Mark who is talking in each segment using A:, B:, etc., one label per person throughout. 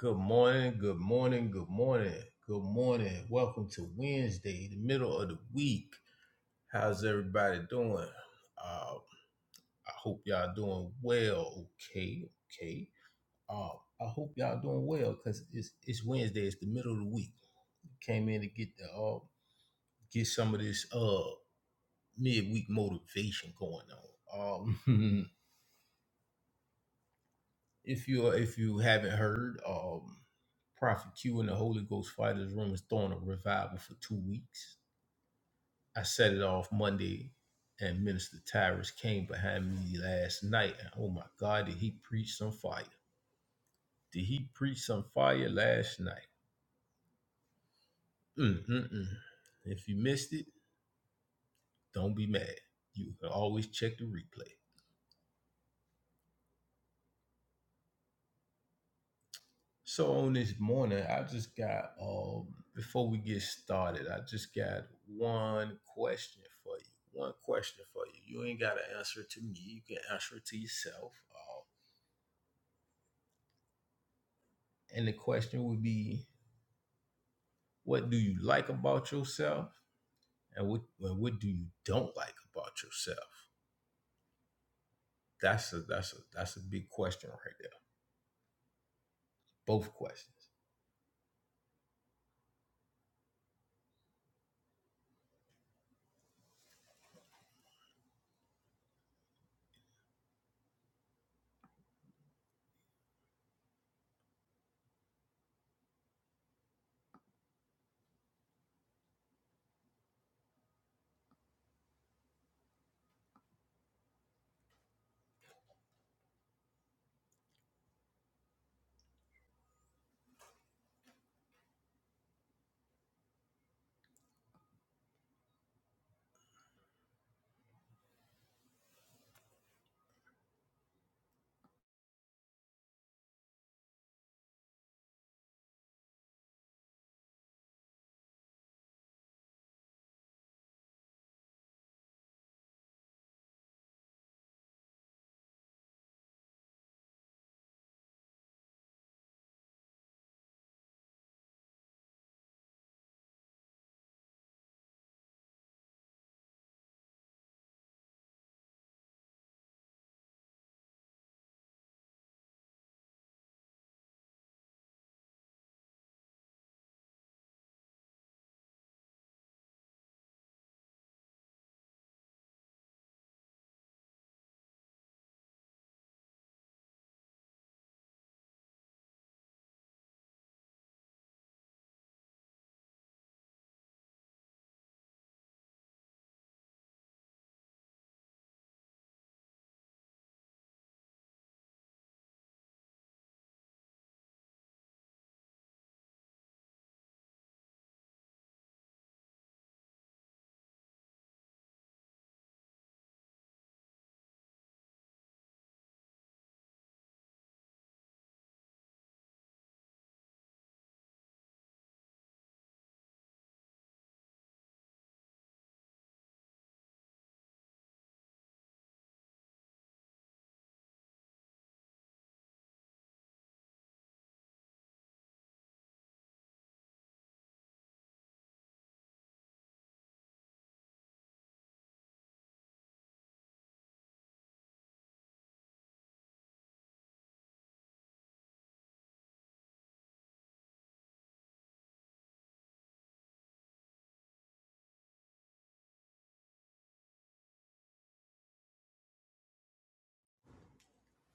A: Good morning, good morning, good morning, good morning. Welcome to Wednesday, the middle of the week. How's everybody doing? Uh, I hope y'all doing well. Okay, okay. Uh, I hope y'all doing well because it's it's Wednesday. It's the middle of the week. Came in to get the uh, get some of this uh midweek motivation going on. Um, if you if you haven't heard, um, Prophet Q and the Holy Ghost Fighters Room is throwing a revival for two weeks I set it off Monday, and Minister Tyrus came behind me last night. And oh my God, did he preach some fire? Did he preach some fire last night? Mm-mm-mm. If you missed it, don't be mad. You can always check the replay. So on this morning, I just got um before we get started, I just got one question for you. One question for you. You ain't gotta answer it to me. You can answer it to yourself. Uh, and the question would be What do you like about yourself, and what and what do you don't like about yourself? That's a that's a that's a big question right there. Both questions.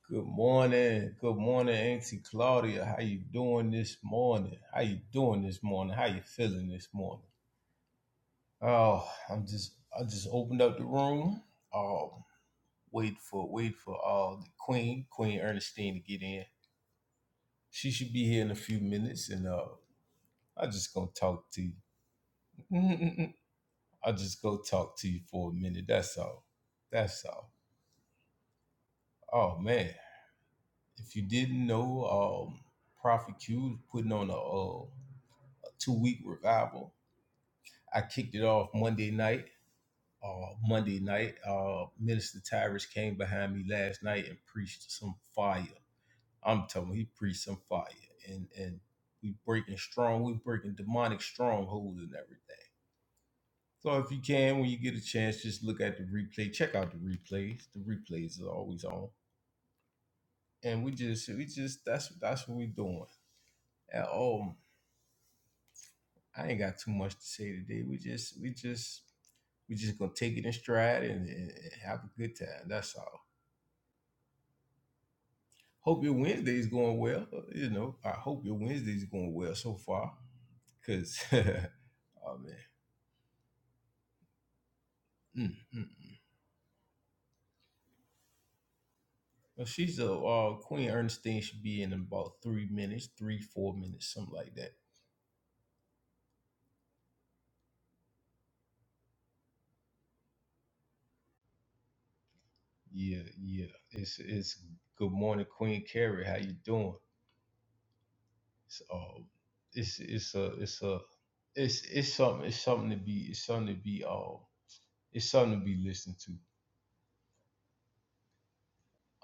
A: Good morning. Good morning, Auntie Claudia. How you doing this morning? How you doing this morning? How you feeling this morning? Oh, I'm just I just opened up the room. Um wait for wait for uh the Queen, Queen Ernestine to get in. She should be here in a few minutes and uh I just gonna talk to you. I'll just go talk to you for a minute. That's all. That's all. Oh man, if you didn't know, um, Prophet Q is putting on a, uh, a two week revival. I kicked it off Monday night. Uh, Monday night, uh, Minister Tyrus came behind me last night and preached some fire. I'm telling you, he preached some fire, and and we breaking strong, we breaking demonic strongholds and everything. So if you can, when you get a chance, just look at the replay. Check out the replays. The replays are always on. And we just, we just, that's that's what we're doing. And, um, I ain't got too much to say today. We just, we just, we just gonna take it in stride and, and and have a good time. That's all. Hope your Wednesday's going well. You know, I hope your Wednesday's going well so far. Cause, oh man. Mm, mm. Well, she's a uh, Queen Ernestine should be in about three minutes, three four minutes, something like that. Yeah, yeah. It's it's good morning, Queen Carrie. How you doing? It's um, it's it's a it's a it's it's something it's something to be it's something to be um it's something to be listened to.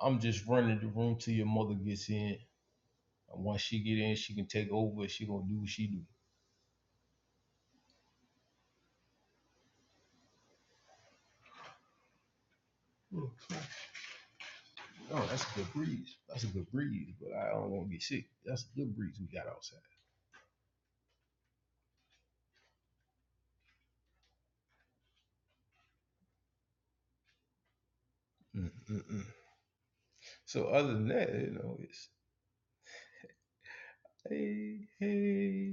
A: I'm just running the room till your mother gets in, and once she get in, she can take over. She gonna do what she do. Oh, Oh, that's a good breeze. That's a good breeze, but I don't want to get sick. That's a good breeze we got outside. Mm-mm-mm. So other than that, you know, it's hey hey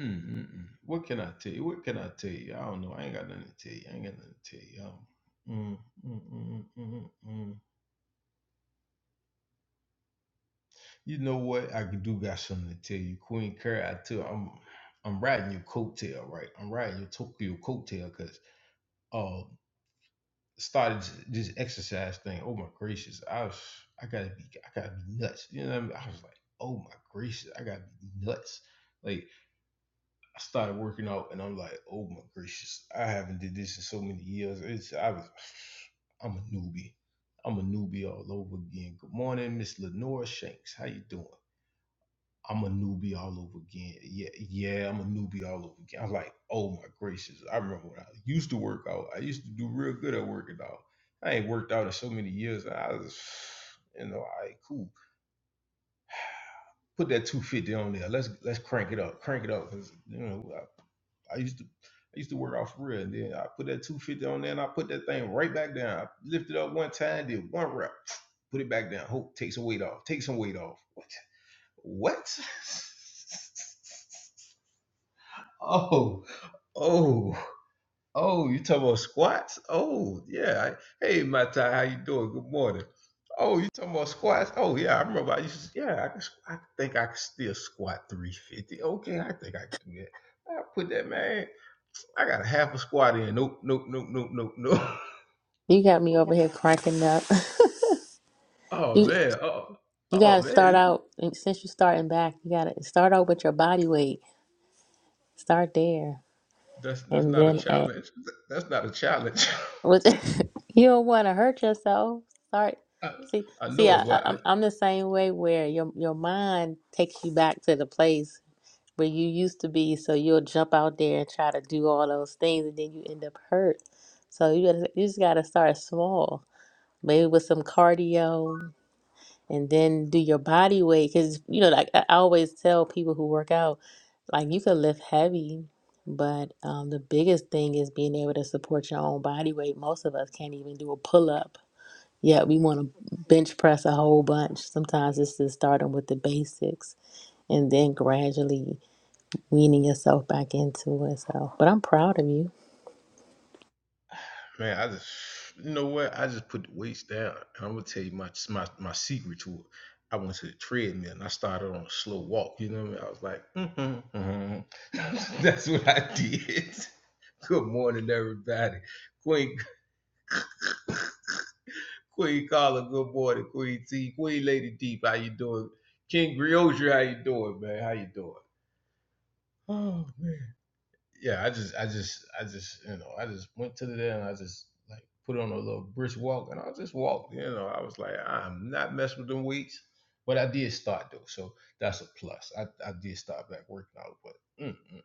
A: Mm-mm. What can I tell you? What can I tell you? I don't know. I ain't got nothing to tell you. I ain't got nothing to tell you. I don't- Mm, mm, mm, mm, mm, mm. You know what? I do got something to tell you, Queen Curry. I tell I'm I'm riding your coattail, right? I'm riding your Tokyo coattail because uh started this this exercise thing. Oh my gracious, I was I gotta be I gotta be nuts. You know what I mean? I was like, oh my gracious, I gotta be nuts. like. I started working out, and I'm like, oh my gracious, I haven't did this in so many years. It's I was, I'm a newbie. I'm a newbie all over again. Good morning, Miss Lenora Shanks. How you doing? I'm a newbie all over again. Yeah, yeah, I'm a newbie all over again. I'm like, oh my gracious. I remember when I used to work out. I used to do real good at working out. I ain't worked out in so many years. I was, you know, I cool. Put that 250 on there. Let's let's crank it up. Crank it up. Cause you know, I, I used to I used to work out for real. And then I put that 250 on there and I put that thing right back down. I lifted up one time, did one rep, put it back down. Hope take some weight off. Take some weight off. What? What? oh, oh. Oh, you talking about squats? Oh, yeah. I, hey, Mata, how you doing? Good morning. Oh, you talking about squats? Oh, yeah. I remember I used to, yeah, I, can, squ- I think I can still squat 350. Okay, I think I can do that. I put that, man. I got a half a squat in. Nope, nope, nope, nope, nope, nope.
B: You got me over here cracking up.
A: Oh,
B: you
A: man. Oh,
B: you
A: oh
B: gotta start
A: man.
B: out and since you're starting back, you gotta start out with your body weight. Start there.
A: That's that's
B: And
A: not a
B: then add
A: challenge. That's not a challenge.
B: what you don't wanna hurt yourself. Start
A: I,
B: see
A: I
B: see
A: know it,
B: I,
A: boy.
B: I- I'm I'm the same way where your your mind takes you back to the place where you used to be, so you'll jump out there and try to do all those things and then you end up hurt. So you gotta you just gotta start small. Maybe with some cardio, and then do your body weight because you know like i I always tell people who work out like you can lift heavy but um, the biggest thing is being able to support your own body weight most of us can't even do a pull-up yet we want to bench press a whole bunch sometimes it's just starting with the basics and then gradually weaning yourself back into it so but i'm proud of you
A: Man, I just you know what? I just put the weights down. And I'm gonna tell you my my my secret to it. I went to the treadmill and I started on a slow walk. You know what I mean? I was like, mm-hmm, mm-hmm. that's what I did. Good morning, everybody. Queen Queen Carla, good morning. Queen T, Queen Lady Deep, how you doing? King Griotri, how you doing, man? How you doing? Oh man. yeah, I just, I just, I just, you know, I just went to the there and I just like put on a little brisk walk and I just walked. You know, I was like, I'm not messing with them weights, but I did start though, so that's a plus. I, I did start back working out, but mm, mm,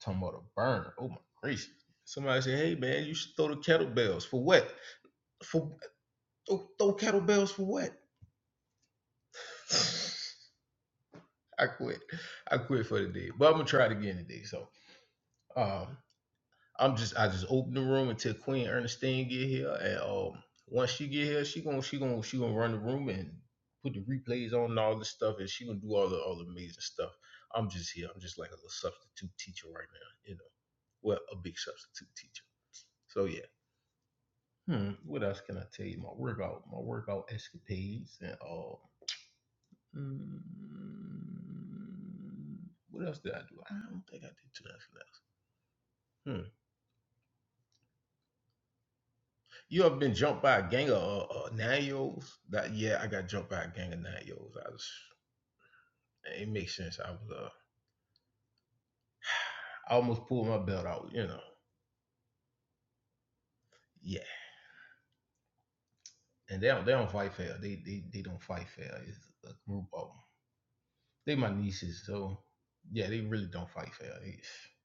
A: talking about a burn. Oh my gracious! Somebody said, hey man, you should throw the kettlebells for what? For throw, throw kettlebells for what? I quit. I quit for the day, but I'm gonna try it again today. So, um, I'm just I just open the room until Queen Ernestine get here, and um, once she get here, she gonna she gonna she gonna run the room and put the replays on and all this stuff, and she gonna do all the all the amazing stuff. I'm just here. I'm just like a little substitute teacher right now, you know. Well, a big substitute teacher. So yeah. Hmm. What else can I tell you? My workout, my workout escapades, and all. Hmm, what else did I do? I don't think I did too much. Else. You ever been jumped by a gang of uh, uh, nine year olds? That yeah, I got jumped by a gang of nine year olds. I was it makes sense. I was uh, I almost pulled my belt out. You know, yeah. And they don't they don't fight fair. They they they don't fight fair. It's a group of them. They my nieces, so yeah, they really don't fight fair. It's-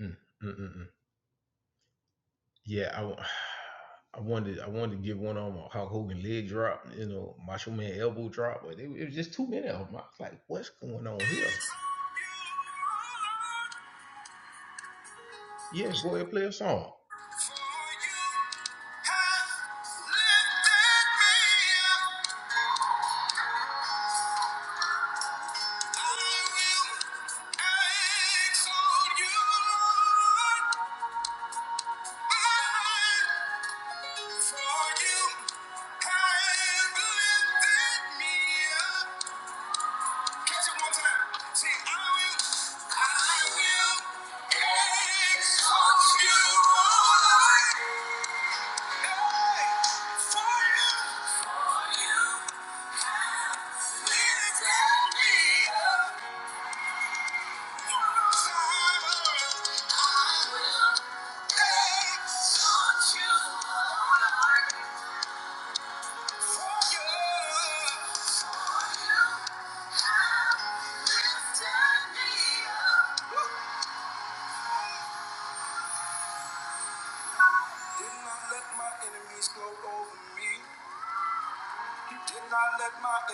A: mm, mm, mm, mm. Yeah, I. I wanted I wanted to give one on my Hulk Hogan leg drop, you know, Macho Man elbow drop, but it, it was just too many of them. I was like, what's going
C: for
A: on
C: Hey!
A: here? Yeah, go ahead and play a song.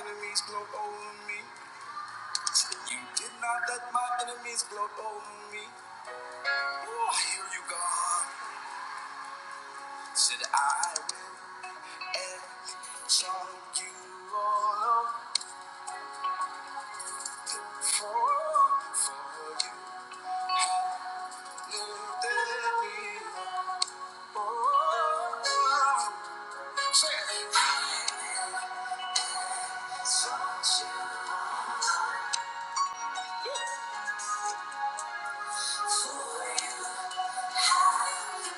C: Enemies gloat over me. You did not let my enemies gloat over me. Oh, I hear you, God. Said I will exalt you all over for for you lifted me up. Oh, say it.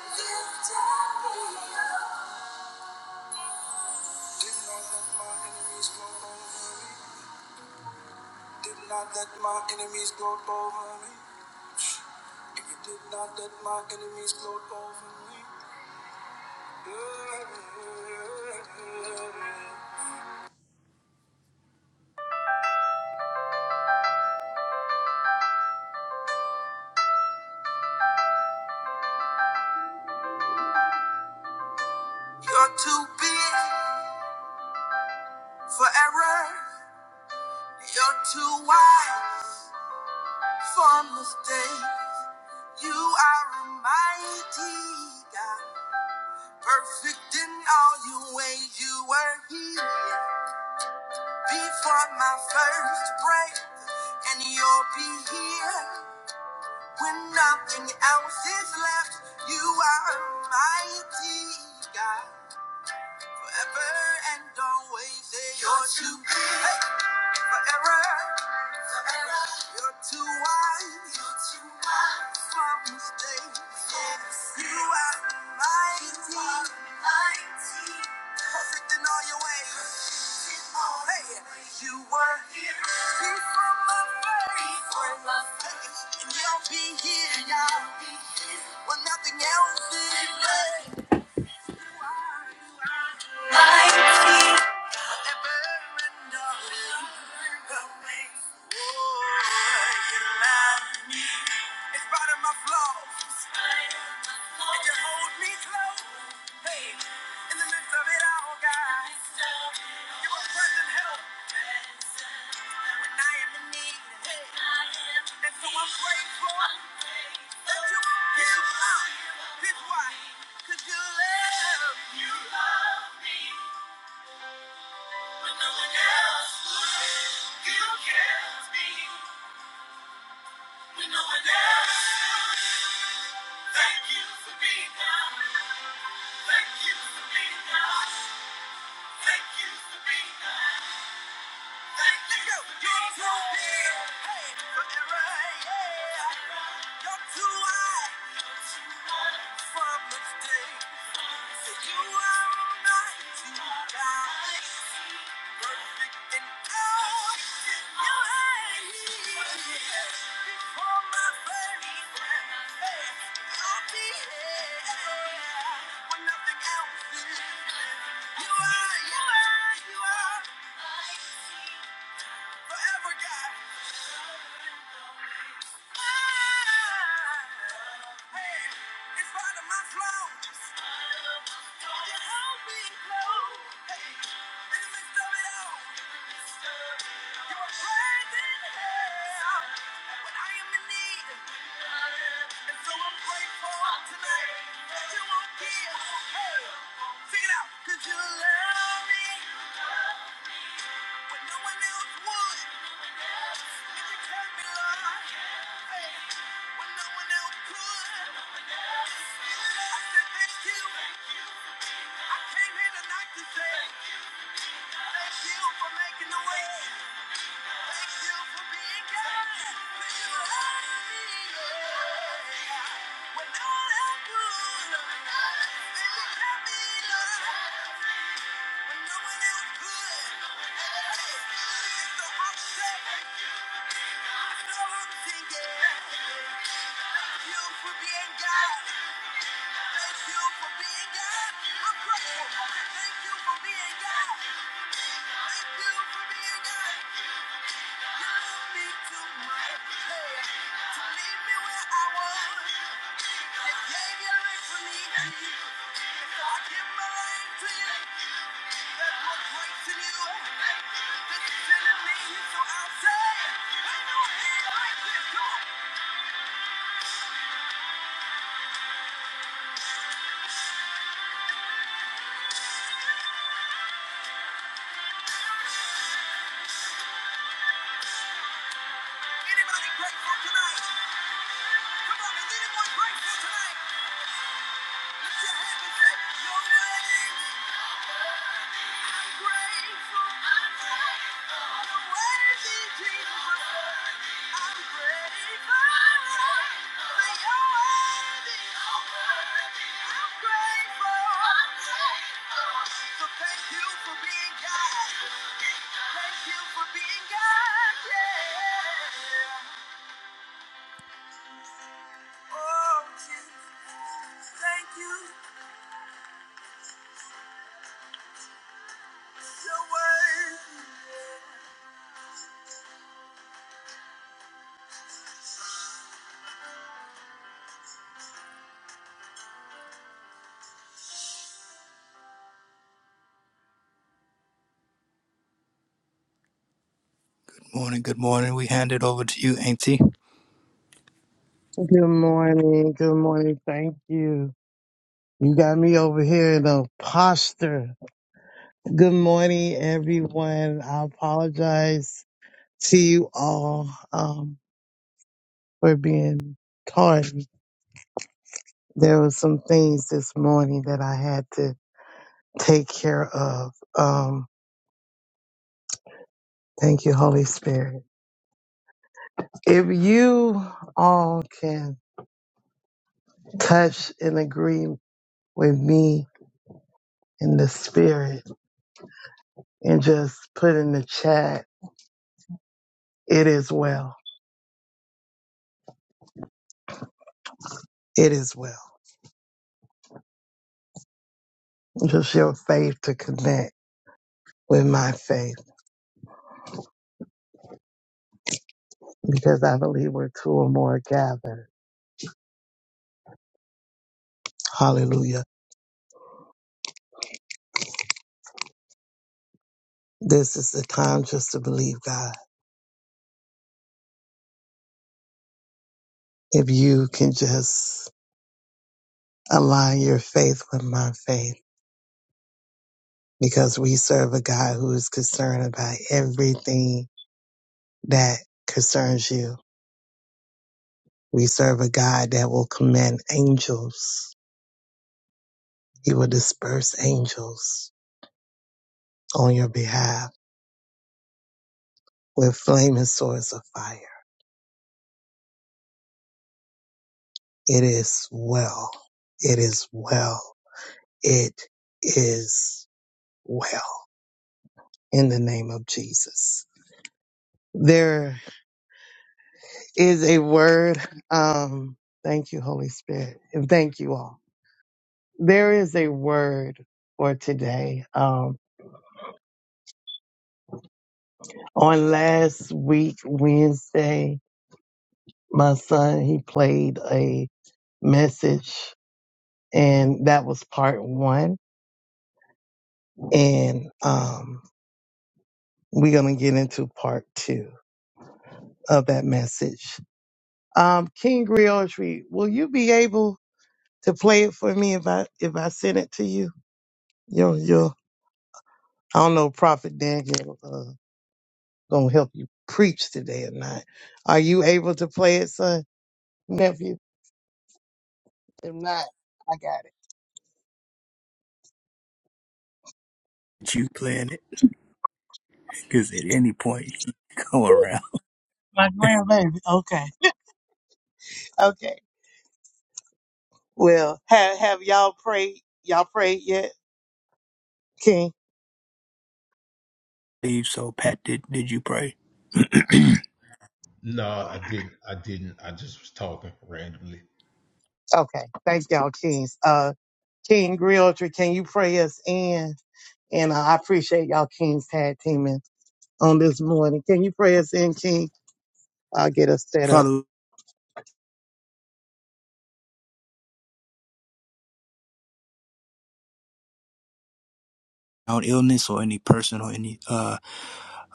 C: Did not let my enemies go over me. Did not let my enemies go over me. If you did not let my enemies go over me. yeah, yeah, yeah, yeah, yeah. You're too big. Forever, you're too wise for mistakes. You are a mighty God, perfect in all your ways. You were here before my first breath, and you'll be here when nothing else is left. You are a mighty God, forever and always. you're too big, forever. You're too wise. You're too wise for mistakes. Yes. You are mighty. mighty. Perfect in all your ways. Oh, hey, you were here before my birth. Before my birth. And you'll be here now when nothing else is left. Ever and always. Oh, you love me. In spite of my flaws. Hey, in the midst of it all, God, you are present help when I am in need. Hey, and so I'm grateful that you won't give you love me. when no one else would. You cares me when no one else Thank you for being God. Thank you for being God. Thank you for being God. You are, you are, you are forever, God. You love me when no one else would. And you tell me, Lord, hey, when no one else could. I said, thank you. I came here tonight to say. Thank you for making the way. Thank you for being God. When you had me, yeah. When all else could, and you kept me, Lord. When no one else could. Hey, it's the upset and all I'm singing. Thank you for being God. Thank you for being God. I'm grateful. Thank you for being God. Thank you for being God. Grateful. I'm grateful. Morning, good morning. We hand it over to you, Auntie.
D: Good morning. Good morning. Thank you. You got me over here in a posture. Good morning, everyone. I apologize to you all um, for being tardy. There were some things this morning that I had to take care of. Um, thank you, Holy Spirit. If you all can touch and agree with me in the spirit and just put in the chat, it is well It is well. Just your faith to connect with my faith because I believe we're two or more gathered. Hallelujah. This is the time just to believe God. If you can just align your faith with my faith because we serve a God who is concerned about everything that concerns you. We serve a God that will command angels. He will disperse angels on your behalf with flaming swords of fire. It is well. It is well. It is well. In the name of Jesus. There is a word. Um, thank you, Holy Spirit. And thank you all. There is a word for today. Um, on last week, Wednesday, my son, he played a message and that was part one. And, um, we're going to get into part two of that message. Um, King Griotry, will you be able to play it for me if I if I send it to you? You'll you'll I don't know if Prophet Daniel uh, gonna help you preach today or not. Are you able to play it, son, nephew? If not, I got it.
C: You playing it, because at any point he come around.
D: My grandbaby. Okay. Okay. Well, have have y'all prayed? Y'all prayed yet, King?
C: Leave, so Pat, did, did you pray?
A: No, I didn't. I didn't. I just was talking randomly.
D: Okay. Thank y'all, Kings. Uh, King Griotry, can you pray us in? And uh, I appreciate y'all Kings tag teaming on this morning. Can you pray us in, King? I'll get us set up.
C: Father, out illness or any person or any uh,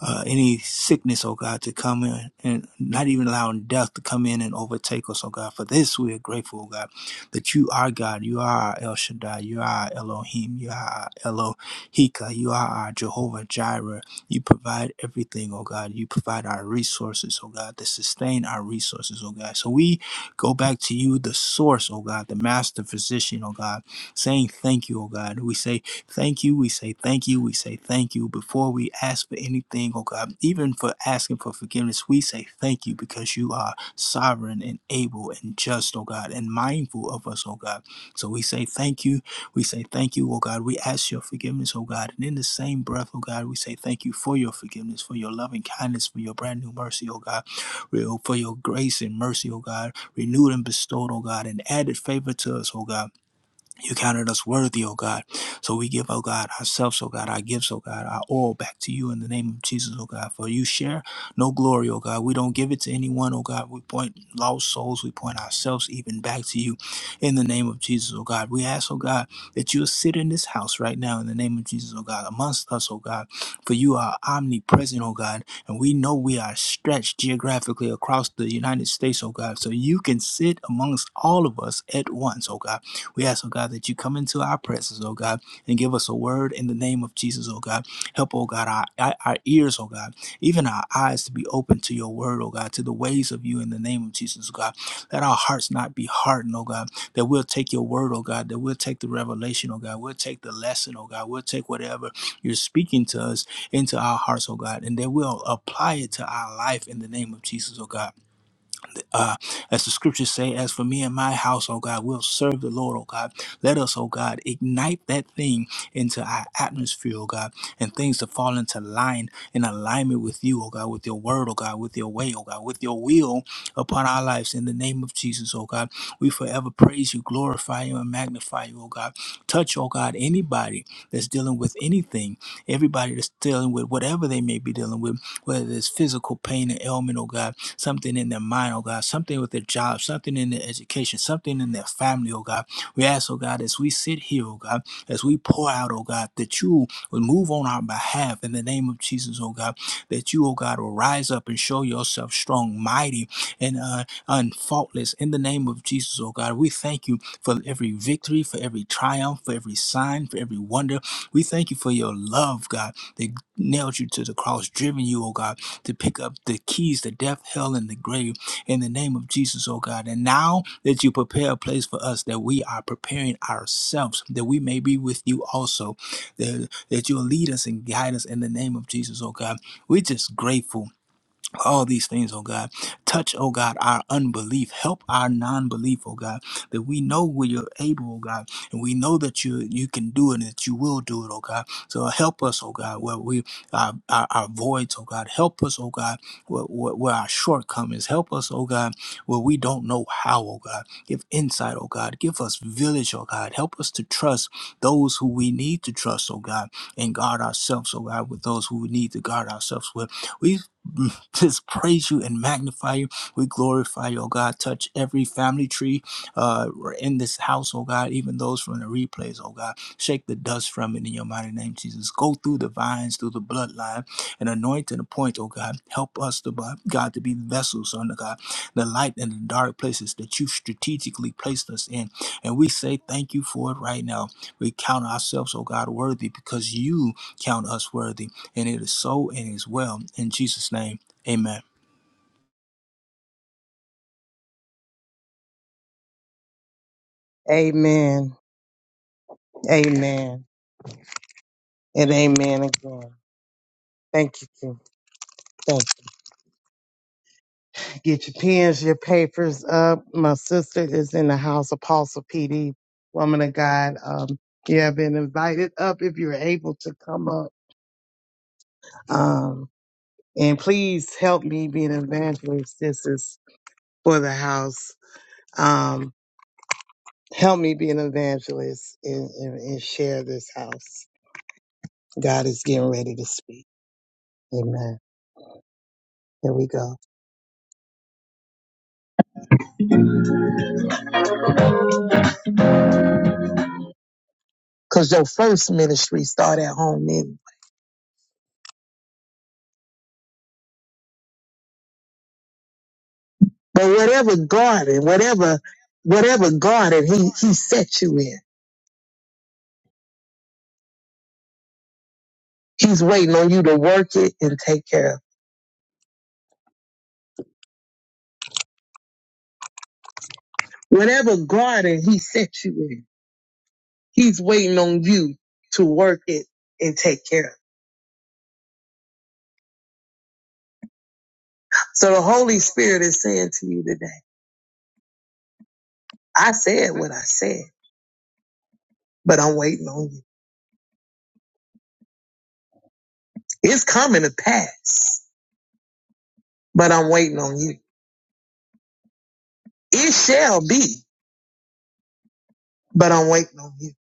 C: uh, any sickness, oh God, to come in and not even allowing death to come in and overtake us, oh God. For this we are grateful, oh God, that you are God, you are our El Shaddai, you are our Elohim, you are our Elohika, you are our Jehovah Jireh. You provide everything, oh God. You provide our resources, oh God, to sustain our resources, oh God. So we go back to you, the source, oh God, the master physician, oh God saying thank you, oh God. We say thank you, we say thank you, we say thank you. Before we ask for anything, oh God, even for asking for forgiveness, we say thank you because you are sovereign and able and just, oh God, and mindful of us, oh God. So we say thank you, we say thank you, oh God. We ask your forgiveness, oh God. And in the same breath, oh God, we say thank you for your forgiveness, for your loving kindness, for your brand new mercy, oh God, for your grace and mercy, oh God, renewed and bestowed, oh God, and added favor to us, oh God. You counted us worthy, oh God. So we give, oh God, ourselves, oh God, our gifts, oh God, our all back to you in the name of Jesus, oh God. For you share no glory, oh God. We don't give it to anyone, oh God. We point lost souls, we point ourselves even back to you in the name of Jesus, oh God. We ask, oh God, that you'll sit in this house right now in the name of Jesus, oh God, amongst us, oh God. For you are omnipresent, oh God. And we know we are stretched geographically across the United States, oh God. So you can sit amongst all of us at once, oh God. We ask, oh God, that you come into our presence, oh God, and give us a word in the name of Jesus, oh God. Help, oh God, our, our our ears, oh God, even our eyes to be open to your word, oh God, to the ways of you in the name of Jesus, oh God. Let our hearts not be hardened, oh God, that we'll take your word, oh God, that we'll take the revelation, oh God, we'll take the lesson, oh God, we'll take whatever you're speaking to us into our hearts, oh God, and that we'll apply it to our life in the name of Jesus, oh God uh, as the scriptures say, as for me and my house, oh God, we'll serve the Lord, oh God. Let us, oh God, ignite that thing into our atmosphere, oh God, and things to fall into line in alignment with you, oh God, with your word, oh God, with your way, oh God, with your will upon our lives. In the name of Jesus, oh God, we forever praise you, glorify you, and magnify you, oh God. Touch, oh God, anybody that's dealing with anything Everybody that's dealing with whatever they may be dealing with, whether it's physical pain and ailment, oh God, something in their mind, oh God, something with their job, something in their education, something in their family, oh God. We ask, oh God, as we sit here, oh God, as we pour out, oh God, that you will move on our behalf in the name of Jesus, oh God, that you, oh God, will rise up and show yourself strong, mighty and uh, and faultless in the name of Jesus, oh God. We thank you for every victory, for every triumph, for every sign, for every wonder. We thank you for your love, God, that nailed you to the cross, driven you, oh God, to pick up the keys to death, hell, and the grave in the name of Jesus, oh God. And now that you prepare a place for us, that we are preparing ourselves, that we may be with you also, that, that you'll lead us and guide us in the name of Jesus, oh God. We're just grateful all these things, oh God. Touch, oh God, our unbelief. Help our non-belief, oh God, that we know we you're able, oh God, and we know that you you can do it and that you will do it, oh God. So help us, oh God, where we our, our, our voids, oh God. Help us, oh God, where, where, where our shortcomings. Help us, oh God, where we don't know how, oh God. Give insight, oh God. Give us village, oh God. Help us to trust those who we need to trust, oh God, and guard ourselves, oh God, with those who we need to guard ourselves with. We just praise you and magnify you. We glorify you, oh God. Touch every family tree uh, in this house, oh God, even those from the replays, oh God. Shake the dust from it in your mighty name, Jesus. Go through the vines, through the bloodline, and anoint and appoint, oh God. Help us, to, uh, God, to be vessels, under God, the light in the dark places that you strategically placed us in. And we say thank you for it right now. We count ourselves, oh God, worthy because you count us worthy. And it is so and it is well. In Jesus' name. Amen.
D: Amen. Amen. And amen again. Thank you, King. Thank you. Get your pens, your papers up. My sister is in the house, Apostle PD, woman of God. Um, you have been invited up if you're able to come up. Um, and please help me be an evangelist. This is for the house. Um, help me be an evangelist and, and, and share this house. God is getting ready to speak. Amen. Here we go. Cause your first ministry start at home anyway. But whatever garden, whatever, whatever garden he, he set you in, he's waiting on you to work it and take care of. Whatever garden he set you in, he's waiting on you to work it and take care of. So the Holy Spirit is saying to you today, I said what I said, but I'm waiting on you. It's coming to pass, but I'm waiting on you. It shall be, but I'm waiting on you.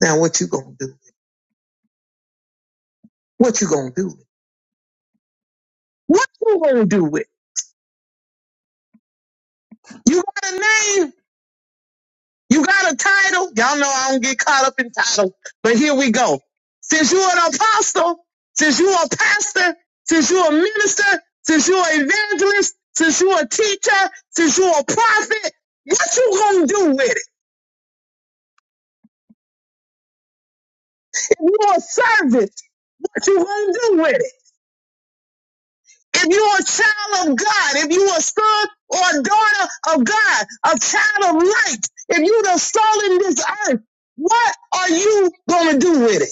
D: Now what you gonna do? What you gonna do? What you gonna do with? it? You got a name? You got a title? Y'all know I don't get caught up in titles, but here we go. Since you're an apostle, since you're a pastor, since you're a minister, since you're an evangelist, since you're a teacher, since you're a prophet, what you gonna do with it? If you're a servant, what you gonna do with it? If you're a child of God, if you're a son or a daughter of God, a child of light, if you're the salt in this earth, what are you going to do with it?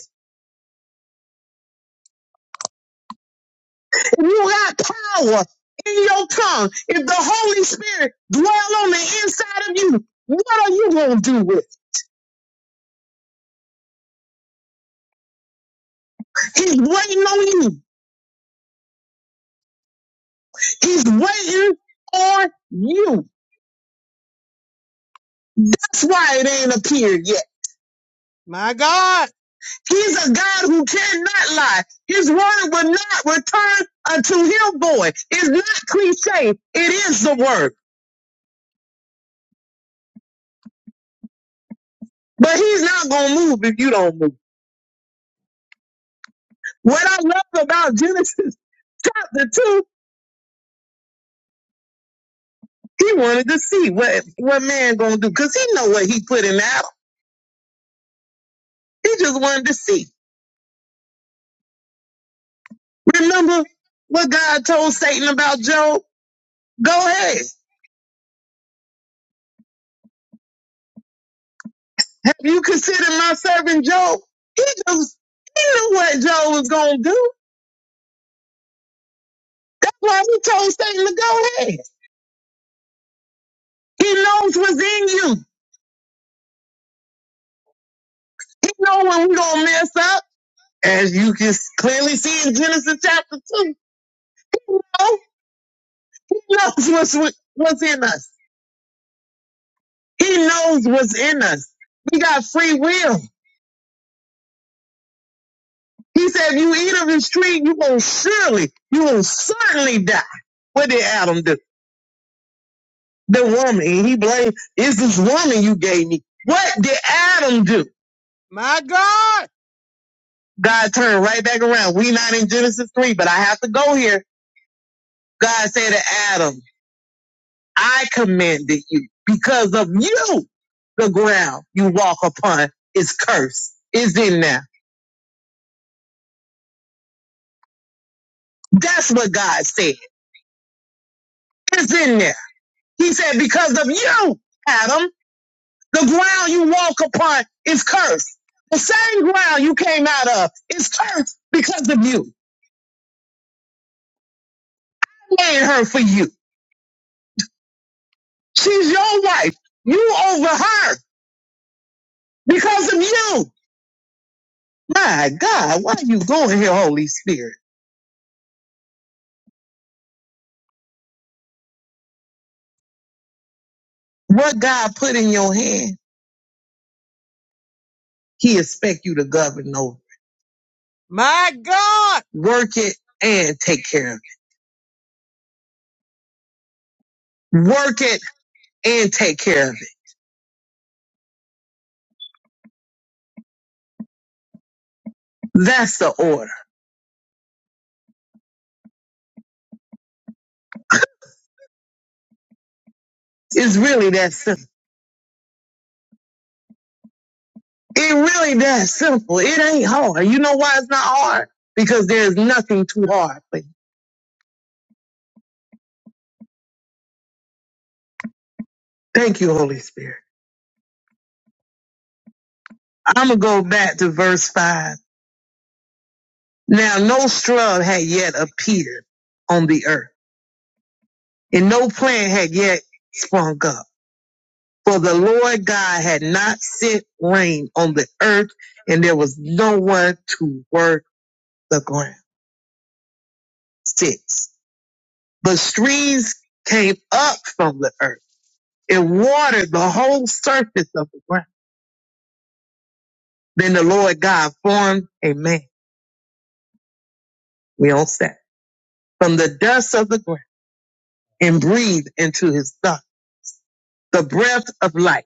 D: If you got power in your tongue, if the Holy Spirit dwell on the inside of you, what are you going to do with it? He's waiting on you. He's waiting on you. That's why it ain't appeared yet. My God. He's a God who cannot lie. His word will not return unto him void. It's not cliche. It is the word. But he's not going to move if you don't move. What I love about Genesis chapter 2, he wanted to see what, what man going to do because he know what he put in Adam. He just wanted to see. Remember what God told Satan about Job? Go ahead. Have you considered my servant Job? He just, he knew what Job was going to do. Well, he told Satan to go ahead. He knows what's in you. He knows when we don't mess up, as you can clearly see in Genesis chapter 2. Oh, He knows what's, wi- what's in us. He knows what's in us. We got free will. He said, if you eat of this tree, you will surely, you will certainly die. What did Adam do? The woman, and he blamed, is this woman you gave me. What did Adam do? My God. God turned right back around. We not in Genesis 3, but I have to go here. God said to Adam, I commanded you because of you. The ground you walk upon is cursed. It's in there. That's what God said. It's in there. He said, because of you, Adam, the ground you walk upon is cursed. The same ground you came out of is cursed because of you. I made her for you. She's your wife. You over her because of you. My God, why are you going here, Holy Spirit? What God put in your hand, He expect you to govern over. My God! Work it and take care of it. Work it and take care of it. That's the order. It's really that simple. It really that simple. It ain't hard. You know why it's not hard? Because there's nothing too hard. But thank you, Holy Spirit. I'm gonna go back to verse five. Now, no scrub had yet appeared on the earth and no plan had yet sprung up. For the Lord God had not sent rain on the earth, and there was no one to work the ground. Six. the streams came up from the earth and watered the whole surface of the ground. Then the Lord God formed a man, we all said, from the dust of the ground and breathed into his thought the breath of life.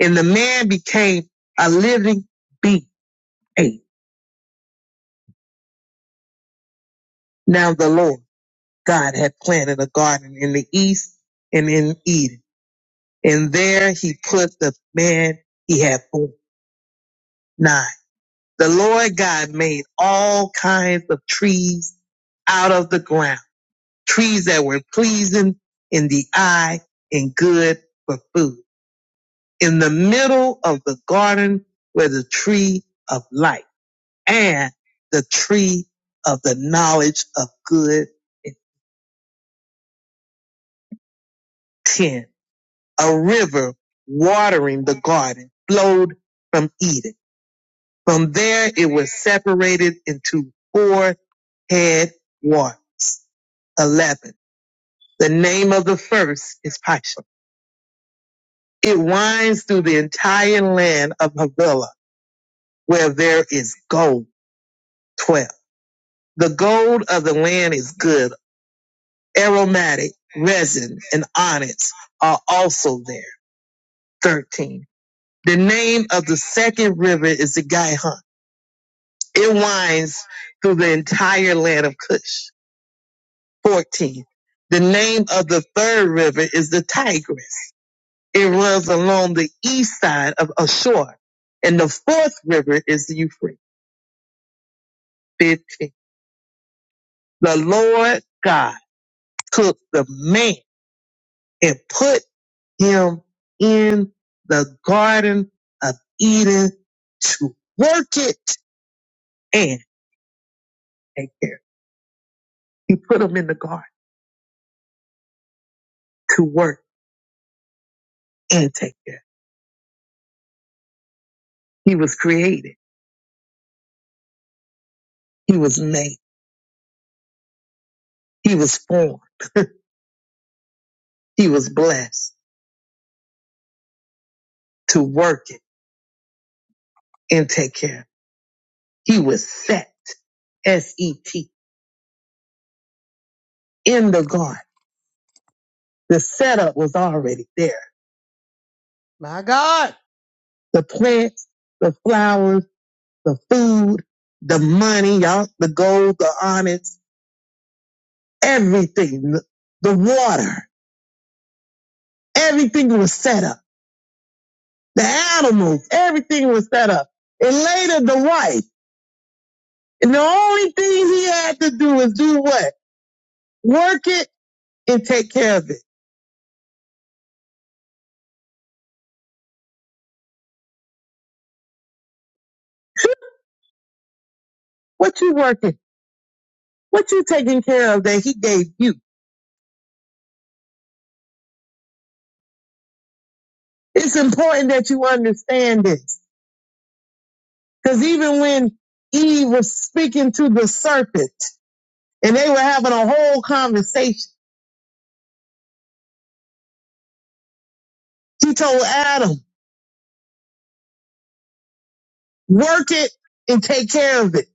D: And the man became a living being. Eight. Now the Lord. God had planted a garden in the east and in Eden. And there he put the man he had formed. Nine. The Lord God made all kinds of trees out of the ground, trees that were pleasing in the eye and good for food. In the middle of the garden were the tree of life and the tree of the knowledge of good and sin. a river watering the garden flowed from Eden. From there, it was separated into four head waters. 11. The name of the first is Pishon. It winds through the entire land of Havilah, where there is gold. 12. The gold of the land is good. Aromatic, resin, and onyx are also there. 13. The name of the second river is the Gihon. It winds through the entire land of Cush. 14. The name of the third river is the Tigris. It runs along the east side of Ashur. And the fourth river is the Euphrates. 15. The Lord God took the man and put him in the garden of Eden to work it and take care. He put him in the garden to work and take care. He was created. He was made. He was formed. He was blessed to work it and take care. He was set, S-E-T, in the garden. The setup was already there. My God. The plants, the flowers, the food, the money, y'all, the gold, the onyx, everything, the water, everything was set up. The animals, everything was set up. And later the wife. And the only thing he had to do is do what? Work it and take care of it. What you working? What you taking care of that he gave you? It's important that you understand this. Cause even when Eve was speaking to the serpent and they were having a whole conversation, he told Adam, work it and take care of it.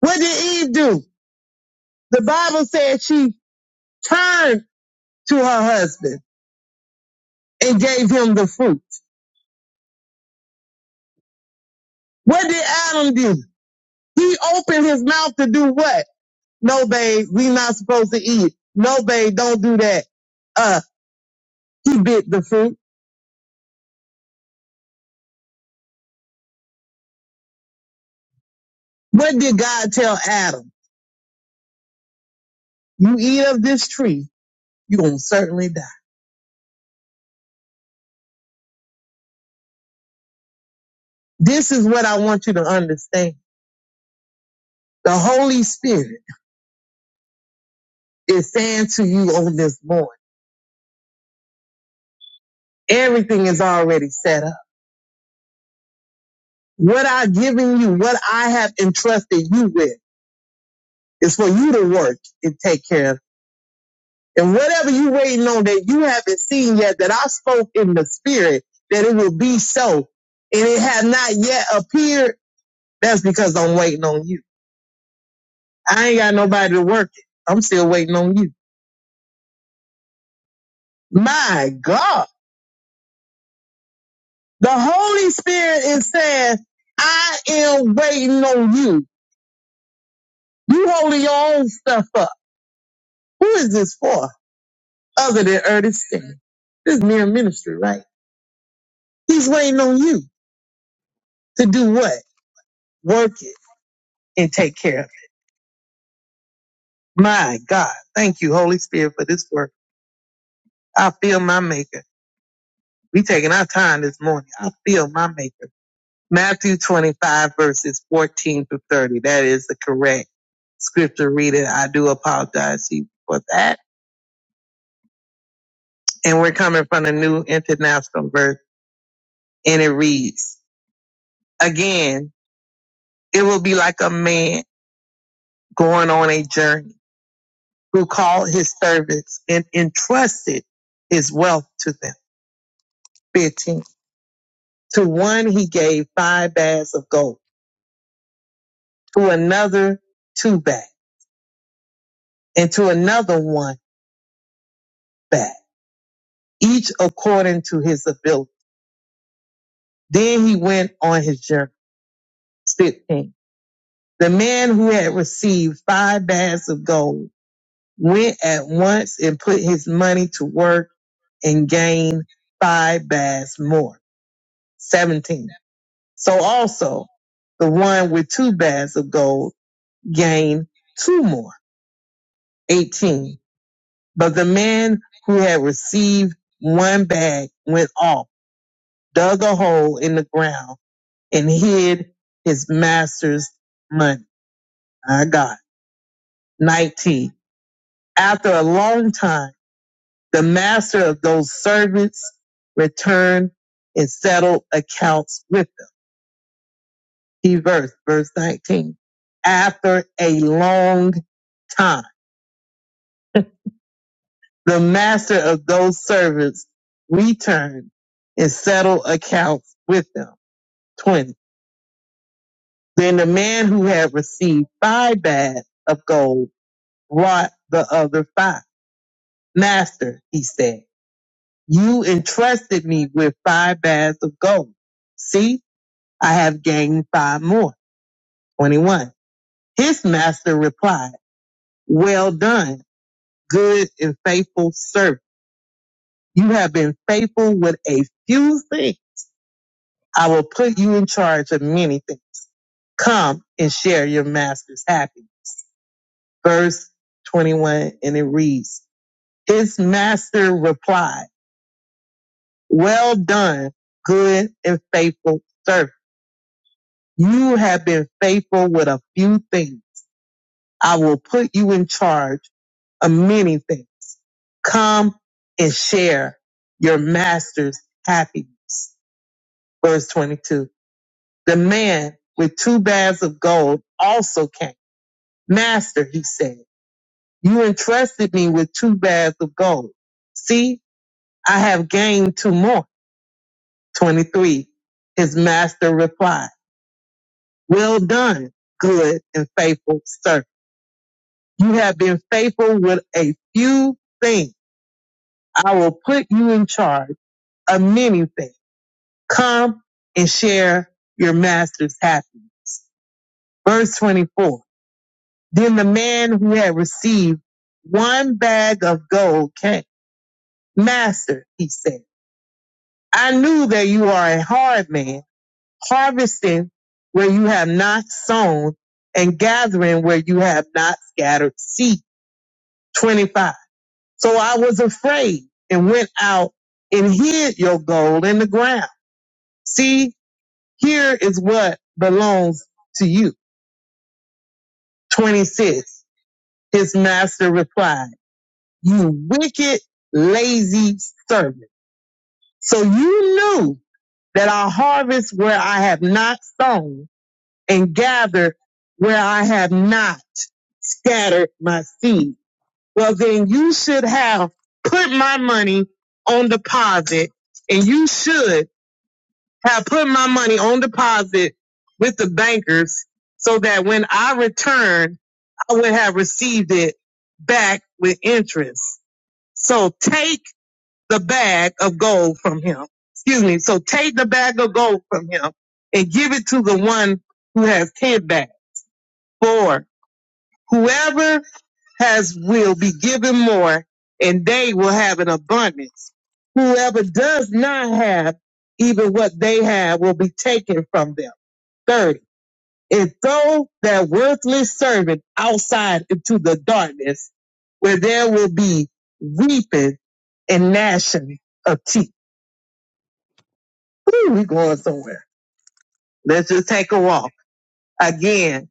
D: What did Eve do? The Bible said she turned to her husband and gave him the fruit. What did Adam do? He opened his mouth to do what? No, babe, we not supposed to eat. No, babe, don't do that Uh, He bit the fruit. What did God tell Adam? You eat of this tree, you're going to certainly die. This is what I want you to understand. The Holy Spirit is saying to you on this morning, everything is already set up. What I've given you, what I have entrusted you with is for you to work and take care of. And whatever you waiting on that you haven't seen yet, that I spoke in the spirit, that it will be so, and it has not yet appeared, that's because I'm waiting on you. I ain't got nobody to work it. I'm still waiting on you. My God. The Holy Spirit is saying, I am waiting on you. You holding your own stuff up. Who is this for? Other than Ernest Stan. This is mere ministry, right? He's waiting on you to do what? Work it and take care of it. My God. Thank you, Holy Spirit, for this work. I feel my maker. We taking our time this morning. I feel my maker. Matthew 25 verses 14 through 30. That is the correct scripture reading. I do apologize to you for that. And we're coming from the New International Version and it reads, again, it will be like a man going on a journey who called his servants and entrusted his wealth to them. 15. To one he gave five bags of gold, to another two bags, and to another one bag, each according to his ability Then he went on his journey. 15. The man who had received five bags of gold went at once and put his money to work and gained five bags more. 17. So also the one with two bags of gold gained two more. 18. But the man who had received one bag went off, dug a hole in the ground and hid his master's money. My God. 19. After a long time, the master of those servants returned and settled accounts with them. He verse, verse 19. After a long time, the master of those servants returned and settled accounts with them. 20. Then the man who had received five bags of gold brought the other five. Master, he said. You entrusted me with five bags of gold. See, I have gained five more. 21. His master replied, well done, good and faithful servant. You have been faithful with a few things. I will put you in charge of many things. Come and share your master's happiness. Verse 21 and it reads, his master replied, well done, good and faithful servant. You have been faithful with a few things. I will put you in charge of many things. Come and share your master's happiness. Verse 22. The man with two bags of gold also came. Master, he said, you entrusted me with two bags of gold. See, I have gained two more. 23. His master replied, well done, good and faithful servant. You have been faithful with a few things. I will put you in charge of many things. Come and share your master's happiness. Verse 24. Then the man who had received one bag of gold came. Master, he said, I knew that you are a hard man, harvesting where you have not sown and gathering where you have not scattered seed. 25. So I was afraid and went out and hid your gold in the ground. See, here is what belongs to you. 26. His master replied, you wicked, lazy servant. So you knew that I harvest where I have not sown and gather where I have not scattered my seed. Well, then you should have put my money on deposit and you should have put my money on deposit with the bankers so that when I return, I would have received it back with interest. So take the bag of gold from him. Excuse me. So take the bag of gold from him and give it to the one who has ten bags. For whoever has will be given more and they will have an abundance. Whoever does not have even what they have will be taken from them. 30. And throw that worthless servant outside into the darkness where there will be weeping and gnashing of teeth. Ooh, we going somewhere. Let's just take a walk. Again,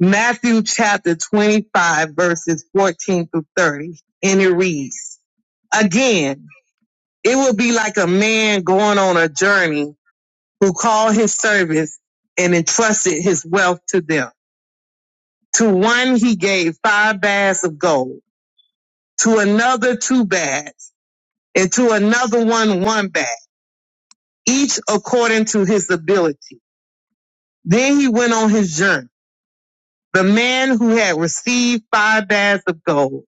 D: Matthew chapter 25 verses 14 through 30. And it reads, again, it will be like a man going on a journey who called his servants and entrusted his wealth to them. To one he gave five bags of gold, to another two bags, and to another one one bag, each according to his ability. Then he went on his journey. The man who had received five bags of gold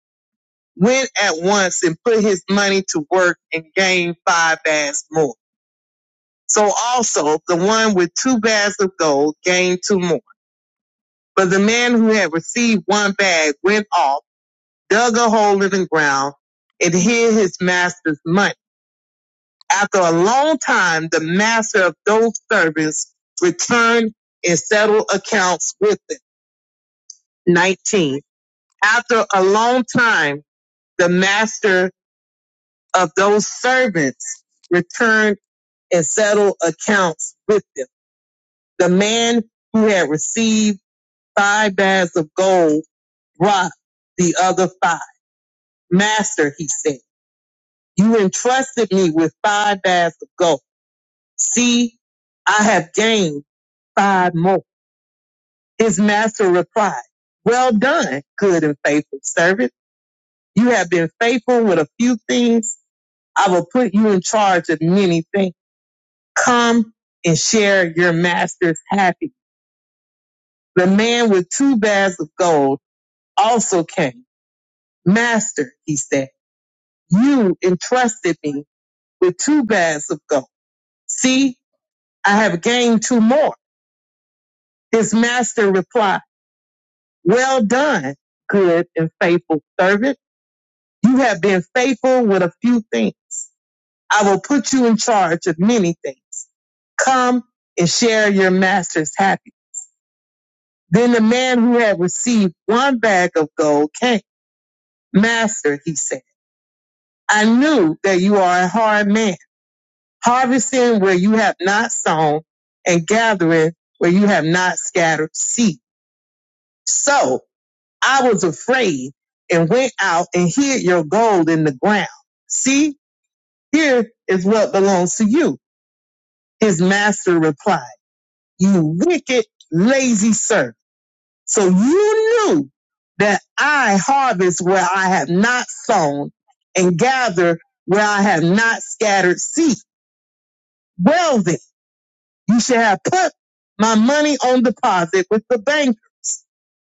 D: went at once and put his money to work and gained five bags more. So also the one with two bags of gold gained two more. But the man who had received one bag went off dug a hole in the ground, and hid his master's money. After a long time, the master of those servants returned and settled accounts with them. 19. After a long time, the master of those servants returned and settled accounts with them. The man who had received five bags of gold brought the other five. Master, he said, you entrusted me with five bags of gold. See, I have gained five more. His master replied, Well done, good and faithful servant. You have been faithful with a few things. I will put you in charge of many things. Come and share your master's happy. The man with two bags of gold also came. Master, he said, you entrusted me with two bags of gold. See, I have gained two more. His master replied. Well done, good and faithful servant. You have been faithful with a few things. I will put you in charge of many things. Come and share your master's happiness. Then the man who had received one bag of gold came. Master, he said, I knew that you are a hard man, harvesting where you have not sown and gathering where you have not scattered seed. So I was afraid and went out and hid your gold in the ground. See, here is what belongs to you. His master replied, you wicked, lazy servant. So you knew that I harvest where I have not sown and gather where I have not scattered seed. Well then, you should have put my money on deposit with the bank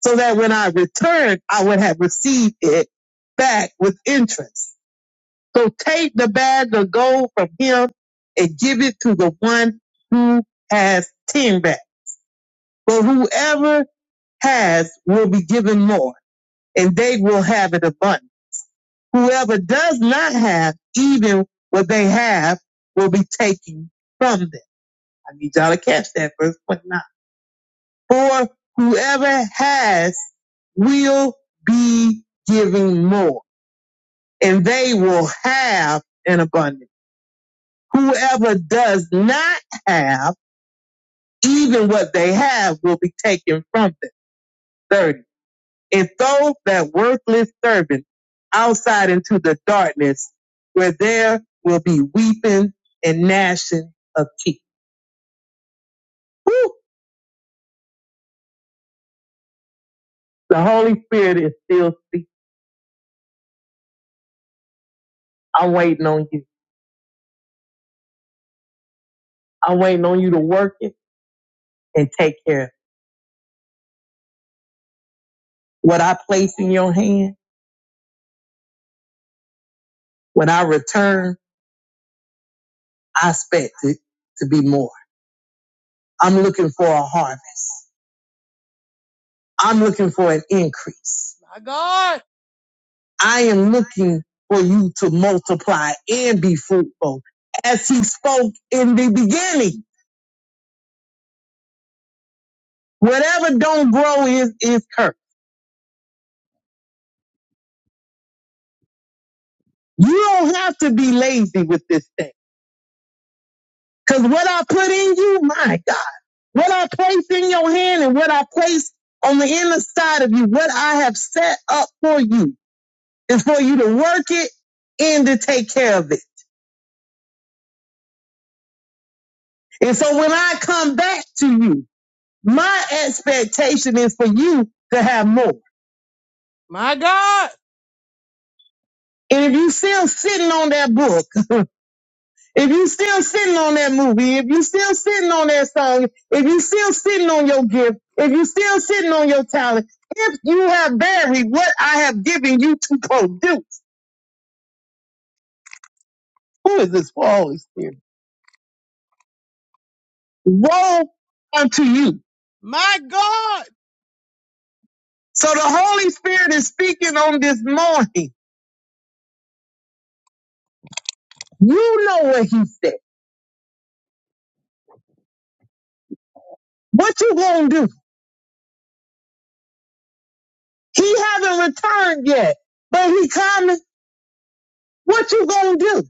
D: so that when I returned, I would have received it back with interest. So take the bag of gold from him and give it to the one who has ten bags. But whoever has will be given more, and they will have it abundant. Whoever does not have, even what they have, will be taken from them. I need y'all to catch that verse 29. For whoever has will be giving more, and they will have an abundance Whoever does not have, even what they have will be taken from them. 30. And throw that worthless servant outside into the darkness where there will be weeping and gnashing of teeth. Woo! The Holy Spirit is still speaking. I'm waiting on you. I'm waiting on you to work it and take care of it. What I place in your hand, when I return, I expect it to be more. I'm looking for a harvest. I'm looking for an increase. I am looking for you to multiply and be fruitful. As he spoke in the beginning, whatever don't grow is, is cursed. You don't have to be lazy with this thing. Cause what I put in you, my God, what I place in your hand and what I place on the inner side of you, what I have set up for you is for you to work it and to take care of it. And so when I come back to you, My expectation is for you to have more. And if you still sitting on that book, if you still sitting on that movie, if you still sitting on that song, if you still sitting on your gift, if you still sitting on your talent, if you have buried what I have given you to produce, who is this for Holy Spirit? Woe unto you. My God. So the Holy Spirit is speaking on this morning. You know what he said. What you gonna do? He haven't returned yet, but he coming. What you gonna do?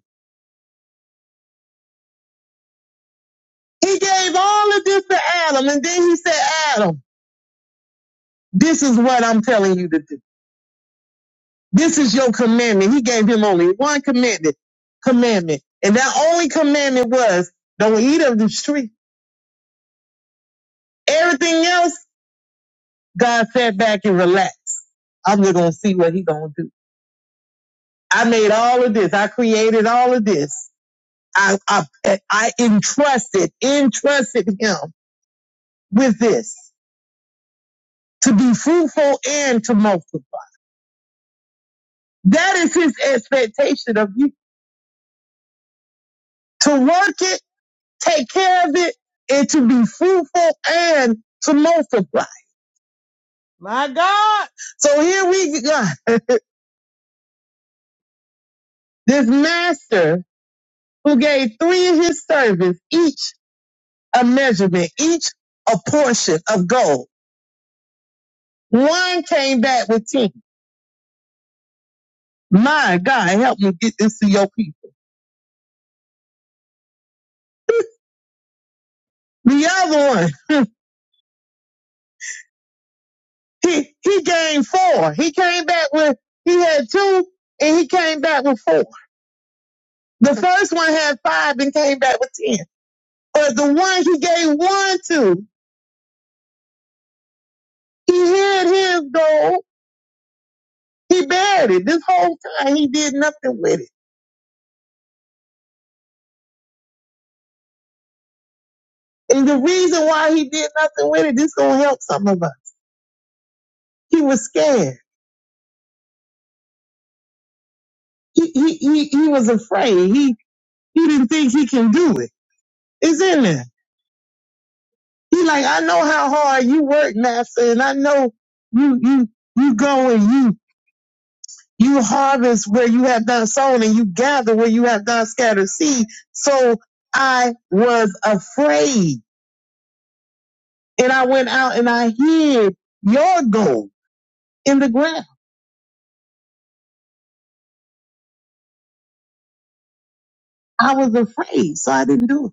D: He gave all of this to Adam, and then he said, Adam, this is what I'm telling you to do. This is your commandment. He gave him only one commandment, commandment. And that only commandment was don't eat of the tree. Everything else, God sat back and relaxed. I'm just gonna see what he gonna do. I made all of this. I created all of this. I, I, I entrusted, entrusted him with this. to be fruitful and to multiply. That is his expectation of you to work it, take care of it, and to be fruitful and to multiply. My God. So here we got this master who gave three of his servants each a measurement, each a portion of gold. One came back with 10. My God, help me get this to your people. The other one He he gained four. He came back with he had two and he came back with four. The first one had five and came back with ten. But the one he gave one to, he had his gold. He buried it. This whole time he did nothing with it. And the reason why he did nothing with it, this gonna help some of us. He was scared. He he he, he was afraid. He he didn't think he can do it. It's in there. He like, I know how hard you work, master, and I know you you you go and you you harvest where you have not sown and you gather where you have not scattered seed. So I was afraid. And I went out and I hid your gold in the ground. I was afraid, so I didn't do it.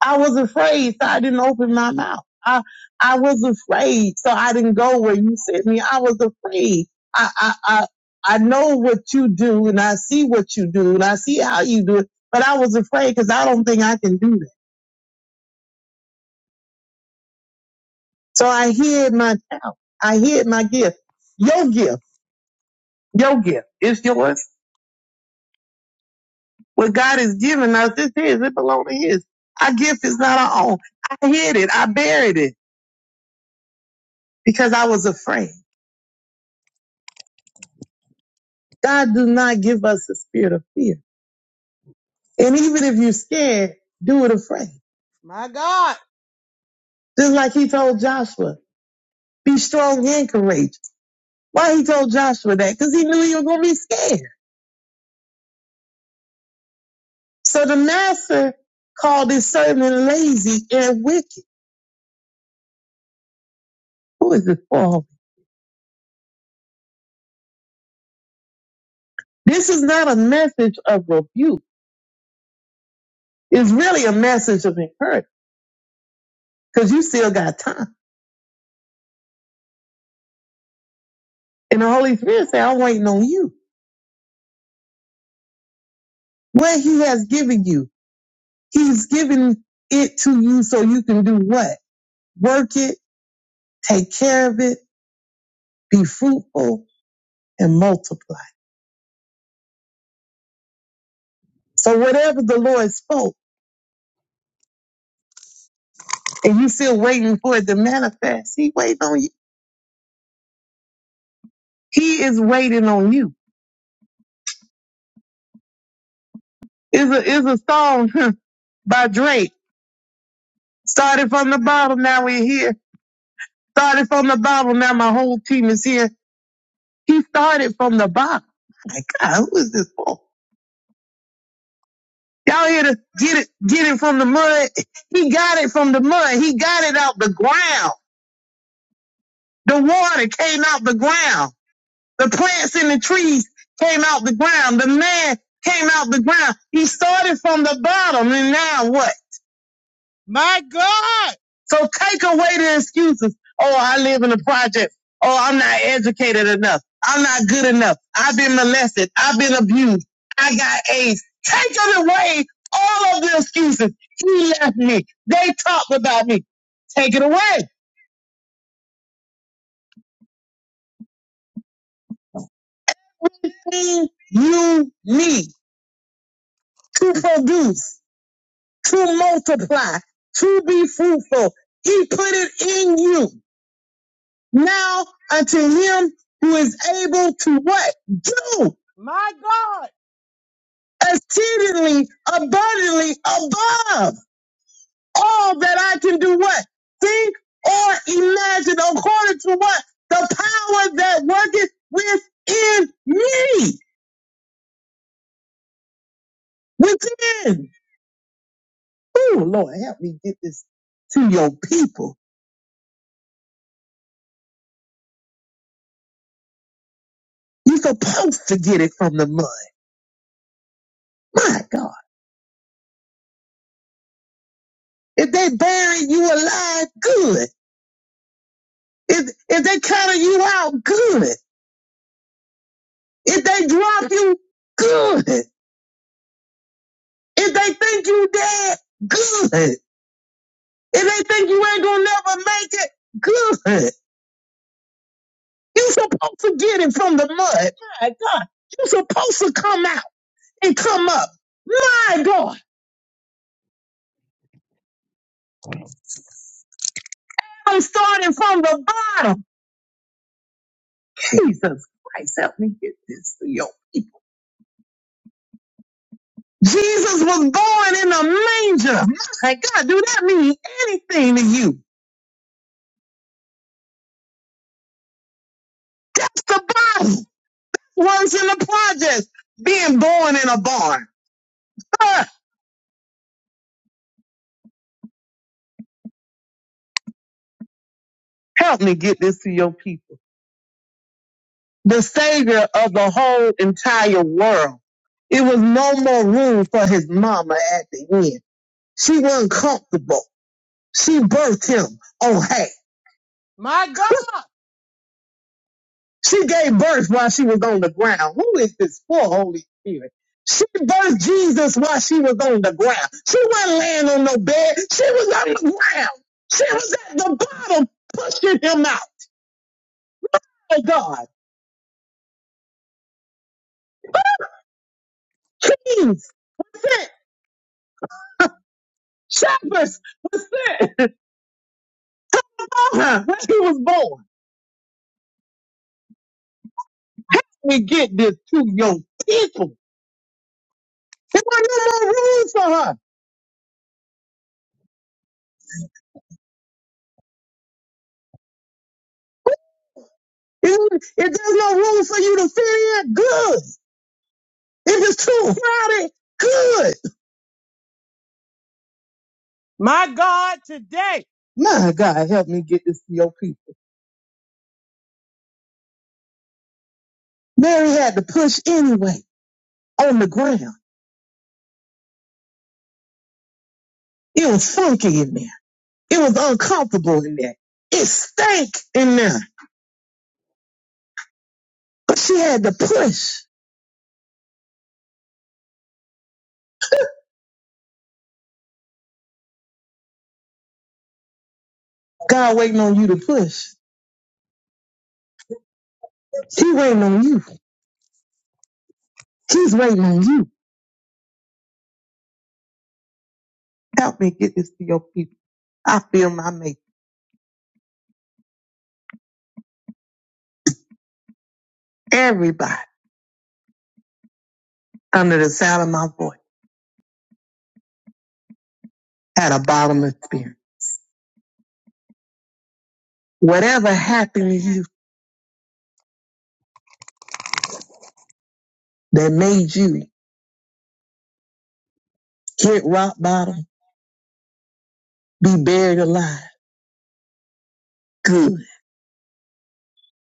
D: I was afraid, so I didn't open my mouth. I I was afraid, so I didn't go where you sent me. I was afraid. I I I, I know what you do, and I see what you do, and I see how you do it. But I was afraid because I don't think I can do that. So I hid my talent. I hid my gift. Your gift, your gift, is yours. What God has given us is His. It belongs to His. Our gift is not our own. I hid it. I buried it because I was afraid. God does not give us a spirit of fear And even if you're scared, do it afraid. My God. Just like he told Joshua, be strong and courageous. Why he told Joshua that? Because he knew he was going to be scared. So the master called his servant lazy and wicked. Who is this for? This is not a message of rebuke. It's really a message of encouragement because you still got time. And the Holy Spirit said, I'm waiting on you. What he has given you, he's given it to you so you can do what? Work it Take care of it, be fruitful, and multiply. So whatever the Lord spoke, and you still waiting for it to manifest, He waiting on you. He is waiting on you. Is a is a song by Drake. Started from the bottom, now we're here. Started from the bottom, now my whole team is here. He started from the bottom. My God, who is this for? Y'all here to get it, get it from the mud. He got it from the mud. He got it out the ground. The water came out the ground. The plants and the trees came out the ground. The man came out the ground. He started from the bottom and now what? My God. So take away the excuses. Oh, I live in a project. Oh, I'm not educated enough. I'm not good enough. I've been molested. I've been abused. I got AIDS. Take it away. All of the excuses. He left me. They talked about me. Take it away. Everything you need to produce. to multiply, to be fruitful. He put it in you. Now unto him who is able to what? Do exceedingly abundantly above all that I can do what? Think or imagine according to what? The power that worketh within me. Within. Oh, Lord, help me get this to your people. You're supposed to get it from the mud. My God. If they bury you alive, good. If, if they cut you out, good. If they drop you, good. If they think you dead, good. If they think you ain't gonna never make it, good. You supposed to get it from the mud. My God. You supposed to come out and come up. My God. I'm starting from the bottom. Jesus Christ, help me get this to your people. Jesus was born in a manger. My God, do that mean anything to you? That's the Bible. One's in the project, being born in a barn. Ah, help me get this to your people. The Savior of the whole entire world. It was no more room for his mama at the end. She wasn't comfortable. She birthed him. Oh, hey. My God. She gave birth while she was on the ground. Who is this poor Holy Spirit? She birthed Jesus while she was on the ground. She wasn't laying on no bed. She was on the ground. She was at the bottom pushing him out. Oh God. Kings sent. Shepherds were sent on her when she was born. We get this to your people. There was no more room for her. If if there's no room for you to fit in, good. If it's too crowded, good. My God, today. My God, help me get this to your people. Mary had to push anyway on the ground. It was funky in there. It was uncomfortable in there. It stank in there. But she had to push. God waiting on you to push. She waiting on you. She's waiting on you. Help me get this to your people. I feel my mate. Everybody under the sound of my voice had a bottomless spirit. Whatever happened to you that made you hit rock bottom, be buried alive. good.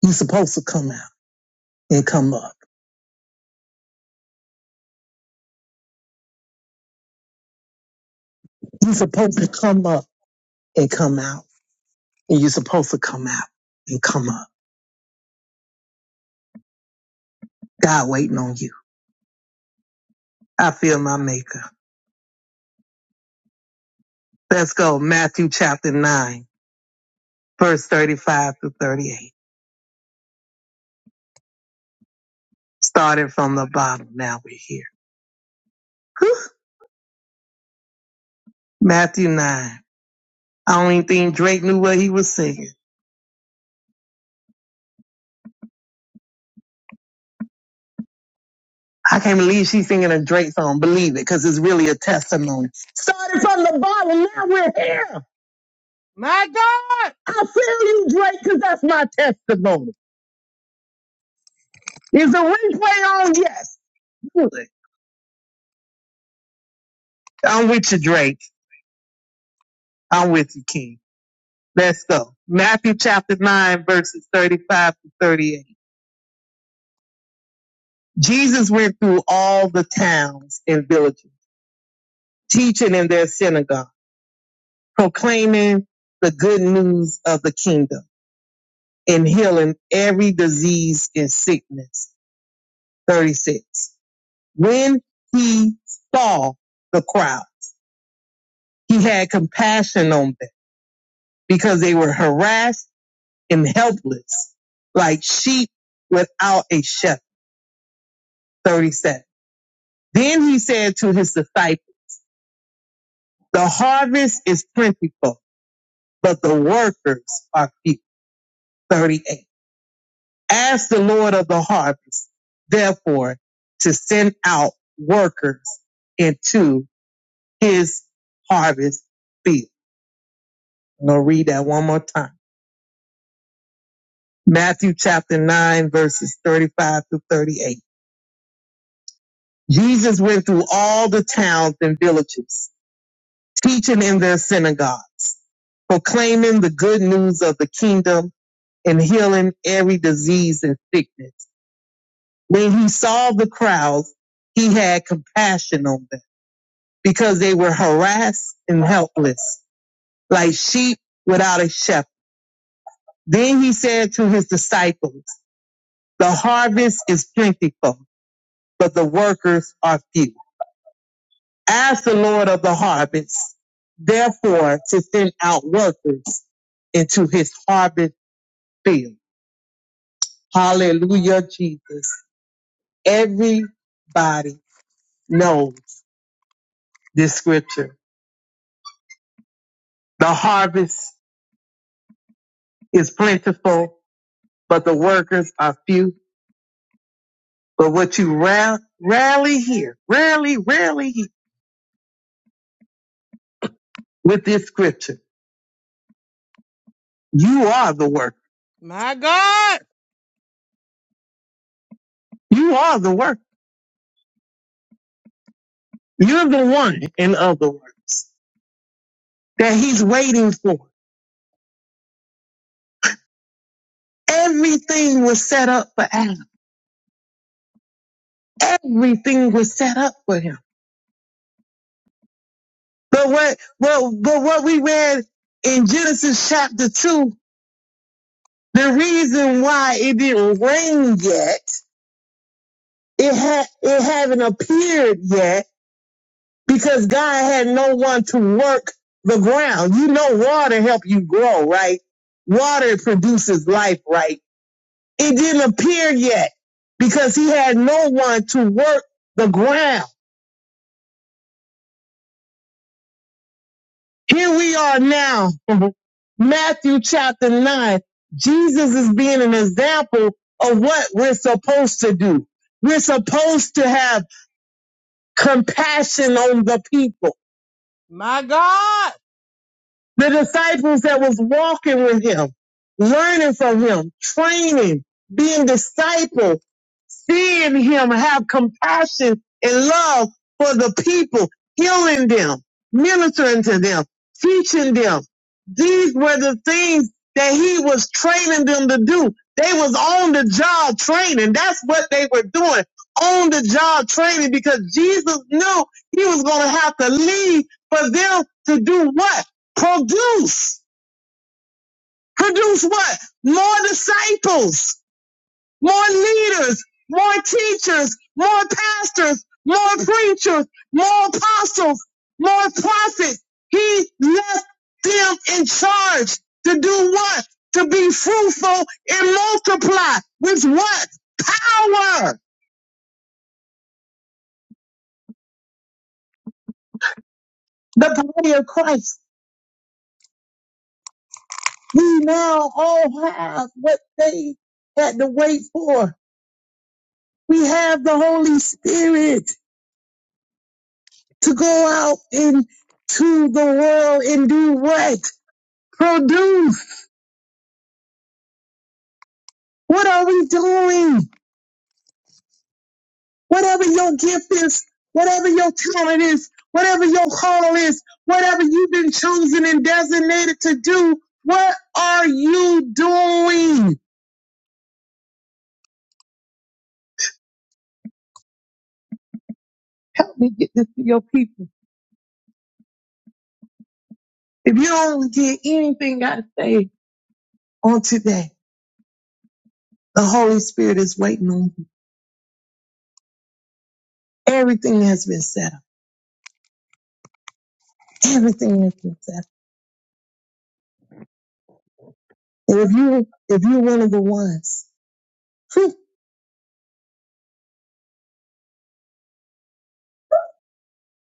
D: you supposed to come out and come up. you supposed to come up and come out. And you supposed to come out and come up. God waiting on you. I feel my maker. Let's go. Matthew chapter 9, verse 35 to 38. Starting from the bottom. Now we're here. Whew. Matthew 9. I don't even think Drake knew what he was singing. I can't believe she's singing a Drake song. Believe it, because it's really a testimony. Started from the bottom, now we're here. My God. I feel you, Drake, because that's my testimony. Is the replay on? Yes. Good. I'm with you, Drake. I'm with you, King. Let's go. Matthew chapter 9, verses 35 to 38. Jesus went through all the towns and villages, teaching in their synagogue, proclaiming the good news of the kingdom and healing every disease and sickness. 36. When he saw the crowd, He had compassion on them because they were harassed and helpless, like sheep without a shepherd. 37. Then he said to his disciples, the harvest is plentiful, but the workers are few. 38. Ask the Lord of the harvest, therefore, to send out workers into his harvest field. I'm going to read that one more time. Matthew chapter 9, verses 35 through 38. Jesus went through all the towns and villages, teaching in their synagogues, proclaiming the good news of the kingdom and healing every disease and sickness. When he saw the crowds, he had compassion on them because they were harassed and helpless, like sheep without a shepherd. Then he said to his disciples, the harvest is plentiful, but the workers are few. as the Lord of the harvest, therefore to send out workers into his harvest field. Hallelujah, Jesus. Everybody knows this scripture. The harvest is plentiful, but the workers are few. But what you ra- rarely hear, rarely, rarely hear with this scripture, you are the worker. My God. You are the worker. You're the one, in other words. that he's waiting for. Everything was set up for Adam. Everything was set up for him. But what, Well, but what we read in Genesis chapter two, the reason why it didn't rain yet, it had, it hadn't appeared yet because God had no one to work the ground. You know, water help you grow, right? Water produces life, right? It didn't appear yet because he had no one to work the ground. Here we are now, Matthew chapter 9. Jesus is being an example of what we're supposed to do. We're supposed to have compassion on the people. My God. The disciples that was walking with him, learning from him, training, being discipled seeing him have compassion and love for the people, healing them, ministering to them, teaching them. These were the things that he was training them to do. They was on the job training. That's what they were doing. On the job training because Jesus knew he was going to have to leave for them to do what? Produce. Produce what? More disciples more leaders, more teachers, more pastors, more preachers, more apostles, more prophets. He left them in charge to do what? To be fruitful and multiply with what? Power. The body of Christ. We now all have what they had to wait for. We have the Holy Spirit to go out into the world and do what? Produce. What are we doing? Whatever your gift is, whatever your talent is, whatever your call is, whatever you've been chosen and designated to do, what are you doing? Help me get this to your people. If you don't get anything I say on today, the Holy Spirit is waiting on you. Everything has been set up. Everything has been set up. And if you if you're one of the ones whew,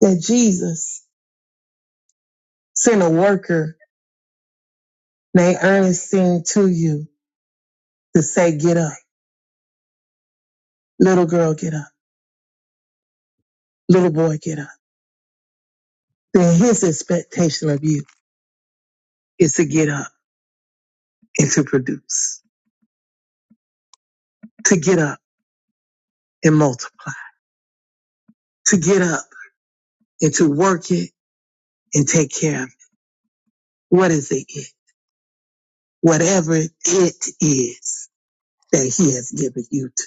D: that Jesus sent a worker Nay, Ernest seemed to you to say, get up. Little girl, get up. Little boy, get up. Then his expectation of you is to get up and to produce, to get up and multiply, to get up and to work it and take care of it. What is it? it? Whatever it is that he has given you to,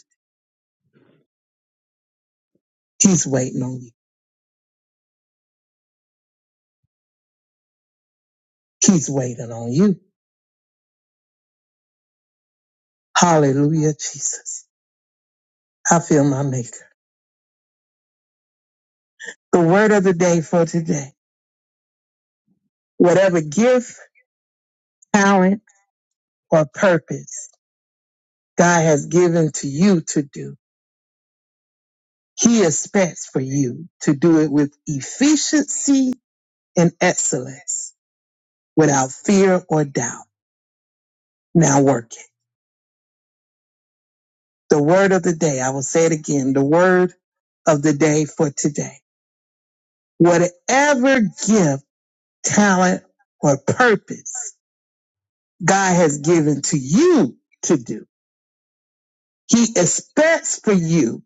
D: he's waiting on you. He's waiting on you. Hallelujah, Jesus. I feel my maker. The word of the day for today. Whatever gift, talent, or purpose God has given to you to do. He expects for you to do it with efficiency and excellence without fear or doubt. Now work it. The word of the day, I will say it again, the word of the day for today. Whatever gift, talent, or purpose God has given to you to do, He expects for you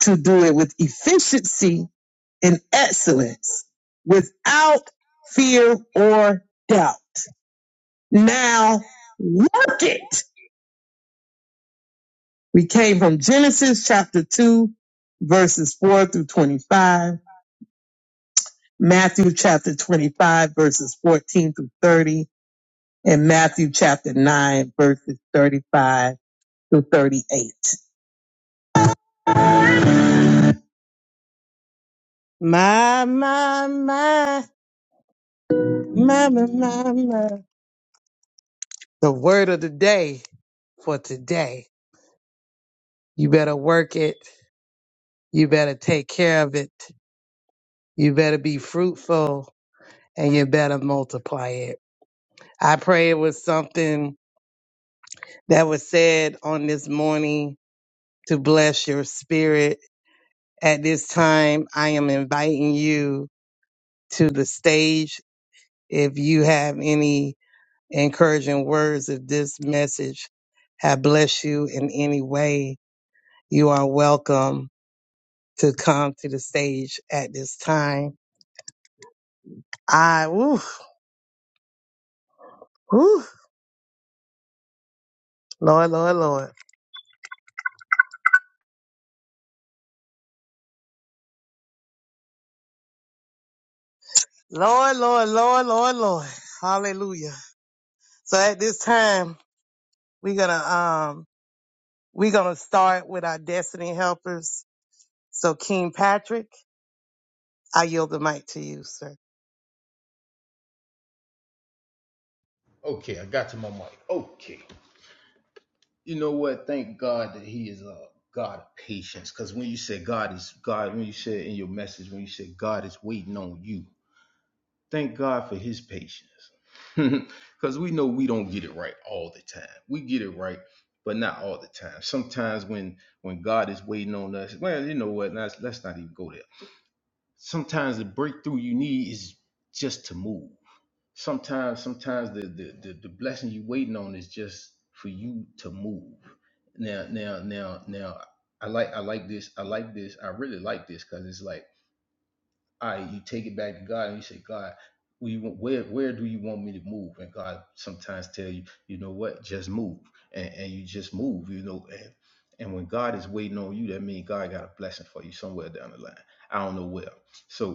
D: to do it with efficiency in excellence without fear or doubt. Now work it. We came from Genesis chapter 2, verses 4 through 25, Matthew chapter 25, verses 14 through 30, and Matthew chapter 9, verses 35 through 38. My, my, my, my, my, my, my. The word of the day for today. You better work it You better take care of it. You better be fruitful and you better multiply it. I pray it was something that was said on this morning to bless your spirit. At this time, I am inviting you to the stage. If you have any encouraging words, if this message have blessed you in any way, you are welcome to come to the stage at this time. I, woo, woo, Lord, Lord, Lord.
E: Lord, Lord, Lord, Lord, Lord. Hallelujah. So at this time, we're gonna um we're gonna start with our destiny helpers. So King Patrick, I yield the mic to you, sir.
A: Okay, I got to my mic. Okay. You know what? Thank God that He is a God of patience. Because when you say God is God, when you said in your message, when you said God is waiting on you, thank God for His patience. Because we know we don't get it right all the time. We get it right, but not all the time. Sometimes when when God is waiting on us, well, you know what? Let's let's not even go there. Sometimes the breakthrough you need is just to move. sometimes sometimes the, the the the blessing you waiting on is just for you to move now now now now i like i like this i like this i really like this because it's like all right you take it back to god and you say god where, you want, where where do you want me to move and god sometimes tell you you know what just move and, and you just move you know and and when god is waiting on you that means god got a blessing for you somewhere down the line i don't know where So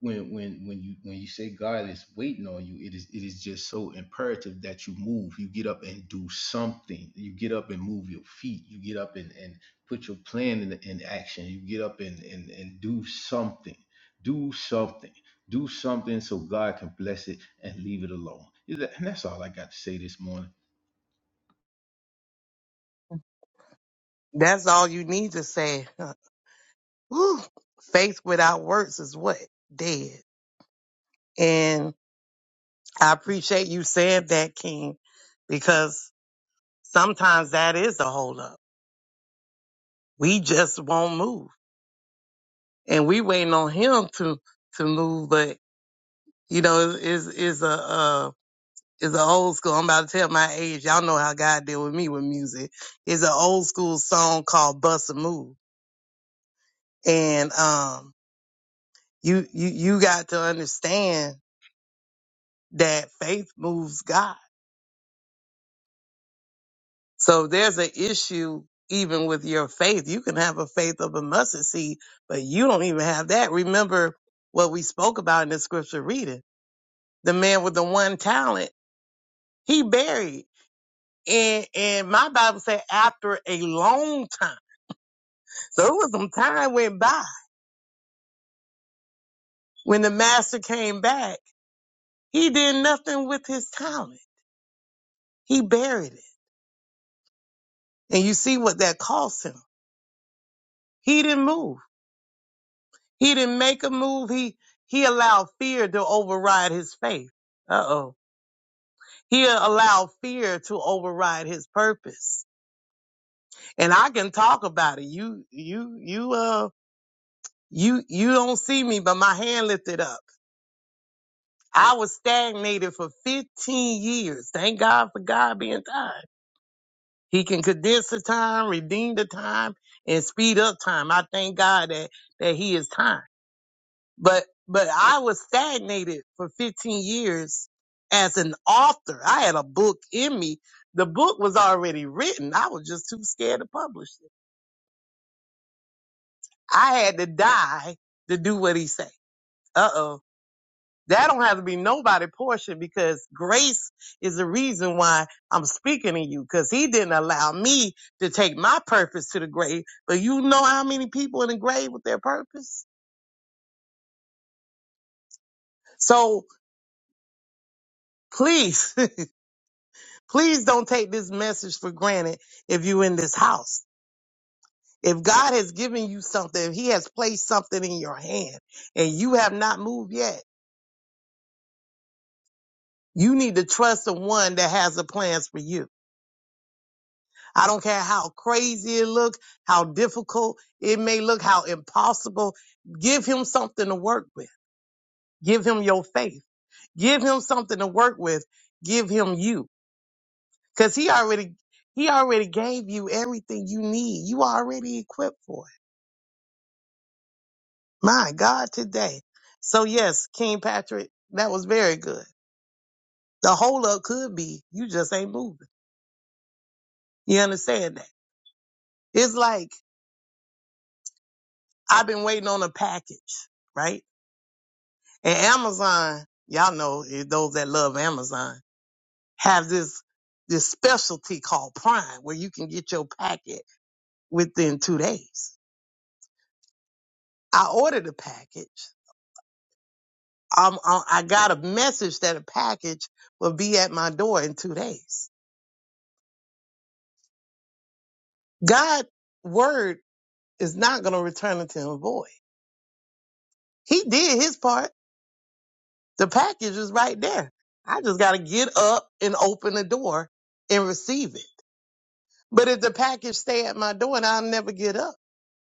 A: when when when you when you say God is waiting on you, it is it is just so imperative that you move. You get up and do something. You get up and move your feet. You get up and and put your plan in, in action. You get up and and and do something. Do something. Do something so God can bless it and leave it alone. Is that- And that's all I got to say this morning.
E: That's all you need to say. Whew. Faith without works is what? Dead. And I appreciate you saying that, King, because sometimes that is a holdup. We just won't move, and we waiting on him to to move. But you know, is is a uh, is a old school. I'm about to tell my age. Y'all know how God deal with me with music. It's an old school song called "Bust a Move," and um, you you you got to understand that faith moves God So there's an issue even with your faith. You can have a faith of a mustard seed, but you don't even have that. Remember what we spoke about in the scripture reading. The man with the one talent, he buried. And and my Bible said after a long time. So it was some time went by. When the master came back, he did nothing with his talent. He buried it. And you see what that cost him. He didn't move. He didn't make a move. He he allowed fear to override his faith. Uh-oh. He allowed fear to override his purpose. And I can talk about it. You you you uh you you don't see me, but my hand lifted up. I was stagnated for 15 years. Thank God for God being time. He can condense the time, redeem the time, and speed up time. I thank God that that He is time. but but I was stagnated for 15 years as an author. I had a book in me. The book was already written. I was just too scared to publish it. I had to die to do what he said. Uh oh. That don't have to be nobody portion because grace is the reason why I'm speaking to you because he didn't allow me to take my purpose to the grave. But you know how many people in the grave with their purpose? So please Please don't take this message for granted if you're in this house. If God has given you something, if He has placed something in your hand and you have not moved yet, you need to trust the one that has the plans for you. I don't care how crazy it look, how difficult it may look, how impossible. Give him something to work with. Give him your faith. Give him something to work with. Give him you. Cause he already, he already gave you everything you need. You are already equipped for it. My God, today. So yes, King Patrick, that was very good. The hold up could be you just ain't moving. You understand that? It's like I've been waiting on a package, right? And Amazon, y'all know eh, those that love Amazon have this this specialty called Prime, where you can get your packet within two days. I ordered a package. Um, I I got a message that a package will be at my door in two days. God word is not going to return unto him void. He did his part. The package is right there. I just got to get up and open the door and receive it. But if the package stay at my door and I'll never get up,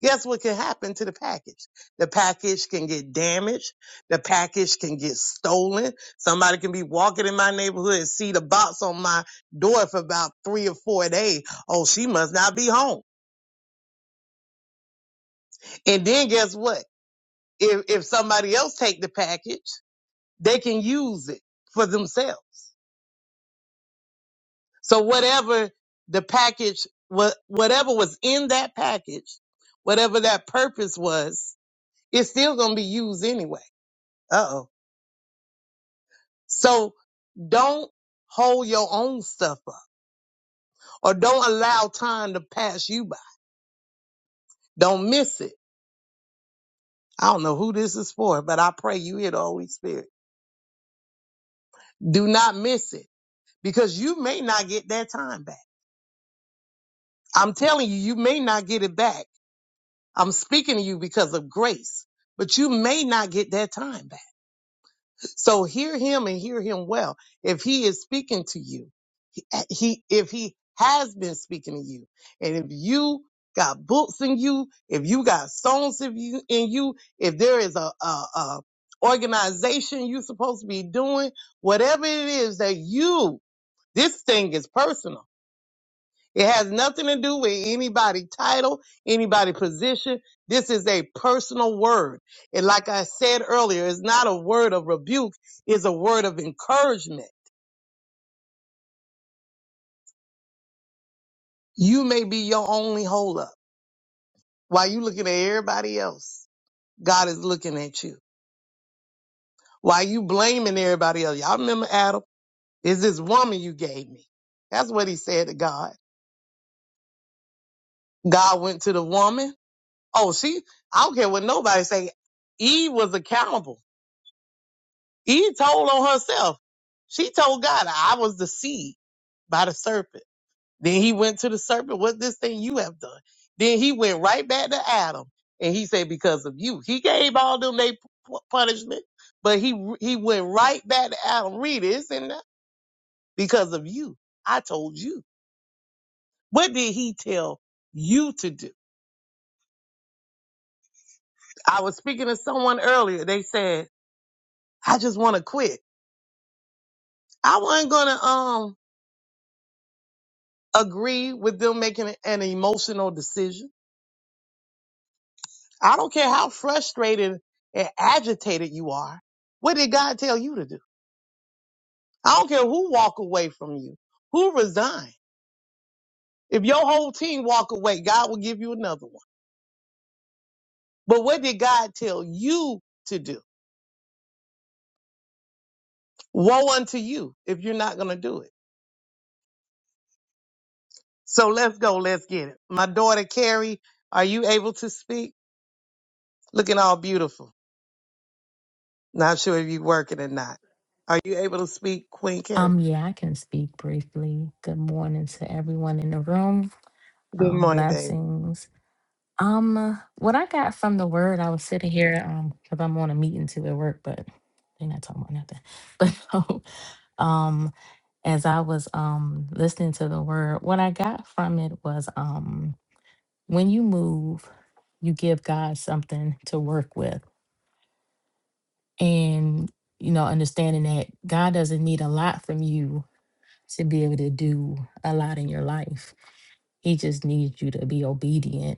E: guess what can happen to the package? The package can get damaged. The package can get stolen. Somebody can be walking in my neighborhood and see the box on my door for about three or four days. Oh, she must not be home. And then guess what? If, if somebody else take the package, they can use it for themselves. So whatever the package, wha- whatever was in that package, whatever that purpose was, it's still going to be used anyway. Uh oh. So don't hold your own stuff up or don't allow time to pass you by. Don't miss it. I don't know who this is for, but I pray you hear the Holy Spirit. Do not miss it because you may not get that time back. I'm telling you, you may not get it back I'm speaking to you because of grace, but you may not get that time back. So hear him and hear him well. If he is speaking to you, he, if he has been speaking to you, and if you got books in you, if you got songs in you, in you, if there is a, a, a organization you're supposed to be doing, whatever it is that you, this thing is personal. It has nothing to do with anybody title, anybody position. This is a personal word. And like I said earlier, it's not a word of rebuke, it's a word of encouragement. You may be your only holdup. While you looking at everybody else, God is looking at you. While you blaming everybody else, y'all remember Adam? Is this woman you gave me? That's what he said to God. God went to the woman. Oh, she, I don't care what nobody say. Eve was accountable. Eve told on herself. She told God, I was deceived by the serpent. Then he went to the serpent, what this thing you have done? Then he went right back to Adam and he said, because of you. He gave all them they pu- punishment, but he, he went right back to Adam. Read it, it's in there. Because of you. I told you. What did he tell you to do? I was speaking to someone earlier. They said, I just want to quit. I wasn't going to, um. agree with them making an emotional decision. I don't care how frustrated and agitated you are. What did God tell you to do? I don't care who walk away from you, who resign. If your whole team walk away, God will give you another one. But what did God tell you to do? Woe unto you if you're not going to do it. So let's go. Let's get it. My daughter, Carrie, are you able to speak? Looking all beautiful. Not sure if you're working or not. Are you able to speak, Queen Carrie?
B: I'm young. Um,
E: Good morning, baby.
B: blessings. Um, what I got from the word, I was sitting here um because I'm on a meeting too at work, but they're not talking about nothing. But no, um, as I was um listening to the word, what I got from it was um when you move, you give God something to work with, and you know understanding that God doesn't need a lot from you to be able to do a lot in your life. He just needs you to be obedient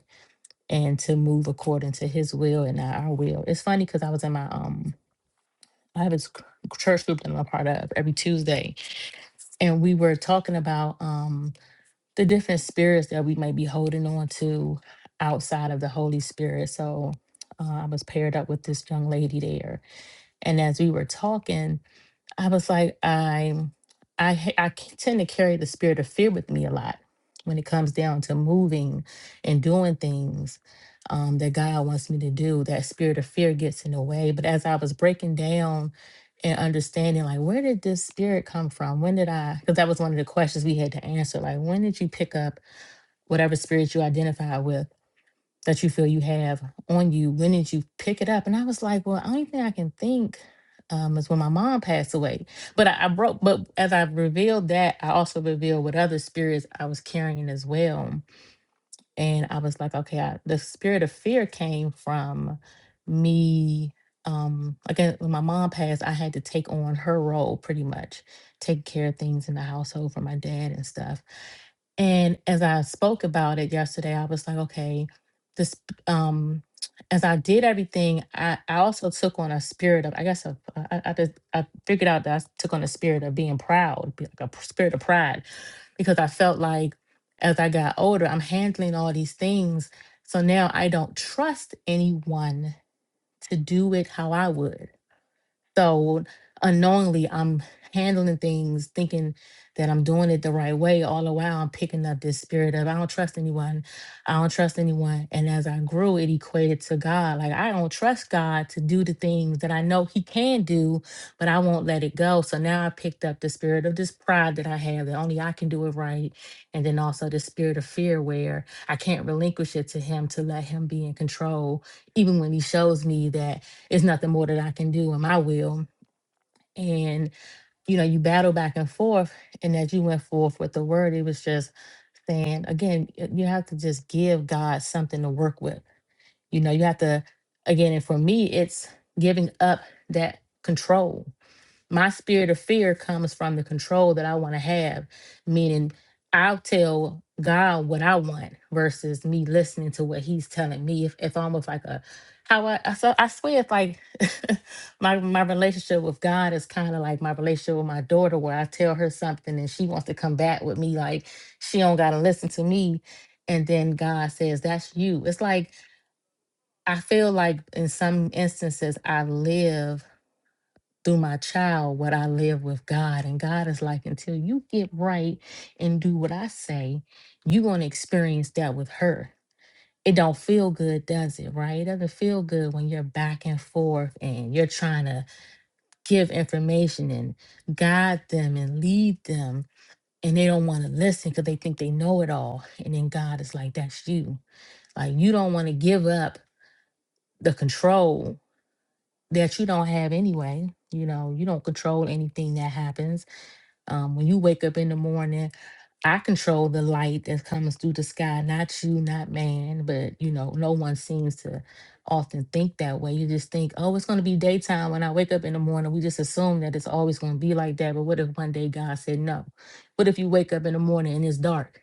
B: and to move according to his will and not our will. It's funny because I was in my um I have this c- church group that I'm a part of every Tuesday, and we were talking about um the different spirits that we may be holding on to outside of the Holy Spirit. So uh, I was paired up with this young lady there, and as we were talking, I was like, I'm, I, ha- I c- tend to carry the spirit of fear with me a lot when it comes down to moving and doing things um, that God wants me to do. That spirit of fear gets in the way. But as I was breaking down and understanding, like, where did this spirit come from? When did I? Because that was one of the questions we had to answer. Like, when did you pick up whatever spirit you identify with? that you feel you have on you when did you pick it up and i was like well only thing i can think um, is when my mom passed away but I, I broke but as i revealed that i also revealed what other spirits i was carrying as well and I was like, okay, I, the spirit of fear came from me. Um, again, when my mom passed, I had to take on her role pretty much, take care of things in the household for my dad and stuff. And as I spoke about it yesterday, I was like, okay, this, um, as I did everything, I, I also took on a spirit of, I guess, of- uh, I I, just, I figured out that I took on a spirit of being proud, be- like a p- spirit of pride, because I felt like as I got older, I'm handling all these things. So now I don't trust anyone to do it how I would. So unknowingly, I'm handling things, thinking that I'm doing it the right way. All the while, I'm picking up this spirit of I don't trust anyone. I don't trust anyone. And as I grew, it equated to God. Like I don't trust God to do the things that I know He can do, but I won't let it go. So now I picked up the spirit of this pride that I have that only I can do it right, and then also the spirit of fear where I can't relinquish it to Him to let Him be in control, even when He shows me that it's nothing more that I can do in my will. And, you know, you battle back and forth. And as you went forth with the word, it was just saying, again, y- you have to just give God something to work with. You know, you have to, again, and for me, it's giving up that control my spirit of fear comes from the control that I want to have, meaning I'll tell God what I want versus me listening to what He's telling me. If if almost like a how I I, so I swear it's like my my relationship with God is kind of like my relationship with my daughter, where I tell her something and she wants to come back with me like she don't gotta listen to me, and then God says that's you. It's like I feel like in some instances I live through my child what I live with God. And God is like, until you get right and do what I say, you're going to experience that with her. It don't feel good, does it? Right? It doesn't feel good when you're back and forth and you're trying to give information and guide them and lead them. And they don't want to listen because they think they know it all. And then God is like, that's you. Like, you don't want to give up the control that you don't have anyway. You know, you don't control anything that happens Um, when you wake up in the morning, I control the light that comes through the sky, not you, not man. But you know, no one seems to often think that way. You just think, oh, it's going to be daytime when I wake up in the morning. We just assume that it's always going to be like that. But what if one day God said no? What if you wake up in the morning and it's dark?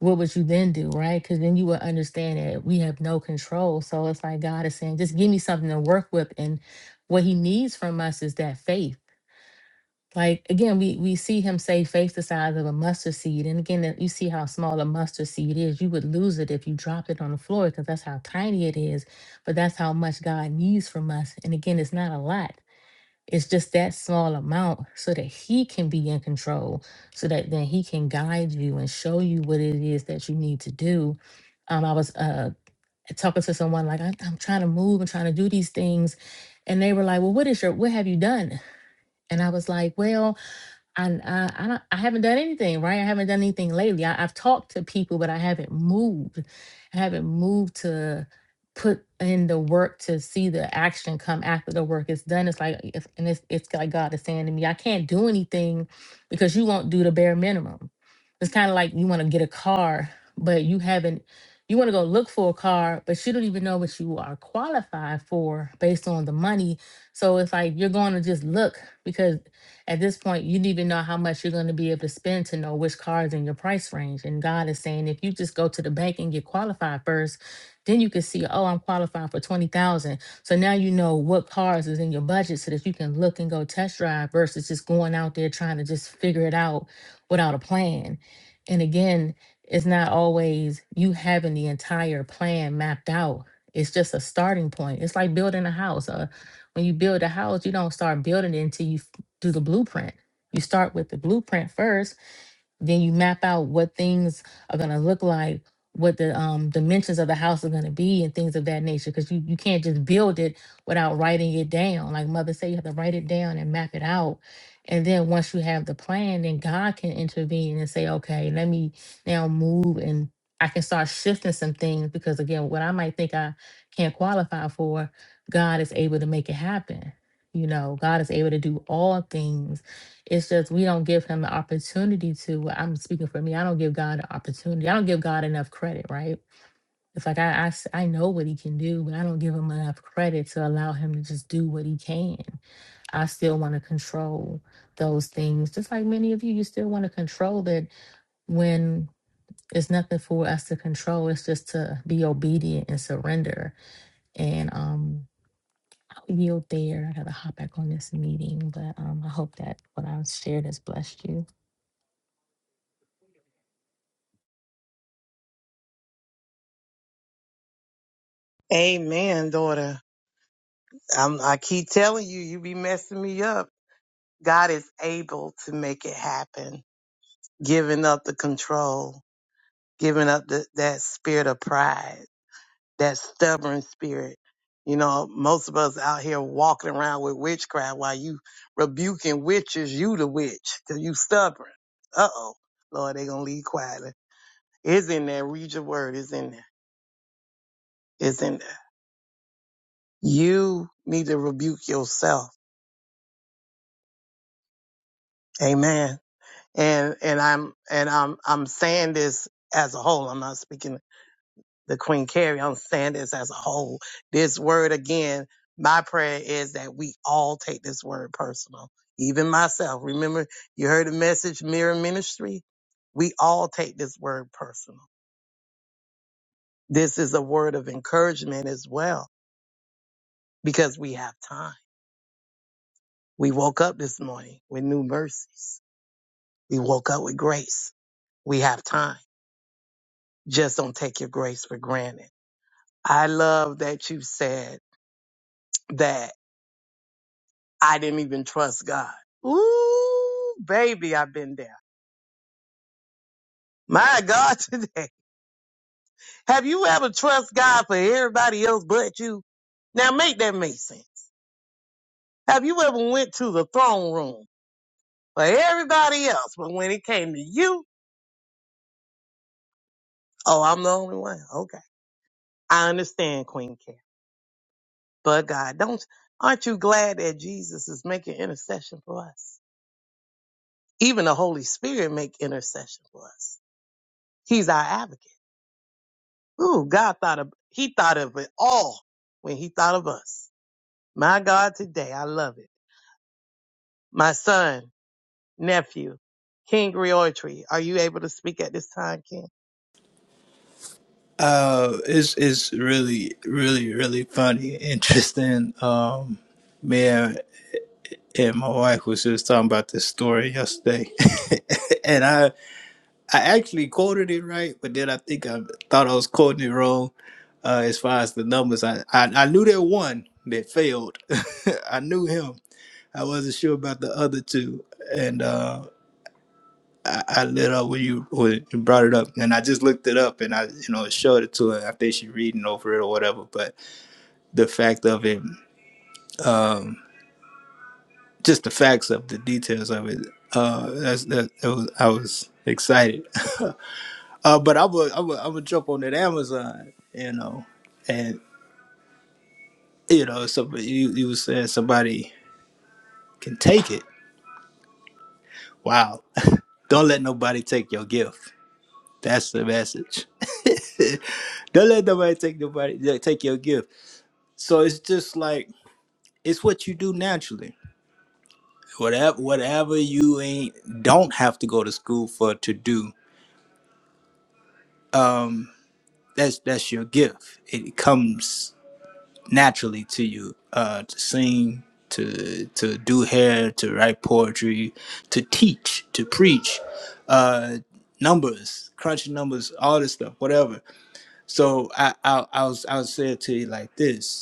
B: What would you then do, right? Because then you would understand that we have no control. So it's like God is saying, just give me something to work with. And what He needs from us is that faith like again, we we see him say faith the size of a mustard seed, and again, that- you see how small a mustard seed is. You would lose it if you dropped it on the floor because that's how tiny it is. But that's how much God needs from us. And again, it's not a lot. It's just that small amount so that He can be in control, so that then He can guide you and show you what it is that you need to do. Um, I was uh talking to someone like I'm, I'm trying to move and trying to do these things, and they were like, "Well, what is your what have you done?" And I was like, "Well." and uh, I don't, I haven't done anything, right? I haven't done anything lately. I, I've talked to people, but I haven't moved. I haven't moved to put in the work to see the action come after the work is done. It's like, it's, and it's, it's like God is saying to me, I can't do anything because you won't do the bare minimum. It's kind of like you want to get a car, but you haven't. You want to go look for a car, but you don't even know what you are qualified for based on the money. So it's like you're going to just look because at this point, you don't even know how much you're going to be able to spend to know which car is in your price range. And God is saying, if you just go to the bank and get qualified first, then you can see, oh, I'm qualified for twenty thousand. So now you know what cars is in your budget, so that you can look and go test drive versus just going out there trying to just figure it out without a plan. And again, it's not always you having the entire plan mapped out. It's just a starting point. It's like building a house. Uh, when you build a house, you don't start building it until you do the blueprint. You start with the blueprint first then you map out what things are going to look like, what the um, dimensions of the house are going to be, and things of that nature. Because you, you can't just build it without writing it down. Like Mother said, you have to write it down and map it out. And then once you have the plan, then God can intervene and say, okay, let me now move and I can start shifting some things because again, what I might think I can't qualify for, God is able to make it happen. You know, God is able to do all things it's just we don't give him the opportunity to. well, I'm speaking for me. I don't give God an opportunity. I don't give God enough credit, right? It's like I, I s- I know what he can do, but I don't give him enough credit to allow him to just do what he can. I still want to control those things, just like many of you. You still want to control that when it's nothing for us to control. It's just to be obedient and surrender. And um, I'll yield there. I gotta hop back on this meeting, but um, I hope that what I've shared has blessed you. Wait a minute.
E: Amen, daughter. I'm, I keep telling you, you be messing me up. God is able to make it happen. Giving up the control, giving up the, that spirit of pride, that stubborn spirit. You know, most of us out here walking around with witchcraft while you rebuking witches, you the witch, cause you stubborn. Uh oh. Lord, they gonna leave quietly. It's in there. Read your word. It's in there. It's in there. You need to rebuke yourself Amen. And and I'm and I'm I'm saying this as a whole. I'm not speaking the Queen Carrie. I'm saying this as a whole. This word again, my prayer is that we all take this word personal. Even myself. Remember, you heard the message Mirror Ministry? We all take this word personal. This is a word of encouragement as well, because we have time. We woke up this morning with new mercies. We woke up with grace. We have time Just don't take your grace for granted. I love that you said that I didn't even trust God. Ooh, baby, I've been there. My God, today. Have you ever trust God for everybody else but you? Now make that make sense. Have you ever went to the throne room for everybody else, but when it came to you, oh, I'm the only one. Okay. I understand, Queen Care. But God, don't, aren't you glad that Jesus is making intercession for us? Even the Holy Spirit make intercession for us. He's our advocate. Ooh, God thought of, he thought of it all when he thought of us. My God, today, I love it. My son, nephew, King Griotri, are you able to speak at this time, King?
C: Uh, it's it's really really really funny, interesting. Um, man, and my wife was just talking about this story yesterday, and I I actually quoted it right, but then I think I thought I was quoting it wrong. Uh, as far as the numbers, I I, I knew that one that failed. I knew him. I wasn't sure about the other two, and. uh, I, I lit up when you when you brought it up, and I just looked it up, and I you know showed it to her. I think she reading over it or whatever. But the fact of it, um, just the facts of the details of it, uh, that's that. It was, I was excited, uh, but I would I would I would jump on that Amazon, you know, and you know somebody you you was saying somebody can take it. Wow, don't let nobody take your gift. That's the message. don't let nobody take nobody yeah, take your gift So it's just like it's what you do naturally. Whatever whatever you ain't don't have to go to school for to do. That's that's your gift. It comes naturally to you. Uh to sing, to to do hair, to write poetry, to teach, to preach, uh numbers, crunching numbers, all this stuff, whatever. So I I I was I would say it to you like this.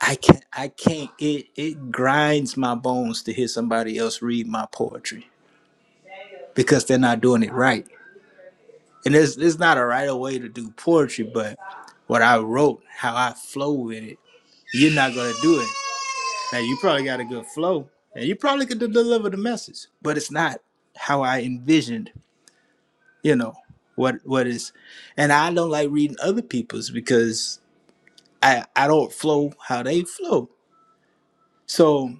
C: I can't I can't it it grinds my bones to hear somebody else read my poetry because they're not doing it right. And there's there's not a right way to do poetry, but what I wrote, how I flow with it, you're not gonna do it. Now you probably got a good flow and you probably could de- deliver the message, but it's not how I envisioned, you know, what what is and I don't like reading other people's because I I don't flow how they flow. So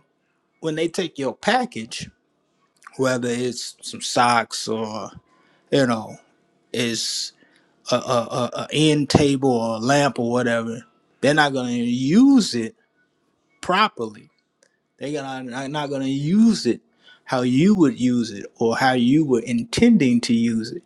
C: when they take your package whether it's some socks or you know it's a, a, a, a end table or a lamp or whatever they're not going to use it properly they're gonna, not going to use it how you would use it or how you were intending to use it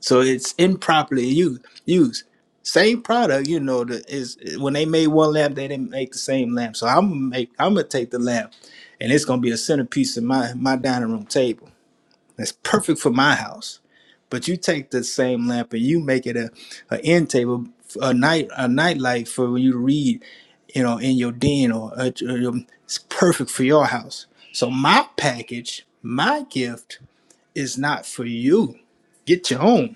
C: so it's improperly used used same product you know the, is when they made one lamp they didn't make the same lamp so i'm gonna make i'm gonna take the lamp and it's gonna be a centerpiece of my my dining room table that's perfect for my house But you take the same lamp and you make it a, a end table, a night a nightlight for when you read, you know, in your den or at it's perfect for your house. So my package, my gift is not for you. Get your own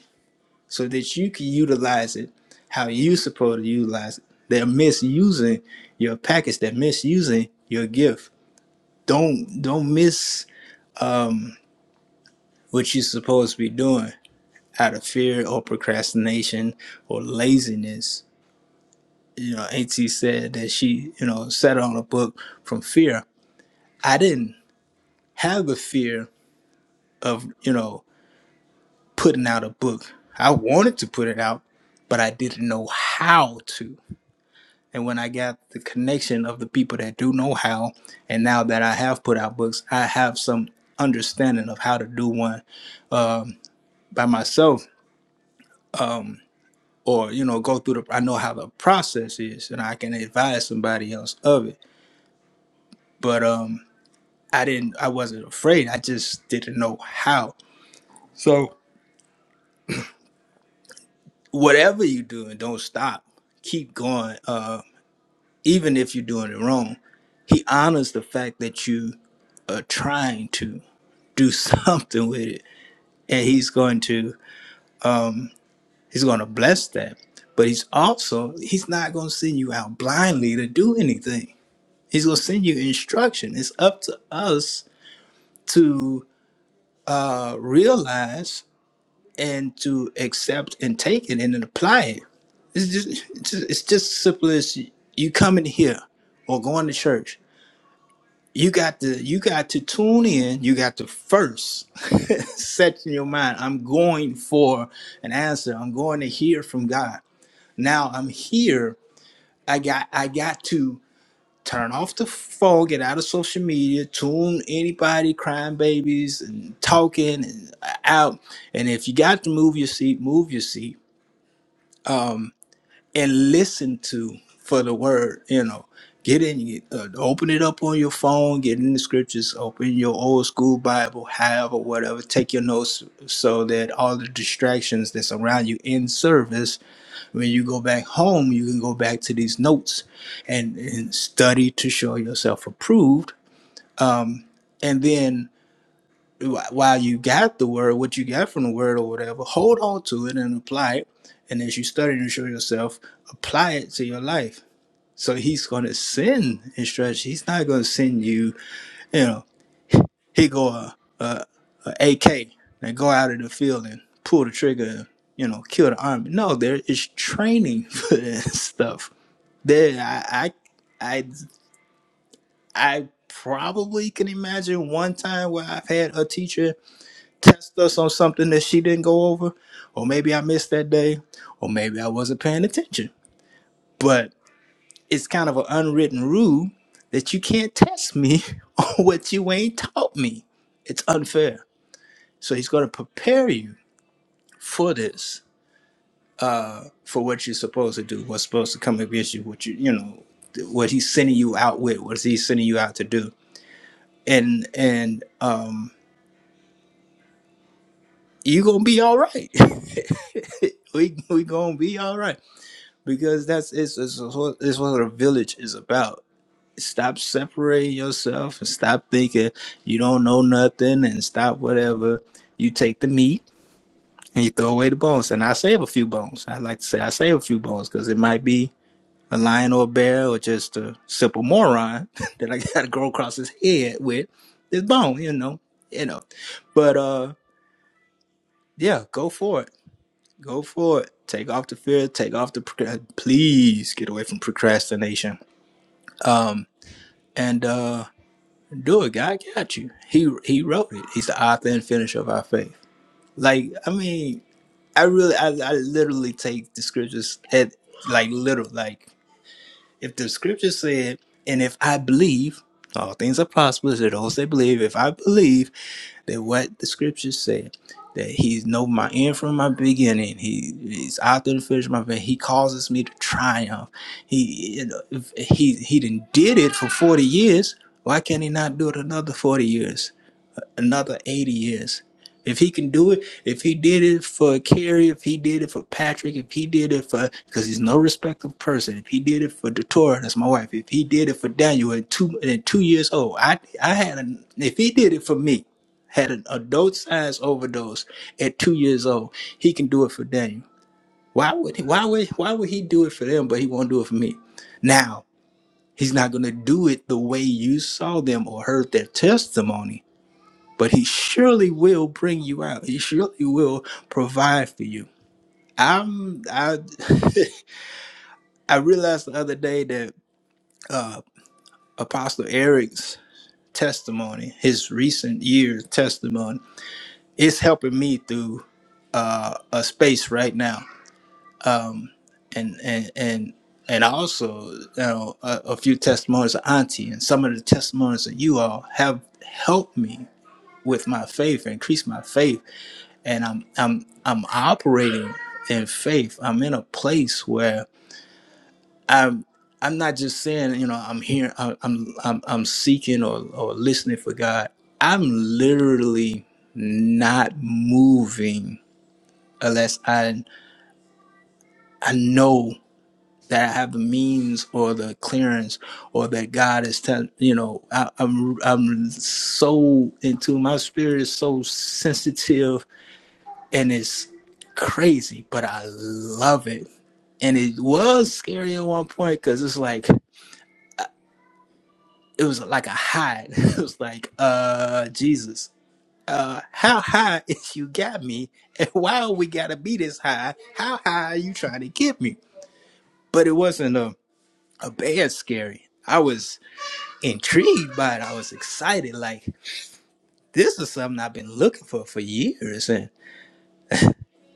C: so that you can utilize it how you supposed to utilize it. They're misusing your package. They're misusing your gift. Don't don't miss what you're supposed to be doing out of fear or procrastination or laziness. You know, Auntie said that she, you know, sat on a book from fear. I didn't have a fear of, you know, putting out a book. I wanted to put it out, but I didn't know how to. And when I got the connection of the people that do know how, and now that I have put out books, I have some understanding of how to do one um, by myself or you know go through the i know how the process is and i can advise somebody else of it but um i didn't i wasn't afraid i just didn't know how so whatever you're doing don't stop keep going uh even if you're doing it wrong he honors the fact that you are trying to do something with it and he's going to he's going to bless that but he's also he's not going to send you out blindly to do anything he's going to send you instruction it's up to us to uh, realize and to accept and take it and then apply it. It's just, it's just it's just simple as you coming here or going to church. You got to you got to tune in. You got to first set in your mind. I'm going for an answer. I'm going to hear from God. Now I'm here. I got I got to turn off the phone, get out of social media, tune anybody crying babies and talking and uh, out. And if you got to move your seat, move your seat and listen to for the word, you know. Get in, you- uh, open it up on your phone, get in the scriptures, open your old school Bible, however, whatever. Take your notes so that all the distractions that's around you in service, when you go back home, you can go back to these notes and, and study to show yourself approved and then while you got the word, what you got from the word or whatever, hold on to it and apply it. And as you study and show yourself, apply it to your life. So he's going to send instruction. He's not going to send you, you know, he go uh, a, AK and go out in the field and pull the trigger, and, you know, kill the army. No, there is training for that stuff. There, I, I, I, I probably can imagine one time where I've had a teacher test us on something that she didn't go over, or maybe I missed that day, or maybe I wasn't paying attention. But it's kind of an unwritten rule that you can't test me on what you ain't taught me. It's unfair. So he's going to prepare you for this, for what you're supposed to do, what's supposed to come against you, what you, you know, what he's sending you out with, what he's sending you out to do, and and um, you gonna be all right. we we gonna be all right because that's it's it's, what it's what a village is about. Stop separating yourself and stop thinking you don't know nothing and stop whatever. You take the meat and you throw away the bones. And I save a few bones. I like to say I save a few bones because it might be a lion or a bear or just a simple moron that I got to go across his head with this bone. You know, you know. But uh, yeah, go for it. Go for it. Take off the fear. Take off the. procra- Please get away from procrastination Um. and uh do it god got you he he wrote it he's the author and finisher of our faith like i mean i really i, I literally take the scriptures at like literal like if the scripture said and if i believe all things are possible to those that believe if i believe that what the scriptures said that he's know my end from my beginning he he's out there to finish my faith. he causes me to triumph he you know, if he he didn't did it for 40 years why can't he not do it another 40 years another 80 years. If he can do it, if he did it for Kerry, if he did it for Patrick, if he did it for, because he's no respectable person, if he did it for Datora, that's my wife, if he did it for Daniel at two, at two years old, I, I had a, if he did it for me, had an adult size overdose at two years old, he can do it for Daniel. Why would he, why would, why would he do it for them, but he won't do it for me? Now, he's not going to do it the way you saw them or heard their testimony but he surely will bring you out. He surely will provide for you. I'm I I realized the other day that uh Apostle Eric's testimony, his recent year testimony, is helping me through uh a space right now. And and and and also, you know, a, a few testimonies of Auntie and some of the testimonies of you all have helped me with my faith, increase my faith and I'm I'm I'm operating in faith. I'm in a place where I'm I'm not just saying you know I'm here I- I'm I'm I'm seeking or or listening for God. I'm literally not moving unless I I know that I have the means or the clearance or that God is telling you know I, I'm I'm so into my spirit is so sensitive and it's crazy, but I love it. And it was scary at one point because it's like it was like a high. It was like, uh, Jesus, uh, how high is you got me, and why we gotta be this high? How high are you trying to get me? But it wasn't a a bad scary. I was intrigued by it. I was excited. Like this is something I've been looking for for years, and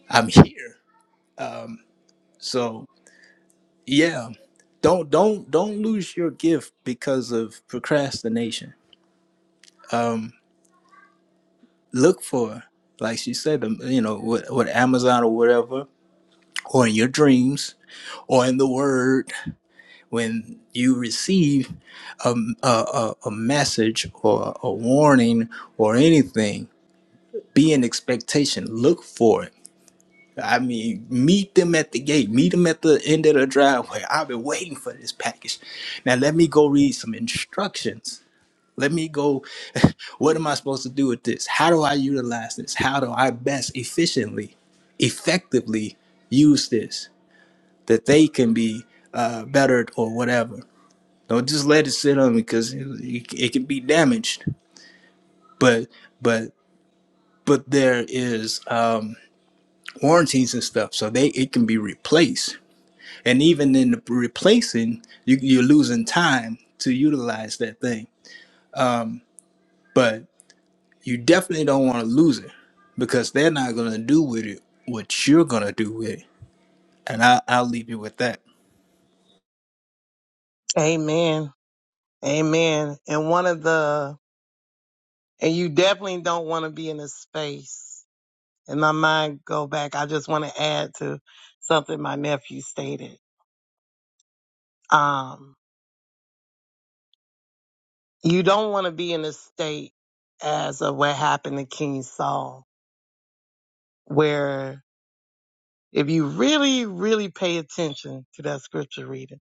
C: I'm here. So Yeah. Don't don't don't lose your gift because of procrastination. Um look for like she said um, you know with, with Amazon or whatever or in your dreams or in the word when you receive a a, a, a message or a warning or anything be in expectation look for it. I mean, meet them at the gate. Meet them at the end of the driveway. I've been waiting for this package. Now let me go read some instructions Let me go. What am I supposed to do with this? How do I utilize this? How do I best efficiently, effectively use this that they can be uh, bettered or whatever? Don't just let it sit on me because it, it it can be damaged. But but but there is um, warranties and stuff, so they it can be replaced. And even in the replacing, you, you're losing time to utilize that thing. But You definitely don't want to lose it because they're not going to do with it what you're going to do with it. And I, I'll leave you with that.
E: Amen. Amen. And one of the, and you definitely don't want to be in a space. And my mind go back. I just want to add to something my nephew stated. Um, You don't want to be in a state as of what happened to King Saul, where if you really, really pay attention to that scripture reading,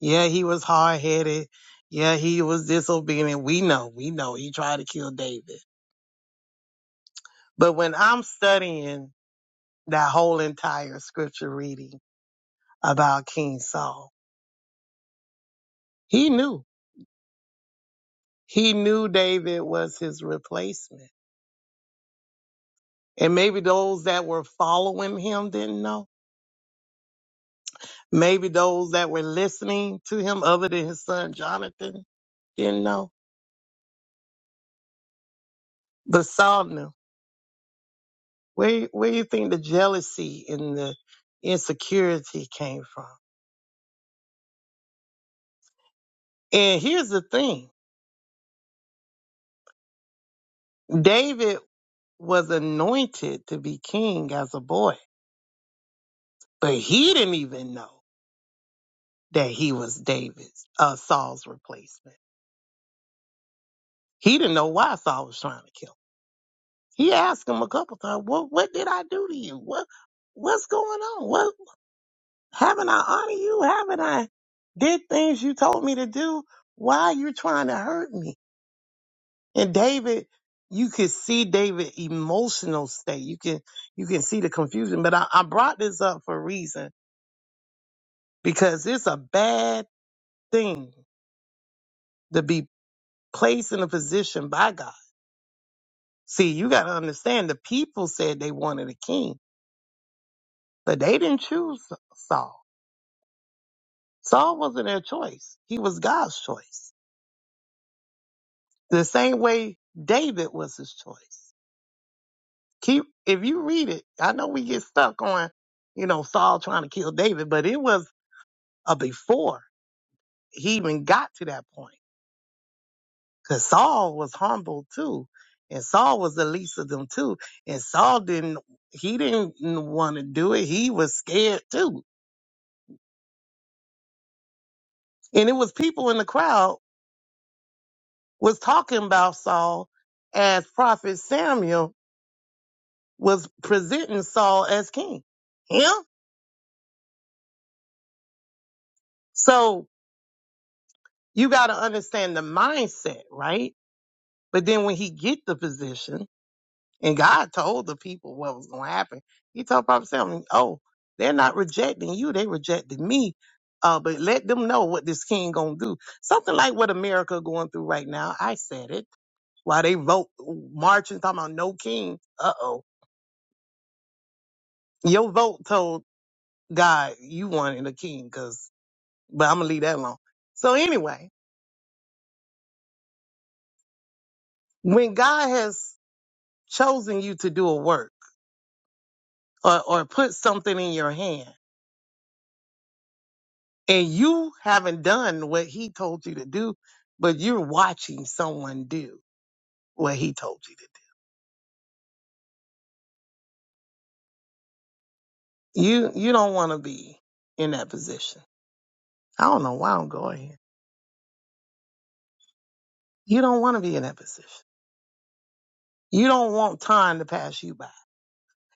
E: yeah, he was hard headed. Yeah, he was disobedient. We know, we know he tried to kill David. But when I'm studying that whole entire scripture reading about King Saul, he knew. He knew David was his replacement. And maybe those that were following him didn't know Maybe those that were listening to him other than his son Jonathan didn't know. But Saul knew. where, where you think the jealousy and the insecurity came from? And here's the thing. David was anointed to be king as a boy, but he didn't even know that he was David's, uh, Saul's replacement. He didn't know why Saul was trying to kill him. He asked him a couple times, what, what did I do to you? What, what's going on? What, Haven't I honored you? Haven't I did things you told me to do? Why are you trying to hurt me? And David, you could see David' emotional state. You can you can see the confusion. But I, I brought this up for a reason because it's a bad thing to be placed in a position by God. See, you gotta understand the people said they wanted a king, but they didn't choose Saul. Saul wasn't their choice. He was God's choice. The same way David was his choice. keep if you read it, I know we get stuck on, you know, Saul trying to kill David, but it was a before he even got to that point. Cause Saul was humble too. And Saul was the least of them too. And Saul didn't he didn't want to do it. He was scared too. And it was people in the crowd was talking about Saul as Prophet Samuel was presenting Saul as king. Yeah. So you got to understand the mindset, right? But then when he get the position, and God told the people what was going to happen, he told Prophet Samuel, "Oh, they're not rejecting you; they rejected me." Uh, but let them know what this king gonna do. Something like what America going through right now. I said it. While they vote marching, talking about no king. Uh oh, your vote told God you wanted a king, cause. But I'm gonna leave that alone. So anyway, when God has chosen you to do a work or, or put something in your hand and you haven't done what he told you to do, but you're watching someone do what he told you to do. You you don't want to be in that position. I don't know why I'm going here. You don't want to be in that position. You don't want time to pass you by.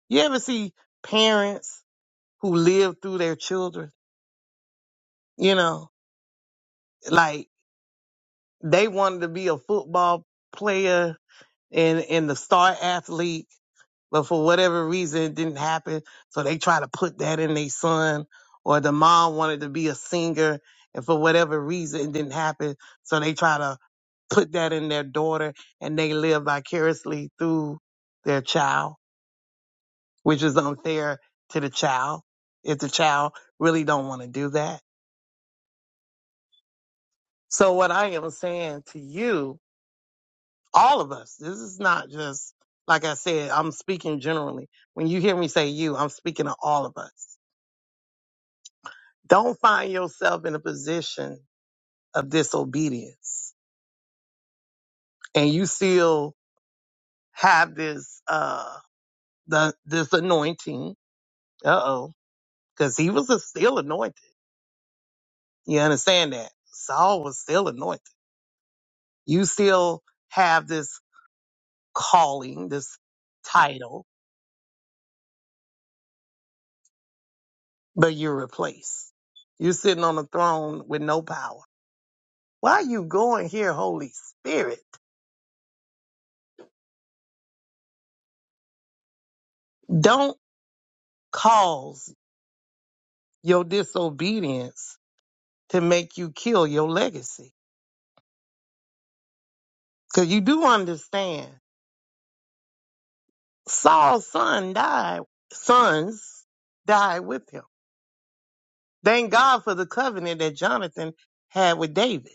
E: You ever see parents who live through their children? You know, like they wanted to be a football player and and the star athlete, but for whatever reason it didn't happen. So they try to put that in their son, or the mom wanted to be a singer, and for whatever reason it didn't happen. So they try to put that in their daughter, and they live vicariously through their child, which is unfair to the child if the child really don't want to do that. So what I am saying to you all of us. This is not just, like I said, I'm speaking generally. When you hear me say you, I'm speaking to all of us. Don't find yourself in a position of disobedience and you still have this, uh, the, this anointing. Uh oh. Cause he was a still anointed. You understand that? Saul was still anointed. You still have this calling, this title, but you're replaced. You're sitting on a throne with no power Why are you going here, Holy Spirit? Don't cause your disobedience to make you kill your legacy. Because you do understand Saul's son died, sons died with him. Thank God for the covenant that Jonathan had with David.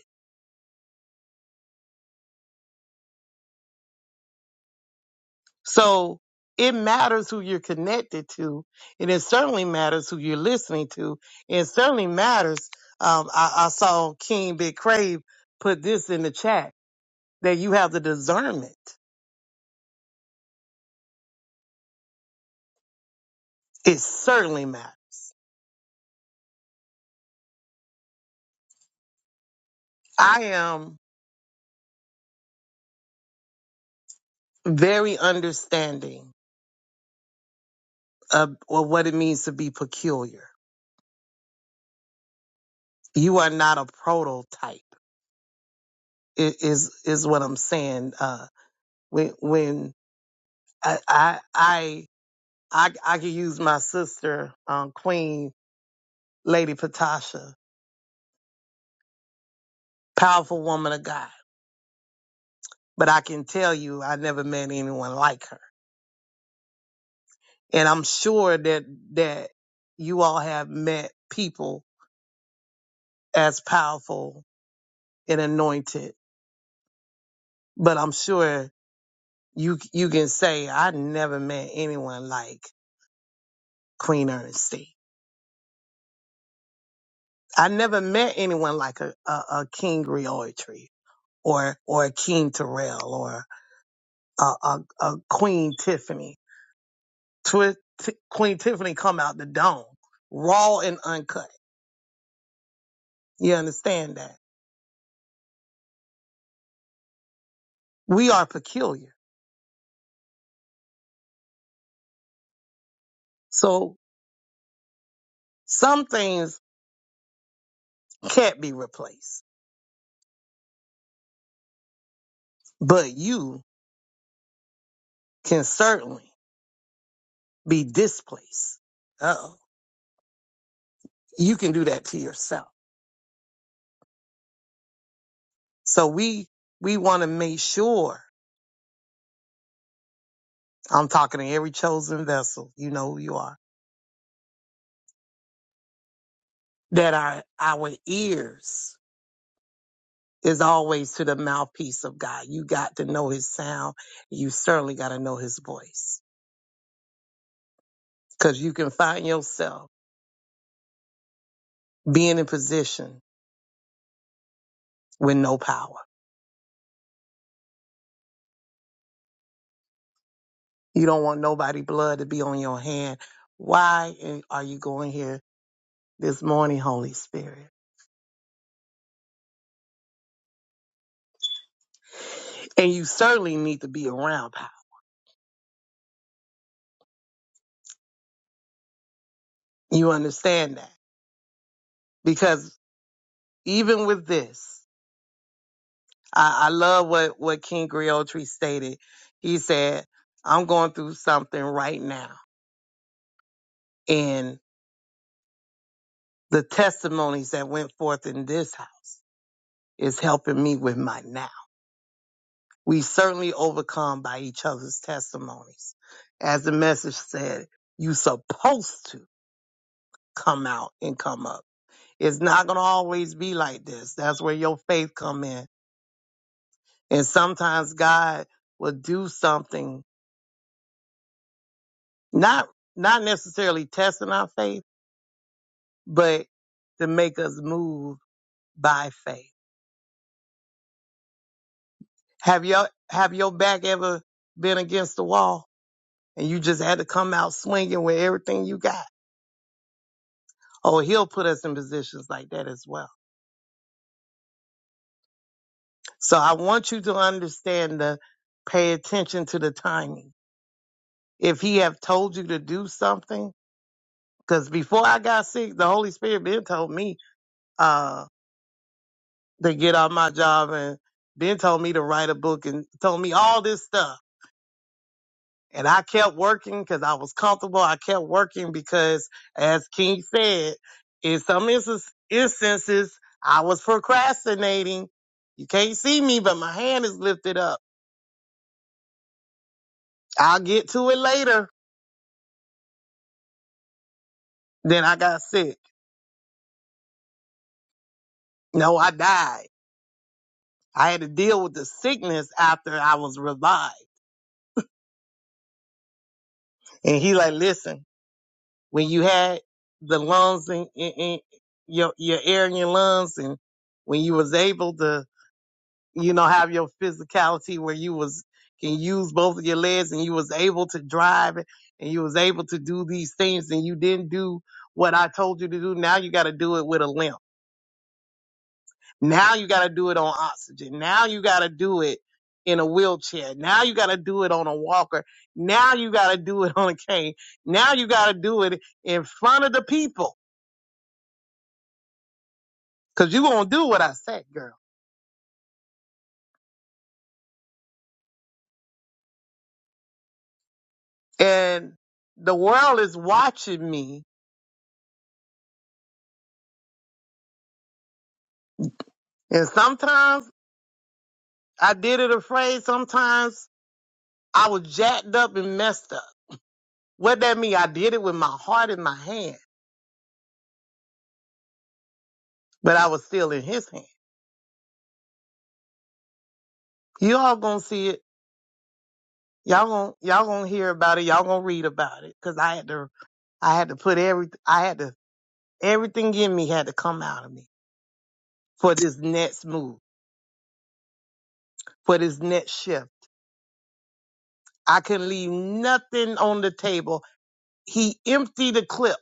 E: So it matters who you're connected to, and it certainly matters who you're listening to. and It certainly matters. Um, I, I saw King Big Crave put this in the chat that you have the discernment. It certainly matters. I am very understanding of, of what it means to be peculiar. You are not a prototype. Is is what I'm saying. Uh, when when I I I I, I could use my sister, um, Queen Lady Patasha, powerful woman of God. But I can tell you, I never met anyone like her. And I'm sure that that you all have met people as powerful and anointed. But I'm sure you you can say I never met anyone like Queen Ernestine. I never met anyone like a, a, a King Griotry or or a King Terrell or a, a, a Queen Tiffany. Twi- T- Queen Tiffany come out the dome, raw and uncut. You understand that? We are peculiar. So some things can't be replaced, but you can certainly be displaced. Oh, you can do that to yourself. So we, we want to make sure I'm talking to every chosen vessel. You know who you are that our, our ears is always to the mouthpiece of God. You got to know his sound. You certainly got to know his voice because you can find yourself being in position with no power. You don't want nobody blood to be on your hand. Why are you going here this morning, Holy Spirit? And you certainly need to be around power. You understand that? Because even with this, I, I love what, what King Griotri stated. He said, I'm going through something right now. And the testimonies that went forth in this house is helping me with my now. We certainly overcome by each other's testimonies. As the message said, you supposed to come out and come up. It's not going to always be like this. That's where your faith come in And sometimes God will do something, not not necessarily testing our faith, but to make us move by faith. Have your have your back ever been against the wall and you just had to come out swinging with everything you got? Oh, he'll put us in positions like that as well. So I want you to understand the pay attention to the timing. If he have told you to do something, because before I got sick, the Holy Spirit been told me uh. to get on my job and Ben told me to write a book and told me all this stuff. And I kept working because I was comfortable. I kept working because as King said, in some instance- instances, I was procrastinating. You can't see me, but my hand is lifted up. I'll get to it later. Then I got sick. No, I died. I had to deal with the sickness after I was revived. And he like, listen, when you had the lungs in, in, in your your air in your lungs and when you was able to you know have your physicality where you was can use both of your legs and you was able to drive and you was able to do these things and you didn't do what I told you to do now you got to do it with a limp now you got to do it on oxygen now you got to do it in a wheelchair now you got to do it on a walker now you got to do it on a cane now you got to do it in front of the people Cause you gonna do what I say, girl. And the world is watching me. And sometimes I did it afraid. Sometimes I was jacked up and messed up. What that mean? I did it with my heart in my hand, but I was still in his hand. You all gonna see it. Y'all gonna y'all gonna hear about it. Y'all gonna read about it. Cause I had to I had to put every I had to everything in me had to come out of me for this next move, for this next shift. I can leave nothing on the table he emptied the clip.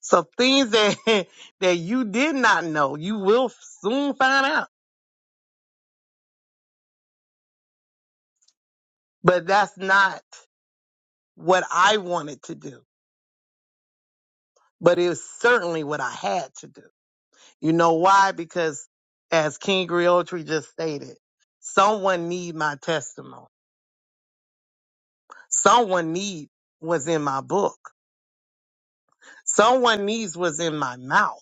E: So things that that you did not know, you will soon find out. But that's not what I wanted to do. But it was certainly what I had to do. You know why? Because as King Griotri just stated, someone need my testimony. Someone need was in my book. Someone needs was in my mouth.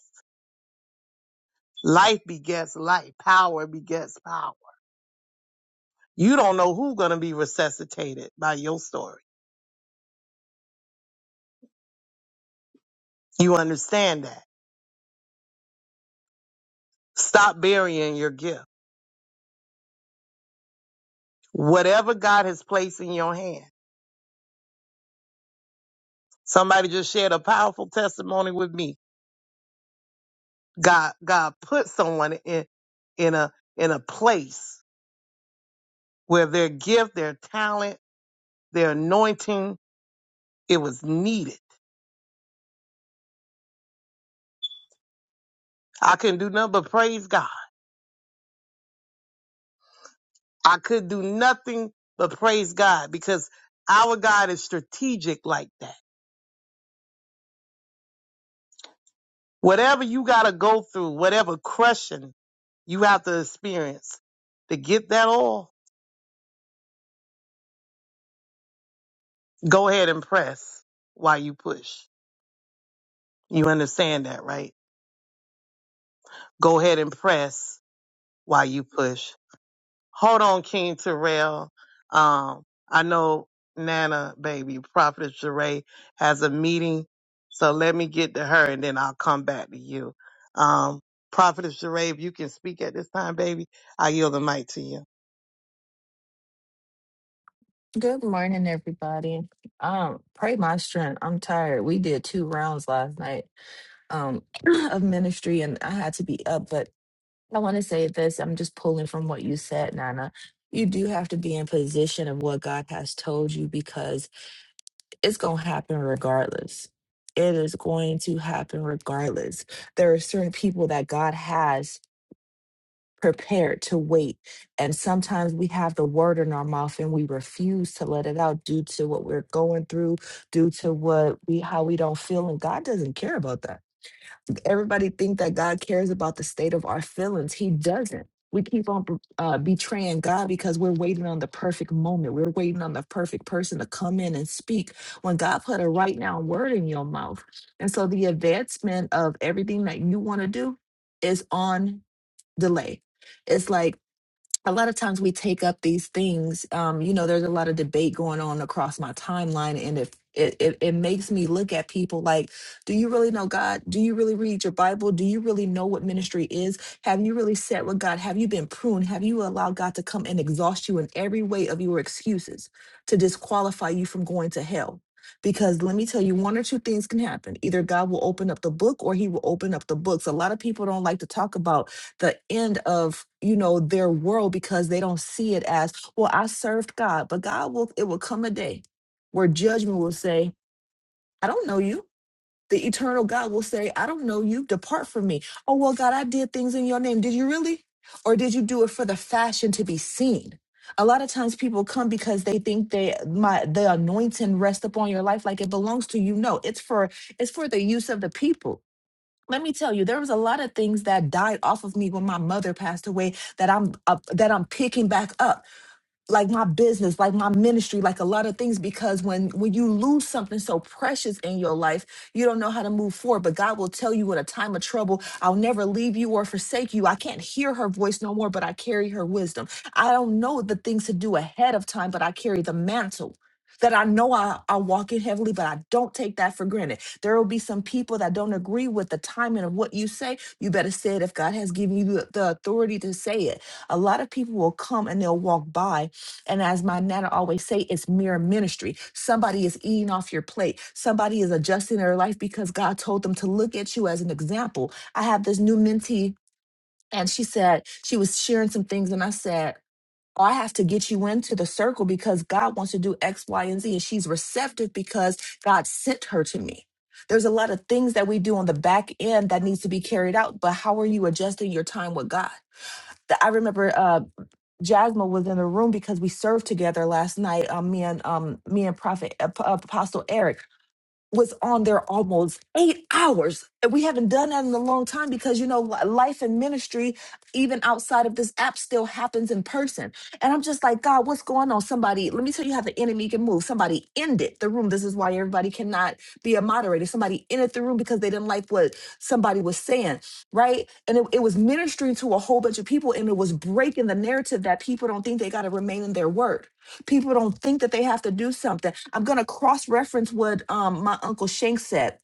E: Life begets life. Power begets power. You don't know who's gonna be resuscitated by your story You understand that. Stop burying your gift. Whatever God has placed in your hand. Somebody just shared a powerful testimony with me. God, God put someone in, in a, in a place where their gift, their talent, their anointing, it was needed. I couldn't do nothing but praise God. I could do nothing but praise God because our God is strategic like that. Whatever you got to go through, whatever crushing you have to experience to get that oil, go ahead and press while you push. You understand that, right? Go ahead and press while you push. Hold on, King Terrell. Um, I know Nana, baby, Prophet Jeray has a meeting. So let me get to her and then I'll come back to you. Um, Prophet Jeray, if you can speak at this time, baby, I yield the mic to you.
F: Good morning, everybody. Um, pray my strength. I'm tired. We did two rounds last night um of ministry and I had to be up, but I want to say this. I'm just pulling from what you said, Nana. You do have to be in position of what God has told you because it's gonna happen regardless. It is going to happen regardless. There are certain people that God has prepared to wait. And sometimes we have the word in our mouth and we refuse to let it out due to what we're going through, due to what we how we don't feel. And God doesn't care about that. Everybody think that God cares about the state of our feelings. He doesn't. We keep on uh, betraying God because we're waiting on the perfect moment. We're waiting on the perfect person to come in and speak when God put a right now word in your mouth. And so the advancement of everything that you want to do is on delay. It's like a lot of times we take up these things. Um, you know, there's a lot of debate going on across my timeline, and if it, it it makes me look at people like, do you really know God? Do you really read your Bible? Do you really know what ministry is? Have you really sat with God? Have you been pruned? Have you allowed God to come and exhaust you in every way of your excuses to disqualify you from going to hell? Because let me tell you, one or two things can happen. Either God will open up the book or he will open up the books. A lot of people don't like to talk about the end of you know their world because they don't see it as well i served god but god will it will come a day where judgment will say i don't know you the eternal god will say i don't know you depart from me oh well god i did things in your name did you really or did you do it for the fashion to be seen a lot of times people come because they think they my the anointing rests upon your life like it belongs to you no it's for it's for the use of the people let me tell you there was a lot of things that died off of me when my mother passed away that i'm up that i'm picking back up like my business like my ministry like a lot of things because when when you lose something so precious in your life you don't know how to move forward but god will tell you in a time of trouble i'll never leave you or forsake you i can't hear her voice no more but i carry her wisdom i don't know the things to do ahead of time but i carry the mantle that I know I, I walk in heavily, but I don't take that for granted. There will be some people that don't agree with the timing of what you say. You better say it if God has given you the the authority to say it. A lot of people will come and they'll walk by and as my nana always say, it's mirror ministry. Somebody is eating off your plate. Somebody is adjusting their life because God told them to look at you as an example. I have this new mentee, and she said she was sharing some things, and I said, "Oh, I have to get you into the circle because God wants to do X, Y, and Z. And she's receptive because God sent her to me. There's a lot of things that we do on the back end that needs to be carried out, but how are you adjusting your time with God? That I remember. uh, Jasmine was in the room because we served together last night. Um, me and um, me and Prophet Ap- Apostle Eric was on there almost eight hours. And we haven't done that in a long time because, you know, li- life and ministry, even outside of this app, still happens in person. And I'm just like, God, what's going on? Somebody, let me tell you how the enemy can move. Somebody ended the room. This is why everybody cannot be a moderator. Somebody ended the room because they didn't like what somebody was saying, right? And it, it was ministering to a whole bunch of people and it was breaking the narrative that people don't think they got to remain in their word people don't think that they have to do something. I'm going to cross reference what um, my uncle Shank said.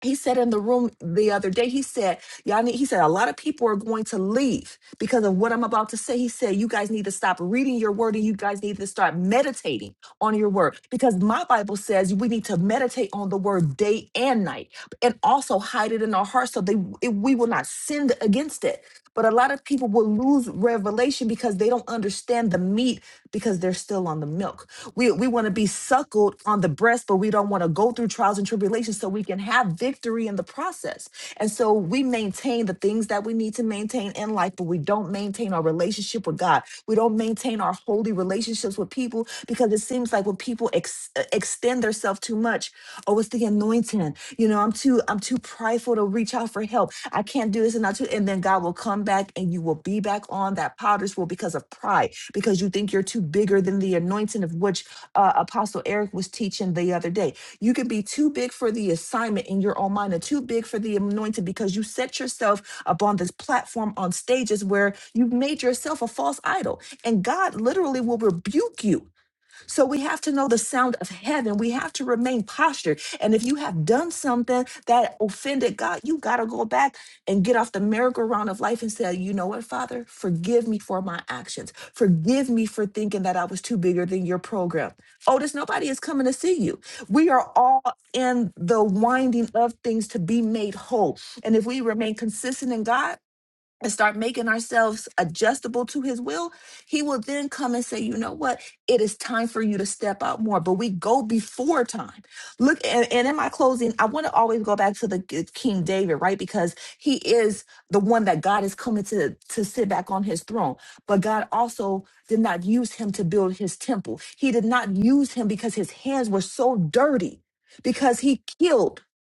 F: He said in the room the other day, he said, y'all need, he said, a lot of people are going to leave because of what I'm about to say. He said, you guys need to stop reading your word and you guys need to start meditating on your word because my Bible says we need to meditate on the word day and night and also hide it in our hearts so they, it, we will not sin against it. But a lot of people will lose revelation because they don't understand the meat because they're still on the milk. We we want to be suckled on the breast, but we don't want to go through trials and tribulations so we can have victory in the process. And so we maintain the things that we need to maintain in life, but we don't maintain our relationship with God. We don't maintain our holy relationships with people because it seems like when people ex- uh, extend themselves too much, Oh, it's the anointing. You know, I'm too, I'm too prideful to reach out for help. I can't do this and not too. And then God will come back and you will be back on that potter's wheel because of pride, because you think you're too bigger than the anointing of which uh, Apostle Eric was teaching the other day. You can be too big for the assignment in your own mind and too big for the anointing because you set yourself up on this platform on stages where you've made yourself a false idol. And God literally will rebuke you so we have to know the sound of heaven. We have to remain postured. And if you have done something that offended God, you got to go back and get off the merry-go-round of life and say, you know what, Father, forgive me for my actions. Forgive me for thinking that I was too bigger than your program. Otis, nobody is coming to see you. We are all in the winding of things to be made whole. And if we remain consistent in God, and start making ourselves adjustable to his will, he will then come and say, you know what? It is time for you to step out more. But we go before time. Look, and, and in my closing, I want to always go back to the g- King David, right? Because he is the one that God is coming to, to sit back on his throne. But God also did not use him to build his temple. He did not use him because his hands were so dirty, because he killed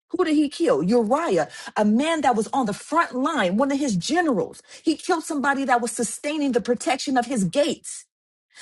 F: who did he kill? Uriah, a man that was on the front line, one of his generals. He killed somebody that was sustaining the protection of his gates.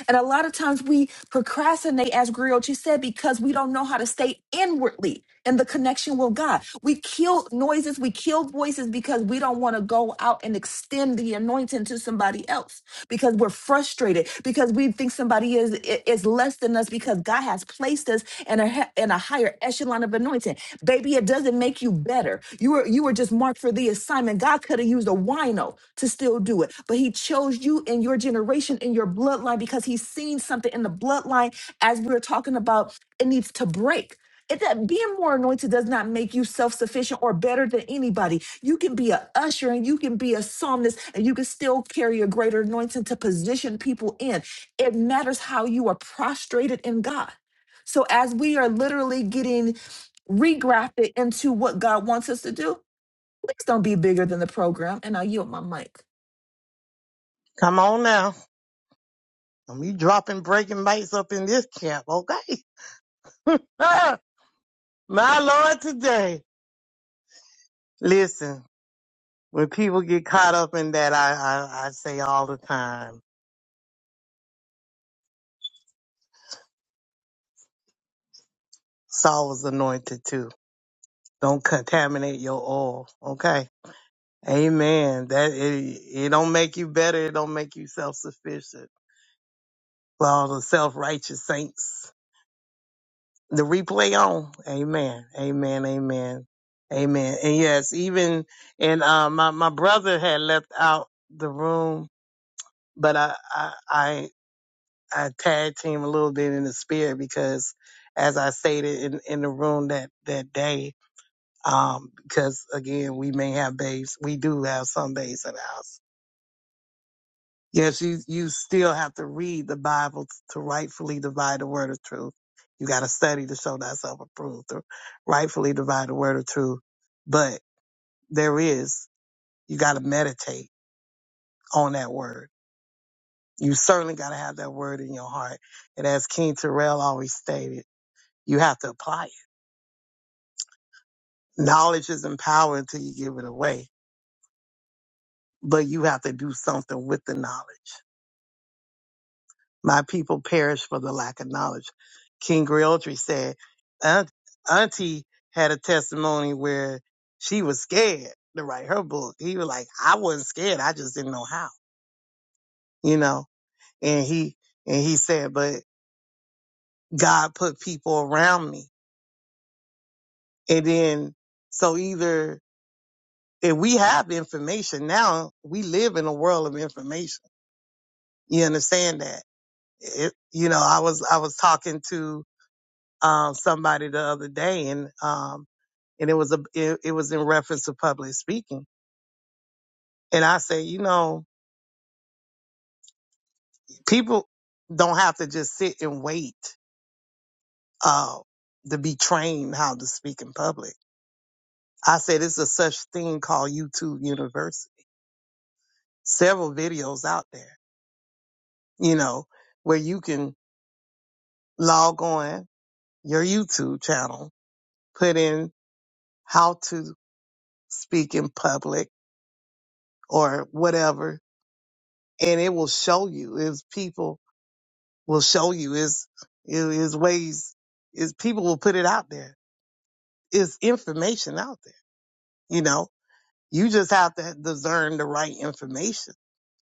F: And a lot of times we procrastinate, as Griochi said, because we don't know how to stay inwardly in the connection with God. We kill noises, we kill voices because we don't want to go out and extend the anointing to somebody else because we're frustrated, because we think somebody is i- is less than us because God has placed us in a he- in a higher echelon of anointing. Baby, it doesn't make you better. You were you were just marked for for the assignment. God could have used a wino to still do it, but He chose you in your generation, in your bloodline, because He's seen something in the bloodline. As we were talking about, it needs to break. It, that being more anointed does not make you self-sufficient or better than anybody. You can be a usher and you can be a psalmist and you can still carry a greater anointing to position people in. It matters how you are prostrated in God. So as we are literally getting regrafted into what God wants us to do, Please don't be bigger than the program. And I yield my mic.
E: Come on now. And we dropping breaking bites up in this camp, okay? My Lord, today. Listen, when people get caught up in that, I, I, I say all the time, Saul was anointed too. Don't contaminate your oil, okay? Amen. That it, it don't make you better. It don't make you self-sufficient. For all the self-righteous saints. the replay on. Amen. Amen. Amen. Amen. And yes, even and uh, my my brother had left out the room, but I I I, I tag team a little bit in the spirit because, as I stated in, in the room that that day, um, because again we may have babes, we do have some babes in the house Yes, you, you still have to read the Bible to rightfully divide the word of truth. You got to study to show thyself approved, to rightfully divide the word of truth. But there is, you got to meditate on that word. You certainly got to have that word in your heart. And as King Terrell always stated, you have to apply it. Knowledge is not power until you give it away, but you have to do something with the knowledge. My people perish for the lack of knowledge. King Griotri said, "Aunt- Auntie had a testimony where she was scared to write her book. He was like, I wasn't scared. I just didn't know how, you know? And he, and he said, but God put people around me. And then, so either, if we have information now, we live in a world of information. You understand that? It, you know, I was, I was talking to, um, somebody the other day, and um, and it was a it, it was in reference to public speaking. And I say, you know, people don't have to just sit and wait uh, to be trained how to speak in public. I said, it's a such thing called YouTube University. Several videos out there, you know, where you can log on your YouTube channel, put in how to speak in public or whatever, and it will show you. It's people will show you is is ways is people will put it out there. It's information out there. You know, you just have to discern the right information,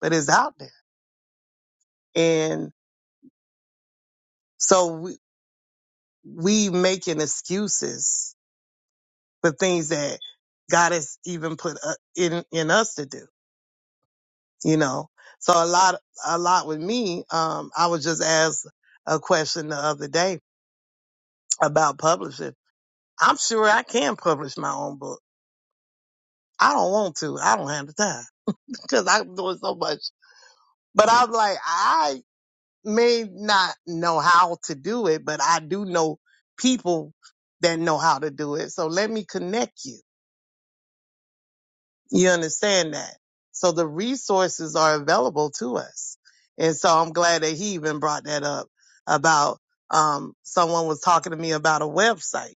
E: but it's out there. And so we we making excuses for things that God has even put uh, in in us to do. You know, so a lot a lot with me. Um, I was just asked a question the other day about publishing. I'm sure I can publish my own book I don't want to. I don't have the time because I'm doing so much. But I'm like, I may not know how to do it, but I do know people that know how to do it. So let me connect you. You understand that? So the resources are available to us. And so I'm glad that he even brought that up about, um, someone was talking to me about a website.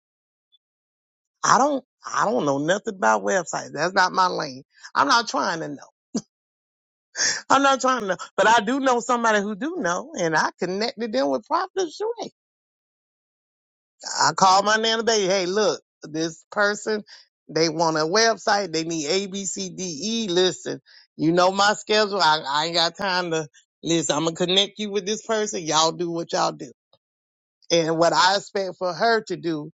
E: I don't, I don't know nothing about websites. That's not my lane. I'm not trying to know. I'm not trying to know, but I do know somebody who do know, and I connected them with Prophet Sheree. I called my nana baby, hey, look, this person, they want a website, they need A, B, C, D, E. Listen, you know my schedule. I, I ain't got time to listen. I'm gonna connect you with this person. Y'all do what y'all do. And what I expect for her to do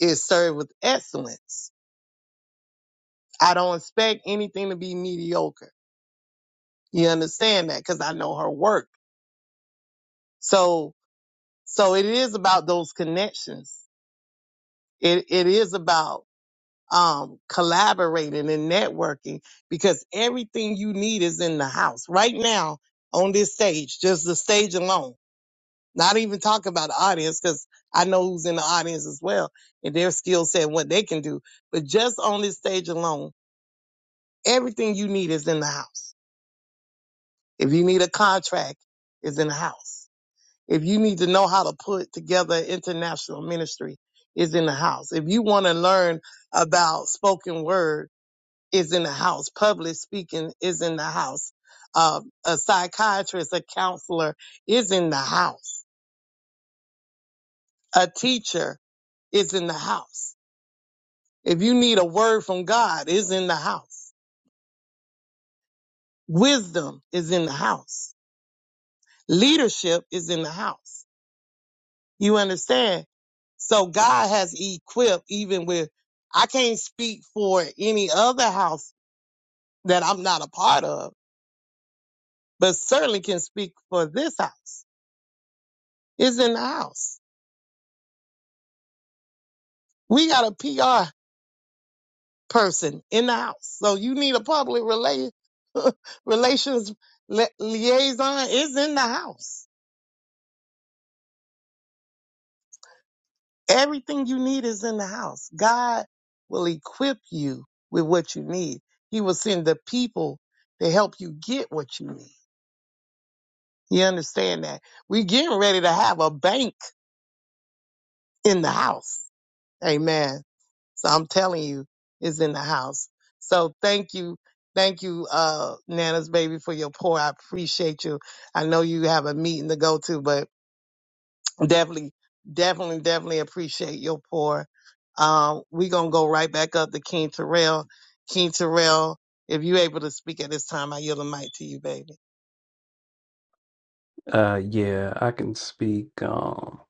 E: is serve with excellence. I don't expect anything to be mediocre. You understand that? Cause I know her work. So So it is about those connections. It, it is about, um, collaborating and networking because everything you need is in the house right now on this stage, just the stage alone. Not even talk about the audience because I know who's in the audience as well and their skill set and what they can do. But just on this stage alone, everything you need is in the house. If you need a contract, it's in the house. If you need to know how to put together international ministry, is in the house. If you want to learn about spoken word, is in the house. Public speaking is in the house. Uh, a psychiatrist, a counselor is in the house. A teacher is in the house. If you need a word from God, is in the house. Wisdom is in the house. Leadership is in the house. You understand? So God has equipped even with, I can't speak for any other house that I'm not a part of, but certainly can speak for this house. It's in the house. We got a PR person in the house. So you need a public rela- relations li- liaison is in the house. Everything you need is in the house. God will equip you with what you need. He will send the people to help you get what you need. You understand that? We getting ready to have a bank in the house. Amen. So I'm telling you, it's in the house. So thank you. Thank you, uh, Nana's baby for your pour. I appreciate you. I know you have a meeting to go to, but definitely, definitely, definitely appreciate your pour. Um, we gonna go right back up to King Terrell. King Terrell, if you able to speak at this time, I yield the mic to you, baby.
G: Uh, yeah, I can speak um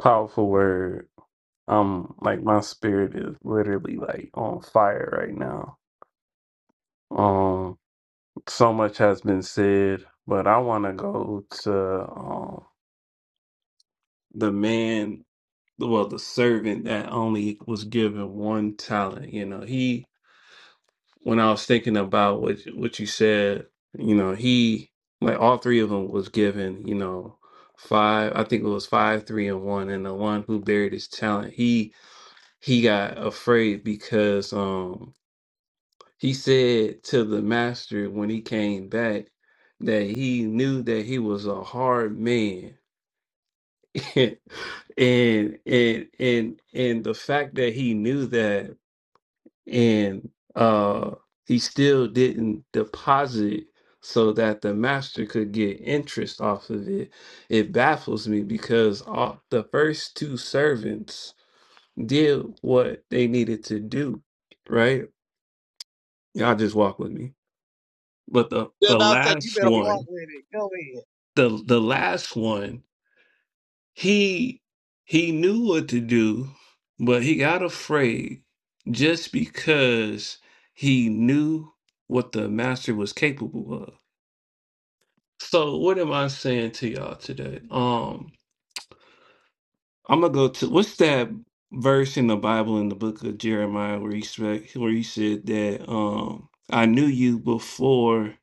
G: powerful word. Um, like my spirit is literally like on fire right now. Um, so much has been said, but I want to go to um the man, well, the servant that only was given one talent. You know, he when I was thinking about what you- what you said, you know, he like all three of them was given, you know, five. I think it was five, three, and one. And the one who buried his talent, he he got afraid because um he said to the master when he came back that he knew that he was a hard man. and and and and the fact that he knew that and uh he still didn't deposit so that the master could get interest off of it it baffles me because all the first two servants did what they needed to do right y'all just walk with me but the
E: Just
G: the
E: about to say you
G: last
E: better walk
G: one
E: with it. Go ahead.
G: the the last one He he knew what to do, but he got afraid just because he knew what the master was capable of. So what am I saying to y'all today? Um I'm gonna go to what's that verse in the Bible in the book of Jeremiah where he spe- where he said that um I knew you before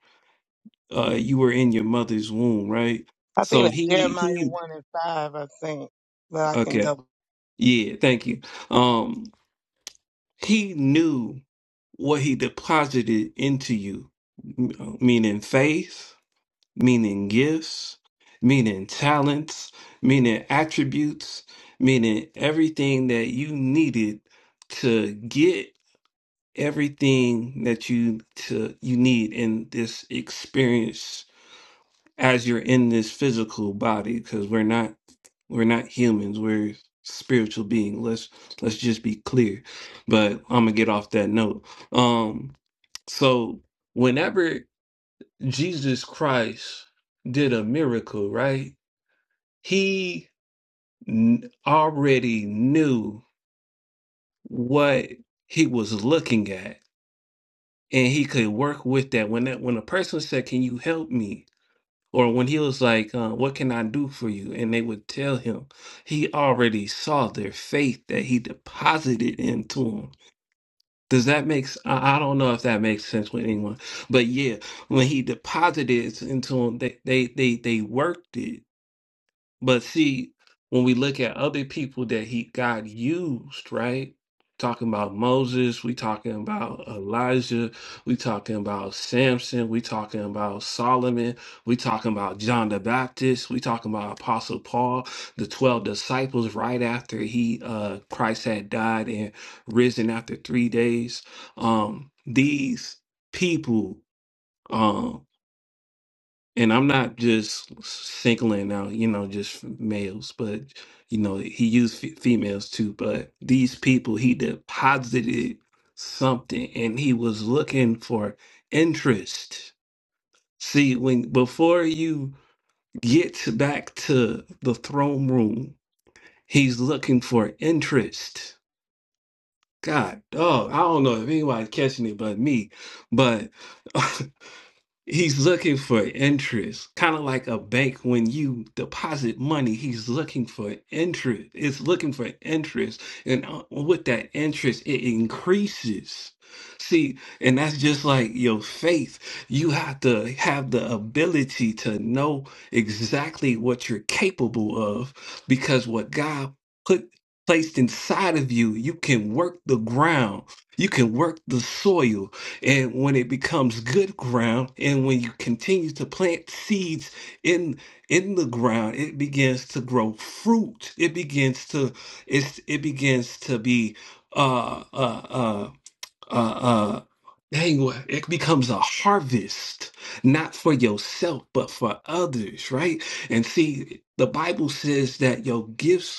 G: uh you were in your mother's womb, right?
E: I think
G: So
E: that's
G: he
E: Jeremiah
G: he
E: 1 and 5, I think. But I can
G: okay.
E: double.
G: Yeah, thank you. um. He knew what he deposited into you, m- uh, meaning faith, meaning gifts, meaning talents, meaning attributes, meaning everything that you needed to get everything that you to you need in this experience as you're in this physical body because we're not we're not humans we're spiritual beings let's let's just be clear but i'm gonna get off that note um so whenever jesus christ did a miracle right he kn- already knew what he was looking at and he could work with that when that when a person said can you help me Or when he was like, uh, What can I do for you? And they would tell him, he already saw their faith that he deposited into them. Does that make s- I I don't know if that makes sense with anyone, but yeah, when he deposited it into them, they, they they they worked it but see, when we look at other people that he God used, right? Talking about Moses, we talking about Elijah, we talking about Samson, we talking about Solomon, we talking about John the Baptist, we talking about Apostle Paul, the twelve disciples right after he uh Christ had died and risen after three days. Um these people um, and I'm not just singling out, you know, just males, but you know, he used f- females too. But these people, he deposited something, and he was looking for interest. See, when before you get to- back to the throne room, he's looking for interest. God, dog, I don't know if anybody's catching it but me, but He's looking for interest, kind of like a bank when you deposit money. He's looking for interest. It's looking for interest, and uh, with that interest, it increases. See, and that's just like your faith. You have to have the ability to know exactly what you're capable of, because what God put placed inside of you, you can work the ground, you can work the soil, and when it becomes good ground and when you continue to plant seeds in in the ground it begins to grow fruit it begins to it's it begins to be uh uh uh uh, uh Dang, what- it becomes a harvest, not for yourself, but for others, right? And see, the Bible says that your gifts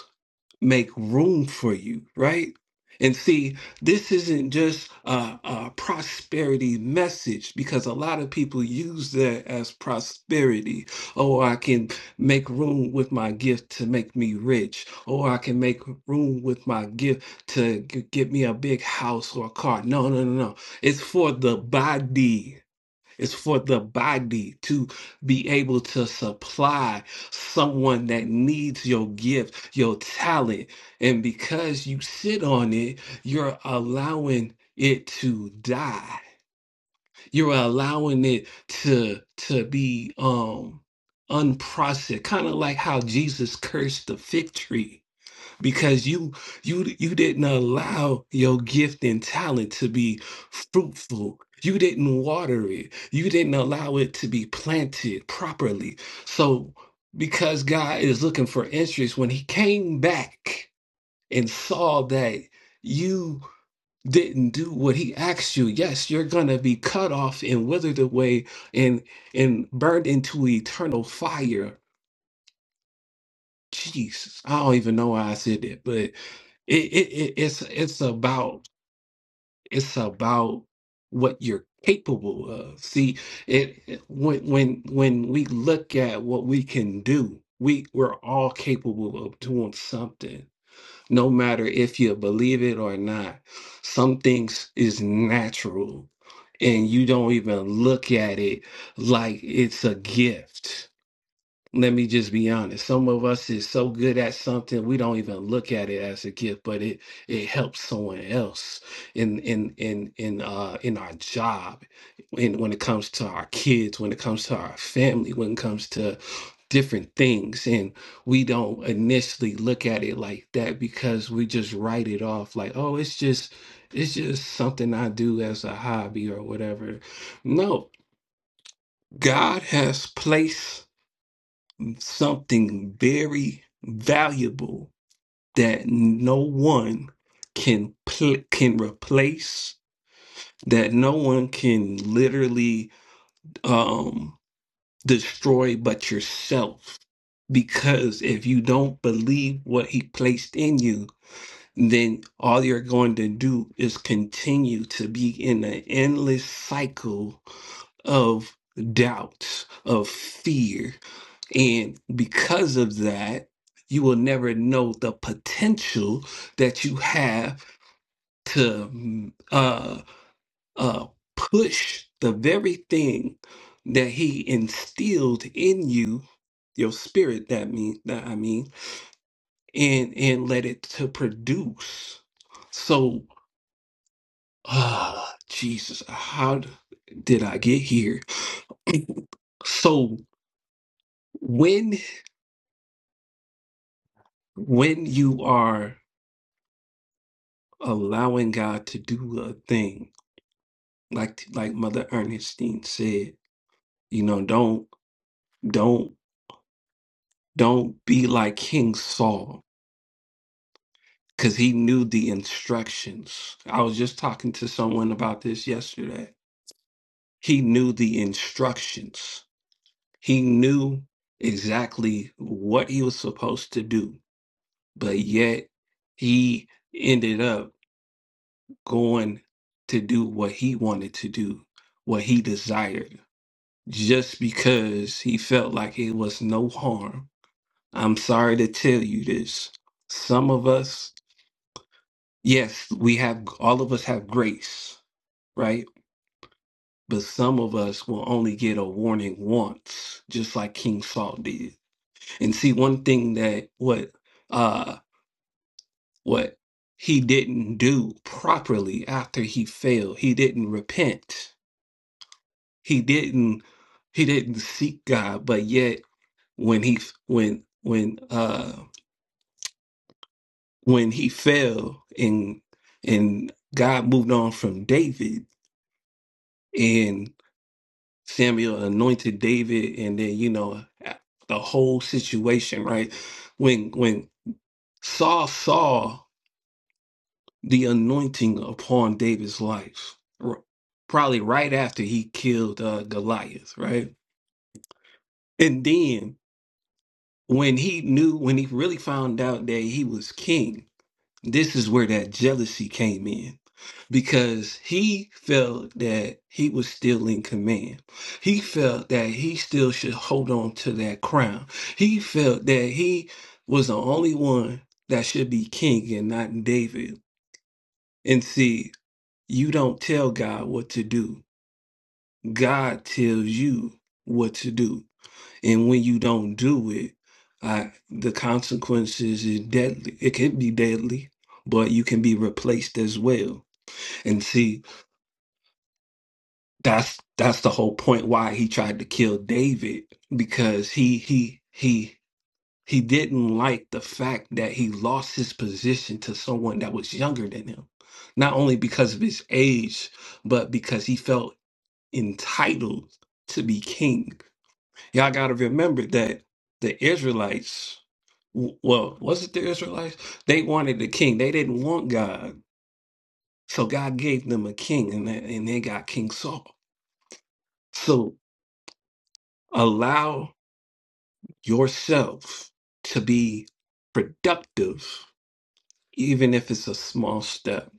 G: make room for you, right? And see, this isn't just a, a prosperity message because a lot of people use that as prosperity. Oh, I can make room with my gift to make me rich. Oh, I can make room with my gift to g- get me a big house or a car. No, no, no, no. It's for the body it's for the body to be able to supply someone that needs your gift, your talent. And because you sit on it, you're allowing it to die. You're allowing it to to be um unprocessed, kind of like how Jesus cursed the fig tree because you you you didn't allow your gift and talent to be fruitful you didn't water it you didn't allow it to be planted properly so because god is looking for interest when he came back and saw that you didn't do what he asked you yes you're gonna be cut off and withered away and and burned into eternal fire Jesus, I don't even know why I said that, but it, it, it it's it's about it's about what you're capable of. See, it it- when when when we look at what we can do, we we're all capable of doing something, no matter if you believe it or not. Some things is natural, and you don't even look at it like it's a gift let me just be honest some of us is so good at something we don't even look at it as a gift but it it helps someone else in in in in uh in our job in when it comes to our kids when it comes to our family when it comes to different things and we don't initially look at it like that because we just write it off like oh it's just it's just something i do as a hobby or whatever no god has placed something very valuable that no one can pl- can replace that no one can literally um destroy but yourself because if you don't believe what he placed in you then all you're going to do is continue to be in an endless cycle of doubt of fear and because of that, you will never know the potential that you have to mm, uh, uh, push the very thing that he instilled in you, your spirit. That mean that I mean, and and let it to produce. So, ah, Jesus, how d- did I get here? so when when you are allowing God to do a thing, like like Mother Ernestine said, you know, don't don't don't be like King Saul because he knew the instructions. I was just talking to someone about this yesterday. He knew the instructions. He knew exactly what he was supposed to do, but yet he ended up going to do what he wanted to do, what he desired just because he felt like it was no harm. I'm sorry to tell you this. Some of us, yes, we have, all of us have grace, right? But some of us will only get a warning once, just like King Saul did. And see, one thing that what, uh, what he didn't do properly after he failed, he didn't repent. He didn't, he didn't seek God, but yet when he, when, when, uh, when he fell and and God moved on from David and Samuel anointed David and then you know the whole situation right when when Saul saw the anointing upon David's life r- probably right after he killed uh, Goliath right and then when he knew when he really found out that he was king this is where that jealousy came in because he felt that he was still in command. He felt that he still should hold on to that crown. He felt that he was the only one that should be king and not David. And see, you don't tell God what to do, God tells you what to do. And when you don't do it, I, the consequences is deadly. It can be deadly, but you can be replaced as well. And see, that's that's the whole point why he tried to kill David because he he he he didn't like the fact that he lost his position to someone that was younger than him not only because of his age but because he felt entitled to be king y'all got to remember that the Israelites w- well was it the Israelites they wanted a king they didn't want God so God gave them a king and they, and they got King Saul so allow yourself to be productive, even if it's a small step.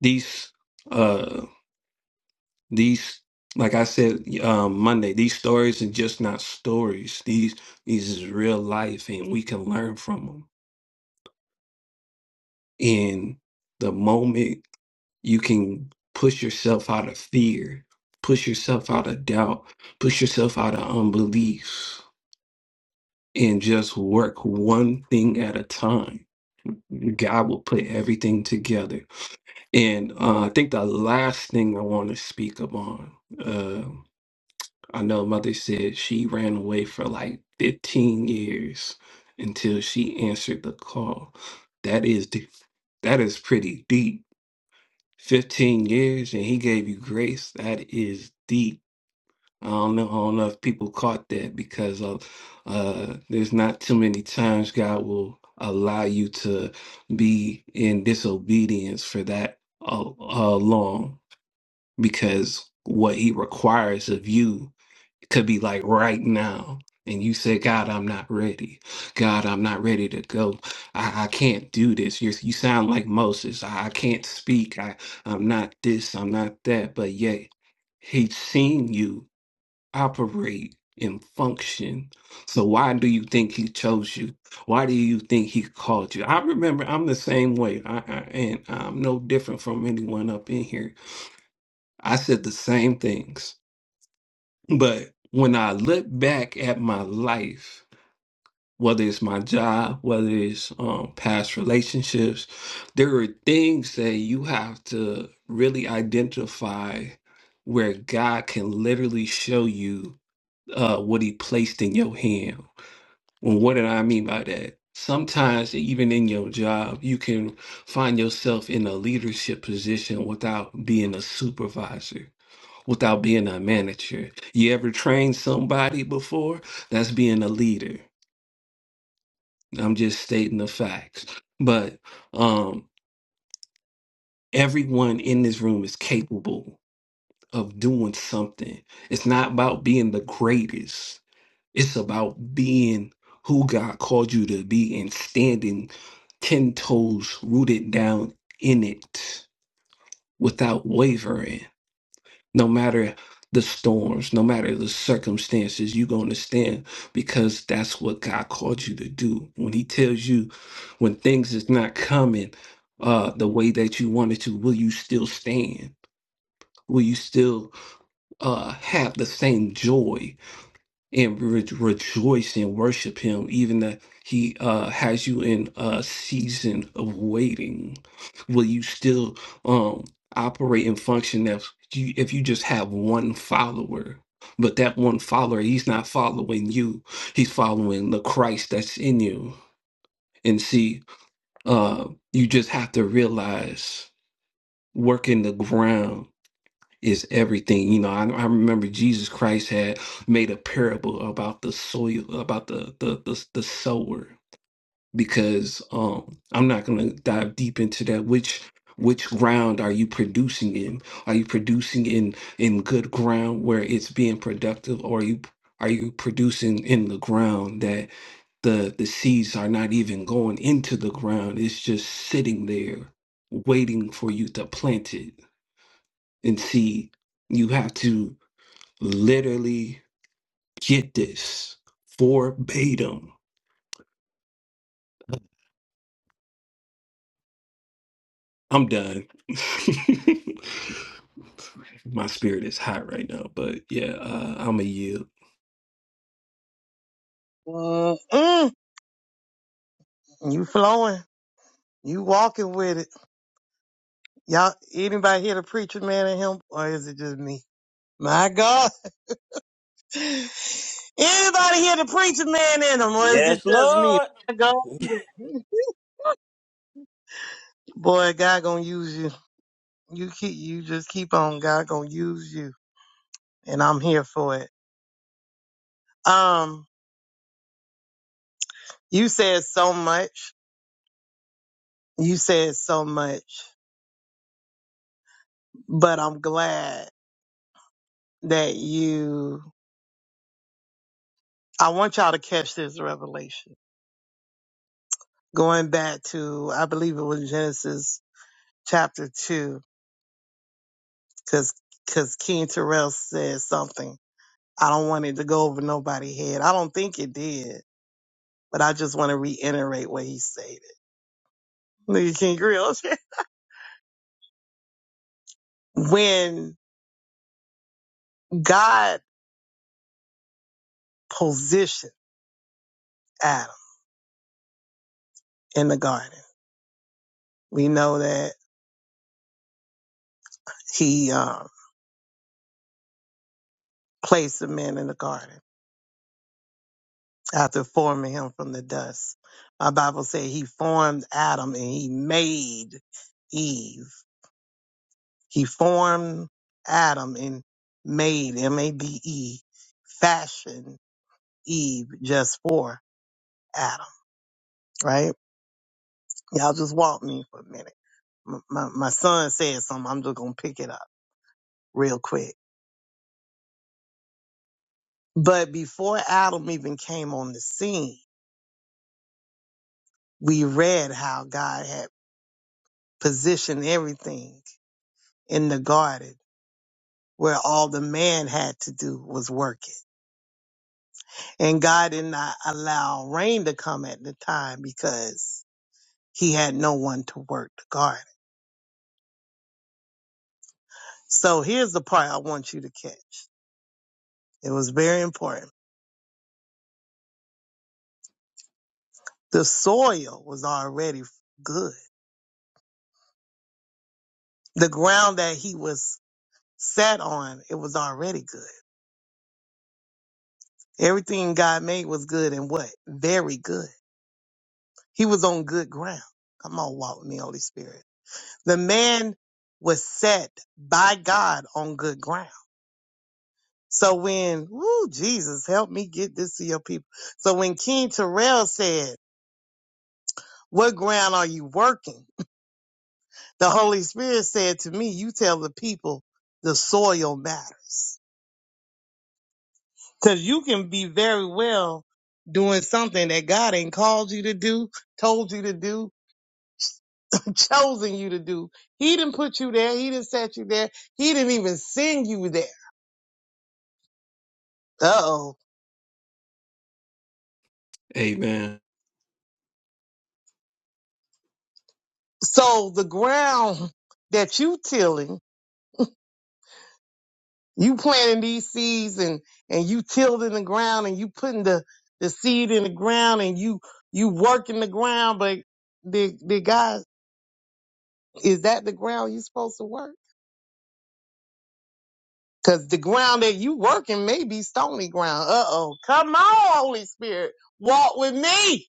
G: These, uh, these, like I said um, Monday, these stories are just not stories. These, these is real life, and we can learn from them. And the moment you can push yourself out of fear, push yourself out of doubt, push yourself out of unbelief, and just work one thing at a time God will put everything together. And uh, I think the last thing I want to speak upon, uh, I know Mother said she ran away for like 15 years until she answered the call. That is deep. That is pretty deep. 15 years and he gave you grace. That is deep I don't know, I don't know if people caught that because uh, uh, there's not too many times God will allow you to be in disobedience for that uh, uh, long because what He requires of you could be like right now. And you say, God, I'm not ready. God, I'm not ready to go. I, I can't do this. You're, you sound like Moses. I, I can't speak. I, I'm not this. I'm not that. But yet, He's seen you operate and function. So why do you think he chose you? Why do you think he called you? I remember I'm the same way. I, I and I'm no different from anyone up in here. I said the same things. But when I look back at my life, whether it's my job, whether it's um, past relationships, there are things that you have to really identify where God can literally show you uh, what he placed in your hand. And what did I mean by that? Sometimes, even in your job, you can find yourself in a leadership position without being a supervisor, without being a manager. You ever trained somebody before? That's being a leader. I'm just stating the facts. But um, everyone in this room is capable of doing something. It's not about being the greatest. It's about being who God called you to be and standing 10 toes rooted down in it without wavering. No matter the storms, no matter the circumstances, you're going to stand because that's what God called you to do. When He tells you when things is not coming uh, the way that you wanted to, will you still stand? Will you still uh, have the same joy? and re- rejoice and worship him even that he uh, has you in a season of waiting will you still um, operate and function if you if you just have one follower but that one follower he's not following you he's following the christ that's in you and see uh, you just have to realize working the ground is everything. You know, I, I remember Jesus Christ had made a parable about the soil, about the the the, the sower, because um I'm not gonna dive deep into that. Which which ground are you producing in? Are you producing in in good ground where it's being productive, or are you are you producing in the ground that the the seeds are not even going into the ground? It's just sitting there waiting for you to plant it and see you have to literally get this verbatim. I'm done. My spirit is hot right now, but yeah, uh, I'm a yield.
E: Mm-mm. You flowing. You walking with it. Y'all, anybody here the preacher man in him? Or is it just me? My God. Anybody here the preacher man in him? Or is it
H: Yes,
E: just me?
H: Lord.
E: My God. Boy, God gonna use you. You keep, you just keep on. God gonna use you. And I'm here for it. Um, you said so much. You said so much. But I'm glad. that you, I want y'all to catch this revelation. Going back to, I believe it was Genesis chapter two, cause, cause King Terrell said something. I don't want it to go over nobody's head. I don't think it did, but I just want to reiterate what he stated. Nigga King Grill. when God positioned Adam in the garden, we know that he, um, placed the man in the garden after forming him from the dust. My Bible said he formed Adam and he made Eve. He formed Adam and made M A D E, fashioned Eve just for Adam, right? Y'all just walk me for a minute. M- My, my son said something. I'm just going to pick it up real quick. But before Adam even came on the scene, we read how God had positioned everything in the garden where all the man had to do was work it. And God did not allow rain to come at the time because he had no one to work the garden. So here's the part I want you to catch. It was very important. The soil was already good. The ground that he was sat on, it was already good. Everything God made was good and what? Very good. He was on good ground. Come on, walk with me, Holy Spirit. The man was set by God on good ground. So when, woo, Jesus, help me get this to your people. So when King Terrell said, what ground are you working? The Holy Spirit said to me, you tell the people the soil matters. Cause you can be very well doing something that God ain't called you to do, told you to do, chosen you to do. He didn't put you there. He didn't set you there. He didn't even send you there. Uh oh
G: Amen.
E: So the ground that you tilling, you planting these seeds and and you tilling the ground and you putting the the seed in the ground and you you working the ground, but the the guy is that the ground you supposed to work? Cause the ground that you working may be stony ground. Uh oh, come on, Holy Spirit, walk with me.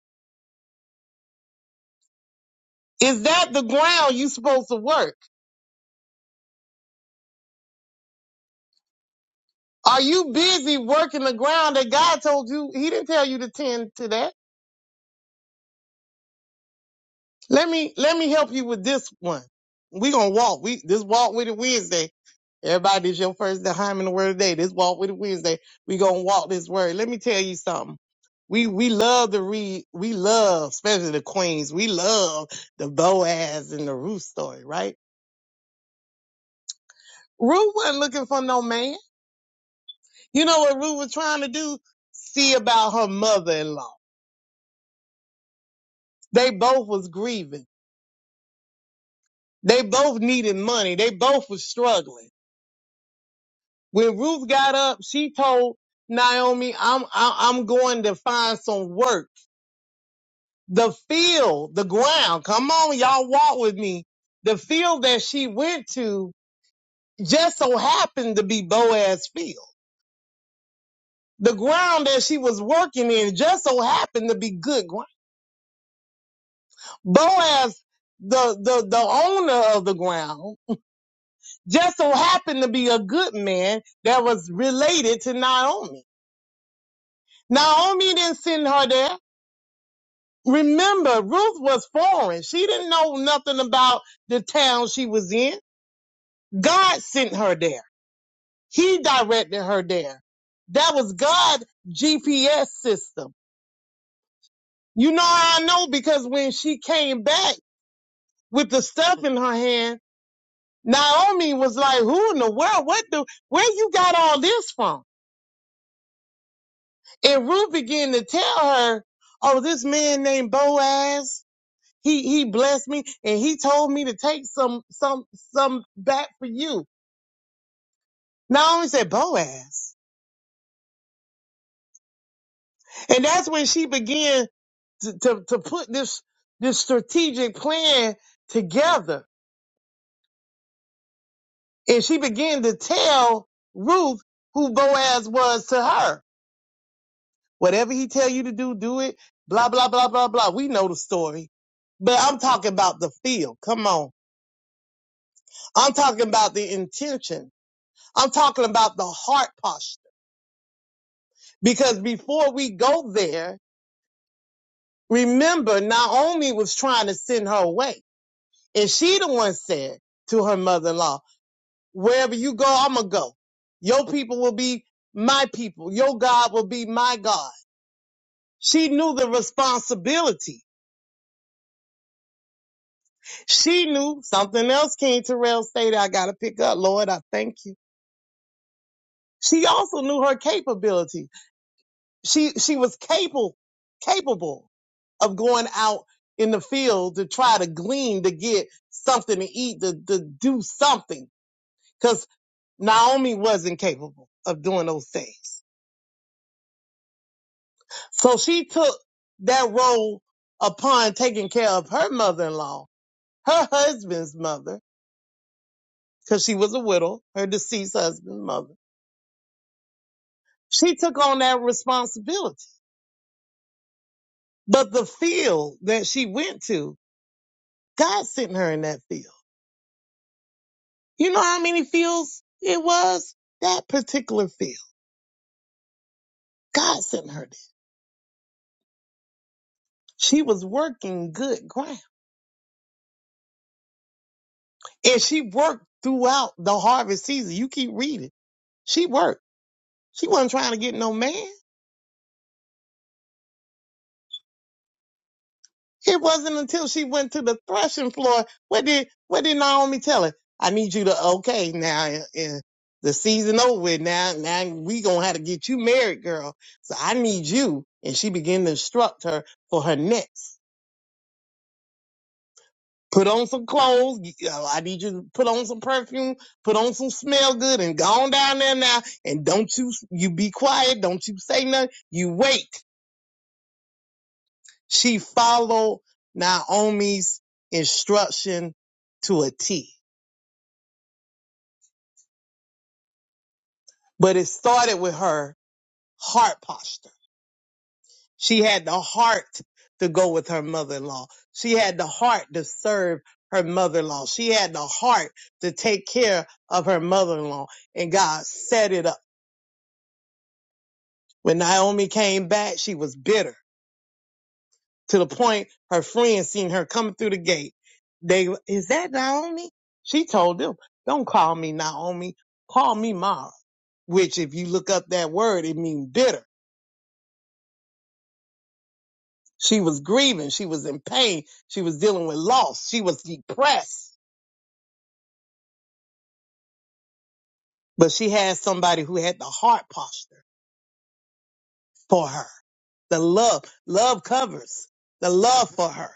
E: Is that the ground you supposed to work? Are you busy working the ground that God told you? He didn't tell you to tend to that. Let me let me help you with this one. We gonna walk. We this walk with it Wednesday. Everybody, this your first time in the word today. This walk with it Wednesday. We gonna walk this word. Let me tell you something. We we love to read. We love, especially the queens. We love the Boaz and the Ruth story, right? Ruth wasn't looking for no man. You know what Ruth was trying to do? See about her mother-in-law. They both was grieving. They both needed money. They both was struggling. When Ruth got up, she told Naomi, I'm, I- I'm going to find some work. The field, the ground, come on, y'all walk with me. The field that she went to just so happened to be Boaz's field. The ground that she was working in just so happened to be good ground. Boaz, the, the, the owner of the ground, just so happened to be a good man that was related to Naomi. Naomi didn't send her there. Remember, Ruth was foreign. She didn't know nothing about the town she was in. God sent her there. He directed her there. That was God's GPS system. You know how I know? Because when she came back with the stuff in her hand, Naomi was like, who in the world? What the, where you got all this from? And Ruth began to tell her, oh, this man named Boaz, He he blessed me and he told me to take some some some back for you. Not only said Boaz. And that's when she began to, to, to put this this strategic plan together. And she began to tell Ruth who Boaz was to her. Whatever he tell you to do, do it. Blah blah blah blah blah. We know the story. But I'm talking about the feel. Come on. I'm talking about the intention. I'm talking about the heart posture. Because before we go there, remember Naomi was trying to send her away. And she the one said to her mother-in-law, wherever you go, I'ma go. Your people will be my people. Your God will be my God. She knew the responsibility. She knew something else King Terrell stated, I gotta pick up. Lord, I thank you. She also knew her capability. she she was capable capable of going out in the field to try to glean to get something to eat to, to do something because naomi wasn't capable of doing those things so she took that role upon taking care of her mother-in-law her husband's mother because she was a widow her deceased husband's mother she took on that responsibility but the field that she went to god sent her in that field You know how many fields it was? That particular field. God sent her there. She was working good ground. And she worked throughout the harvest season. You keep reading. She worked. She wasn't trying to get no man. It wasn't until she went to the threshing floor. What did what did Naomi tell her? I need you to okay now and, and the season over with now. Now we gonna have to get you married, girl. So I need you. And she began to instruct her for her next. Put on some clothes. You know, I need you to put on some perfume, put on some smell good and go on down there now. And don't you, you be quiet. Don't you say nothing. You wait. She followed Naomi's instruction to a T. But it started with her heart posture. She had the heart to go with her mother-in-law. She had the heart to serve her mother-in-law. She had the heart to take care of her mother-in-law and God set it up. When Naomi came back, she was bitter to the point her friends seen her coming through the gate. They, is that Naomi? She told them, don't call me Naomi. Call me Mara, which if you look up that word, it means bitter. She was grieving. She was in pain. She was dealing with loss. She was depressed, but she had somebody who had the heart posture for her. The love, love covers the love for her.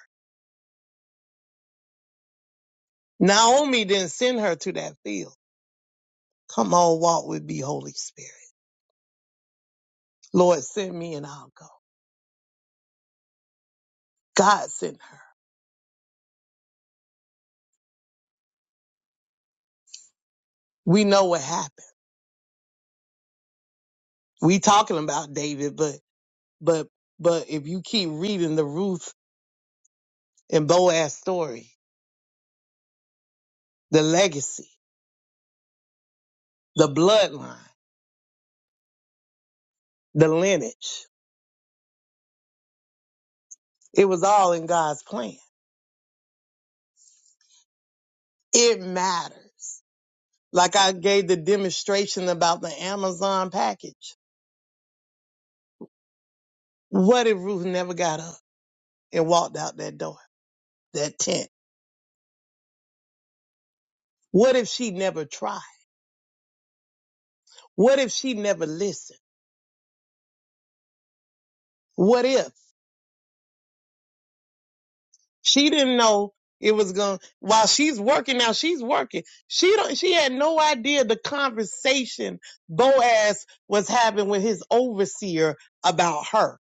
E: Naomi didn't send her to that field. Come on, walk with me, Holy Spirit. Lord, send me and I'll go. God sent her. We know what happened. We talking about David, but but but if you keep reading the Ruth and Boaz story, the legacy, the bloodline, the lineage, it was all in God's plan. It matters. Like I gave the demonstration about the Amazon package. What if Ruth never got up and walked out that door, that tent? What if she never tried? What if she never listened? What if she didn't know it was going while she's working now, she's working. She don't she had no idea the conversation Boaz was having with his overseer about her.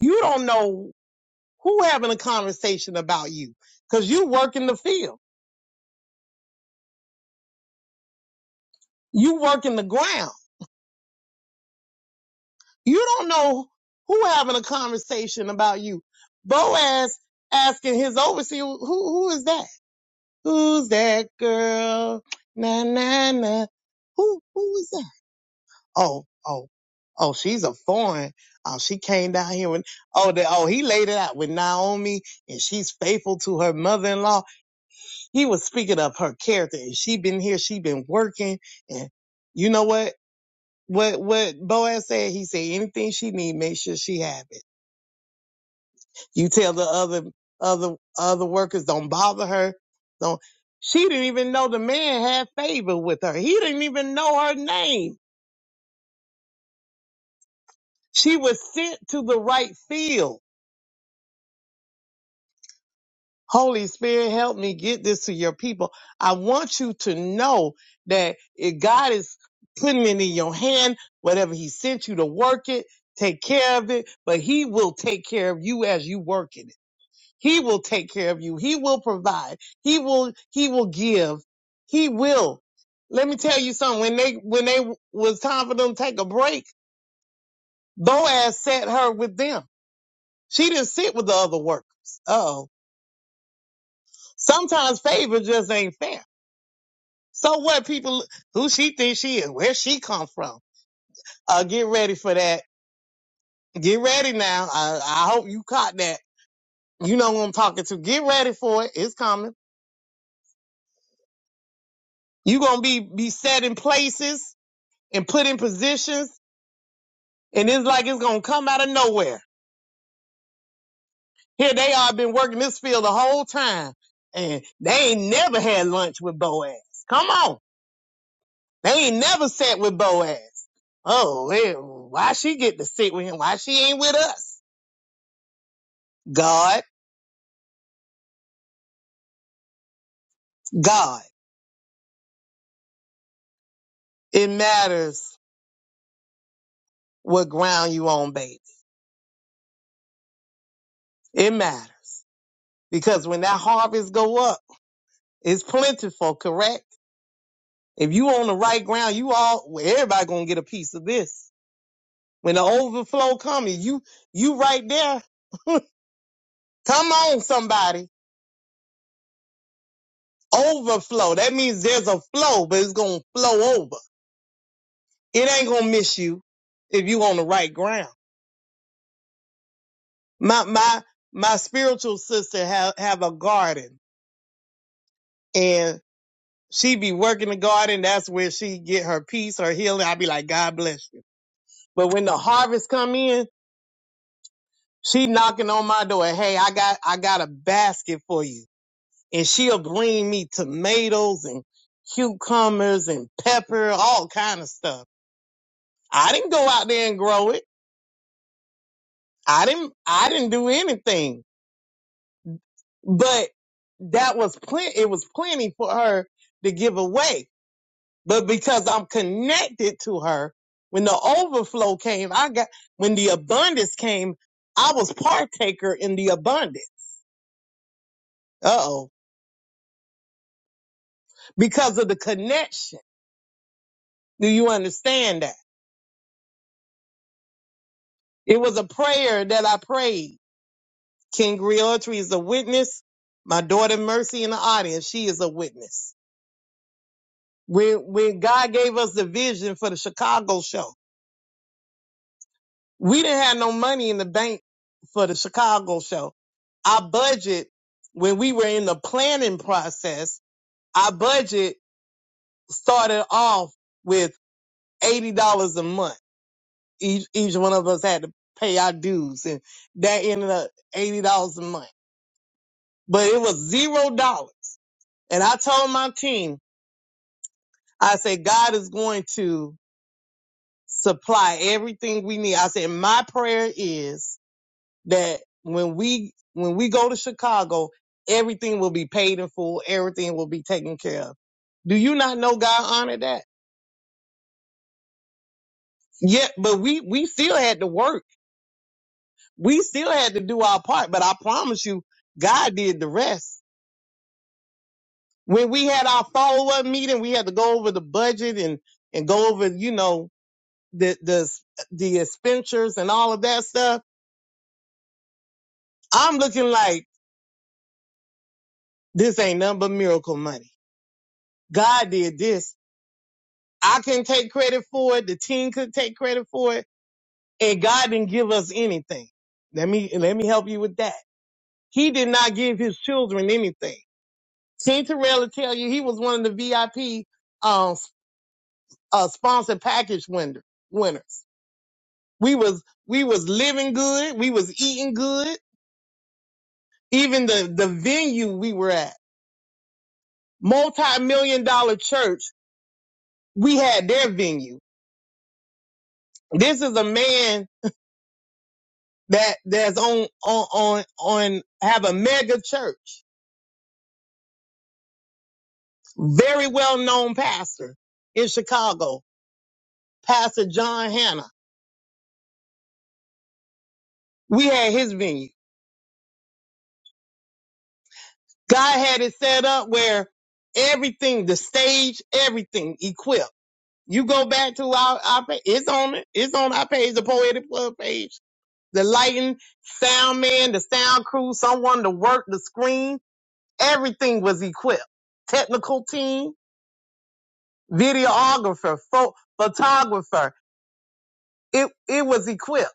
E: You don't know who having a conversation about you cuz you work in the field. You work in the ground. You don't know who having a conversation about you. Boaz asking his overseer, who who is that? Who's that girl? Na na na. Who who is that? Oh oh oh, she's a foreign. Oh, she came down here when oh the, oh he laid it out with Naomi, and she's faithful to her mother-in-law. He was speaking of her character, and she been here, she been working, and you know what? What what Boaz said? He said anything she need, make sure she have it. You tell the other other other workers don't bother her. Don't. She didn't even know the man had favor with her. He didn't even know her name. She was sent to the right field. Holy Spirit, help me get this to your people. I want you to know that if God is putting it in your hand, whatever He sent you to work it, take care of it, but He will take care of you as you work it He will take care of you. He will provide. He will, he will give. He will. Let me tell you something. When they, when they was time for them to take a break, Boaz sat her with them. She didn't sit with the other workers. Oh, sometimes favor just ain't fair. So what people, who she thinks she is, where she come from. Uh, get ready for that. Get ready now. I, I hope you caught that. You know who I'm talking to. Get ready for it. It's coming. You gonna be, be set in places and put in positions, and it's like it's gonna come out of nowhere. Here they are, been working this field the whole time, and they ain't never had lunch with Boaz. Come on, they ain't never sat with Boaz. Oh, eh, why she get to sit with him? Why she ain't with us? God, God, it matters what ground you on, baby. It matters because when that harvest go up, it's plentiful, correct? If you on the right ground, you all well, everybody gonna get a piece of this When the overflow comes, you you right there. Come on, somebody. Overflow. That means there's a flow, but it's gonna flow over. It ain't gonna miss you if you on the right ground. My my my spiritual sister have have a garden and she be working the garden. That's where she get her peace, her healing. I be like, God bless you. But when the harvest come in, she knocking on my door. Hey, I got I got a basket for you. and she'll bring me tomatoes and cucumbers and pepper, all kind of stuff. I didn't go out there and grow it. I didn't, I didn't do anything, but that was plenty. It was plenty for her to give away. But because I'm connected to her, when the overflow came, I got, when the abundance came, I was partaker in the abundance. Uh oh. Because of the connection. Do you understand that? It was a prayer that I prayed King Griotry is a witness. My daughter Mercy in the audience, she is a witness. When when God gave us the vision for the Chicago show, we didn't have no money in the bank for the Chicago show. Our budget, when we were in the planning process, our budget started off with eighty dollars a month. Each each one of us had to pay our dues, and that ended up eighty dollars a month. But it was zero dollars. And I told my team, I said, God is going to supply everything we need. I said, my prayer is that when we, when we go to Chicago, everything will be paid in full. Everything will be taken care of. Do you not know God honored that? Yeah, but we, we still had to work. We still had to do our part, but I promise you, God did the rest. When we had our follow up meeting, we had to go over the budget and, and go over, you know, the, the, the expenditures and all of that stuff I'm looking like this ain't nothing but miracle money. God did this. I can take credit for it. The team could take credit for it. And God didn't give us anything. Let me, let me help you with that. He did not give his children anything. King Terrell will tell you he was one of the VIP, um, uh, sponsored package winner, winners. We was, we was living good. We was eating good. Even the, the venue we were at, multi-million dollar church, we had their venue. This is a man that that's on on on on have a mega church, very well known pastor in Chicago, Pastor John Hanna. We had his venue. God had it set up where everything, the stage, everything equipped. You go back to our, our pa- it's on it, it's on our page, the Poetic Plug page. The lighting, sound man, the sound crew, someone to work the screen, everything was equipped. Technical team, videographer, pho- photographer. It it was equipped.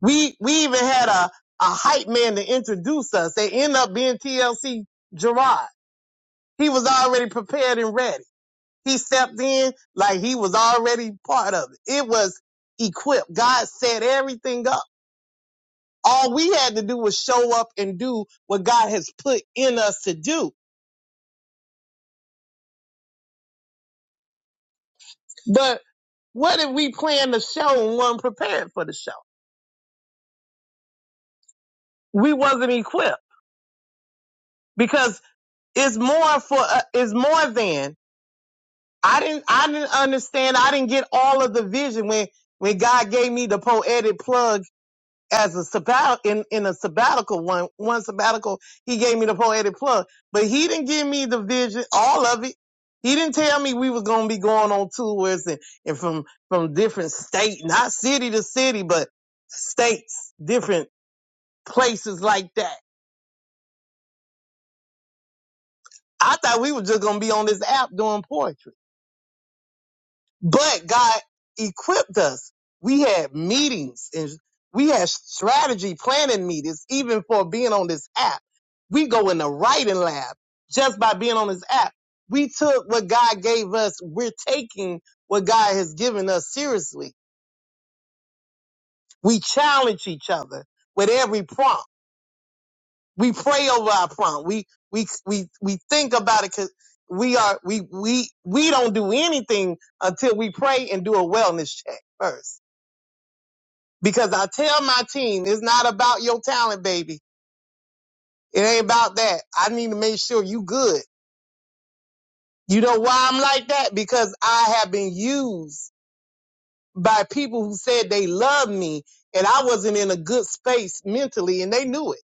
E: We we even had a a hype man to introduce us. They end up being TLC Gerard. He was already prepared and ready. He stepped in like he was already part of it. It was equipped. God set everything up. All we had to do was show up and do what God has put in us to do. But what if we planned the show and weren't prepared for the show? We wasn't equipped because is more for uh, is more than I didn't I didn't understand I didn't get all of the vision when when God gave me the poetic plug as a sabbat in in a sabbatical one one sabbatical he gave me the poetic plug but he didn't give me the vision all of it he didn't tell me we was gonna be going on tours and and from from different state not city to city but states different places like that I thought we were just gonna be on this app doing poetry But God equipped us. We had meetings and we had strategy planning meetings, even for being on this app. We go in the writing lab just by being on this app. We took what God gave us. We're taking what God has given us seriously. We challenge each other with every prompt. We pray over our prompt. We, we, we, we think about it because we are, we, we, we don't do anything until we pray and do a wellness check first Because I tell my team, it's not about your talent, baby. It ain't about that. I need to make sure you good. You know why I'm like that? Because I have been used by people who said they love me and I wasn't in a good space mentally and they knew it.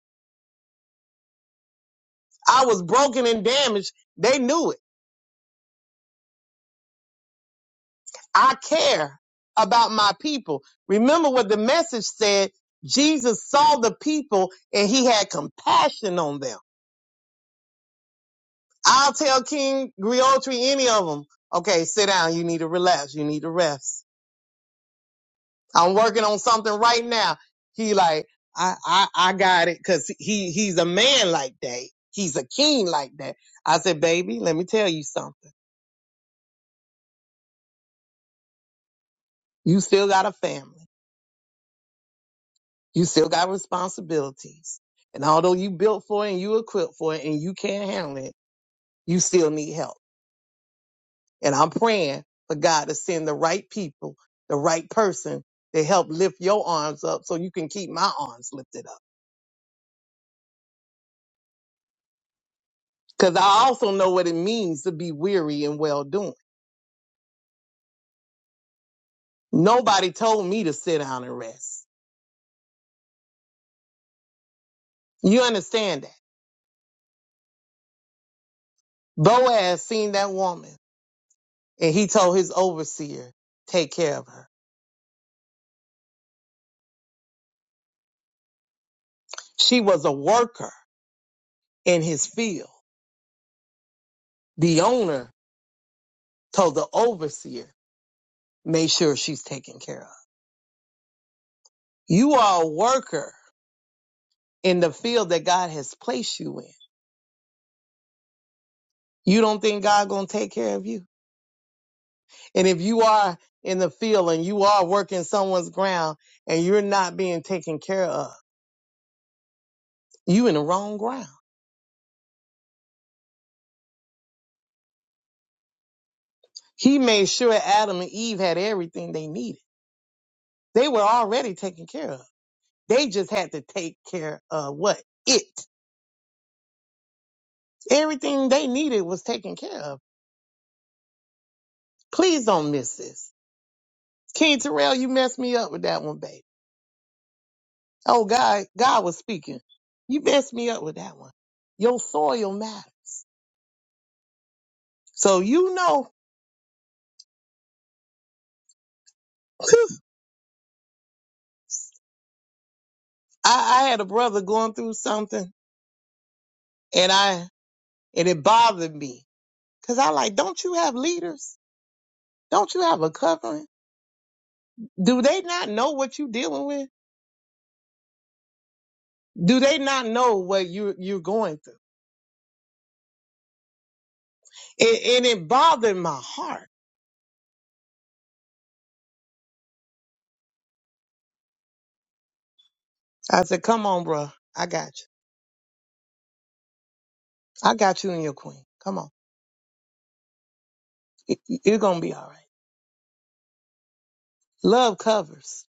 E: I was broken and damaged. They knew it. I care about my people. Remember what the message said. Jesus saw the people and he had compassion on them. I'll tell King Griotri any of them. Okay, sit down. You need to relax. You need to rest. I'm working on something right now. He like, I, I, I got it. Cause he, he's a man like that. He's a king like that. I said, baby, let me tell you something. You still got a family. You still got responsibilities. And although you built for it and you equipped for it and you can't handle it, you still need help. And I'm praying for God to send the right people, the right person to help lift your arms up so you can keep my arms lifted up. Because I also know what it means to be weary and well doing. Nobody told me to sit down and rest. You understand that? Boaz seen that woman and he told his overseer, take care of her. She was a worker in his field. The owner told the overseer, make sure she's taken care of. You are a worker in the field that God has placed you in. You don't think God gonna take care of you? And if you are in the field and you are working someone's ground and you're not being taken care of, you in the wrong ground. He made sure Adam and Eve had everything they needed. They were already taken care of. They just had to take care of what? It. Everything they needed was taken care of. Please don't miss this. King Terrell, you messed me up with that one, babe. Oh, God, God was speaking. You messed me up with that one. Your soil matters. So you know, I, I had a brother going through something and I and it bothered me. Cause I like, don't you have leaders? Don't you have a covering? Do they not know what you're dealing with? Do they not know what you you're going through? And, and it bothered my heart. I said, Come on, bro. I got you. I got you and your queen. Come on. You- You're gonna be all right. Love covers.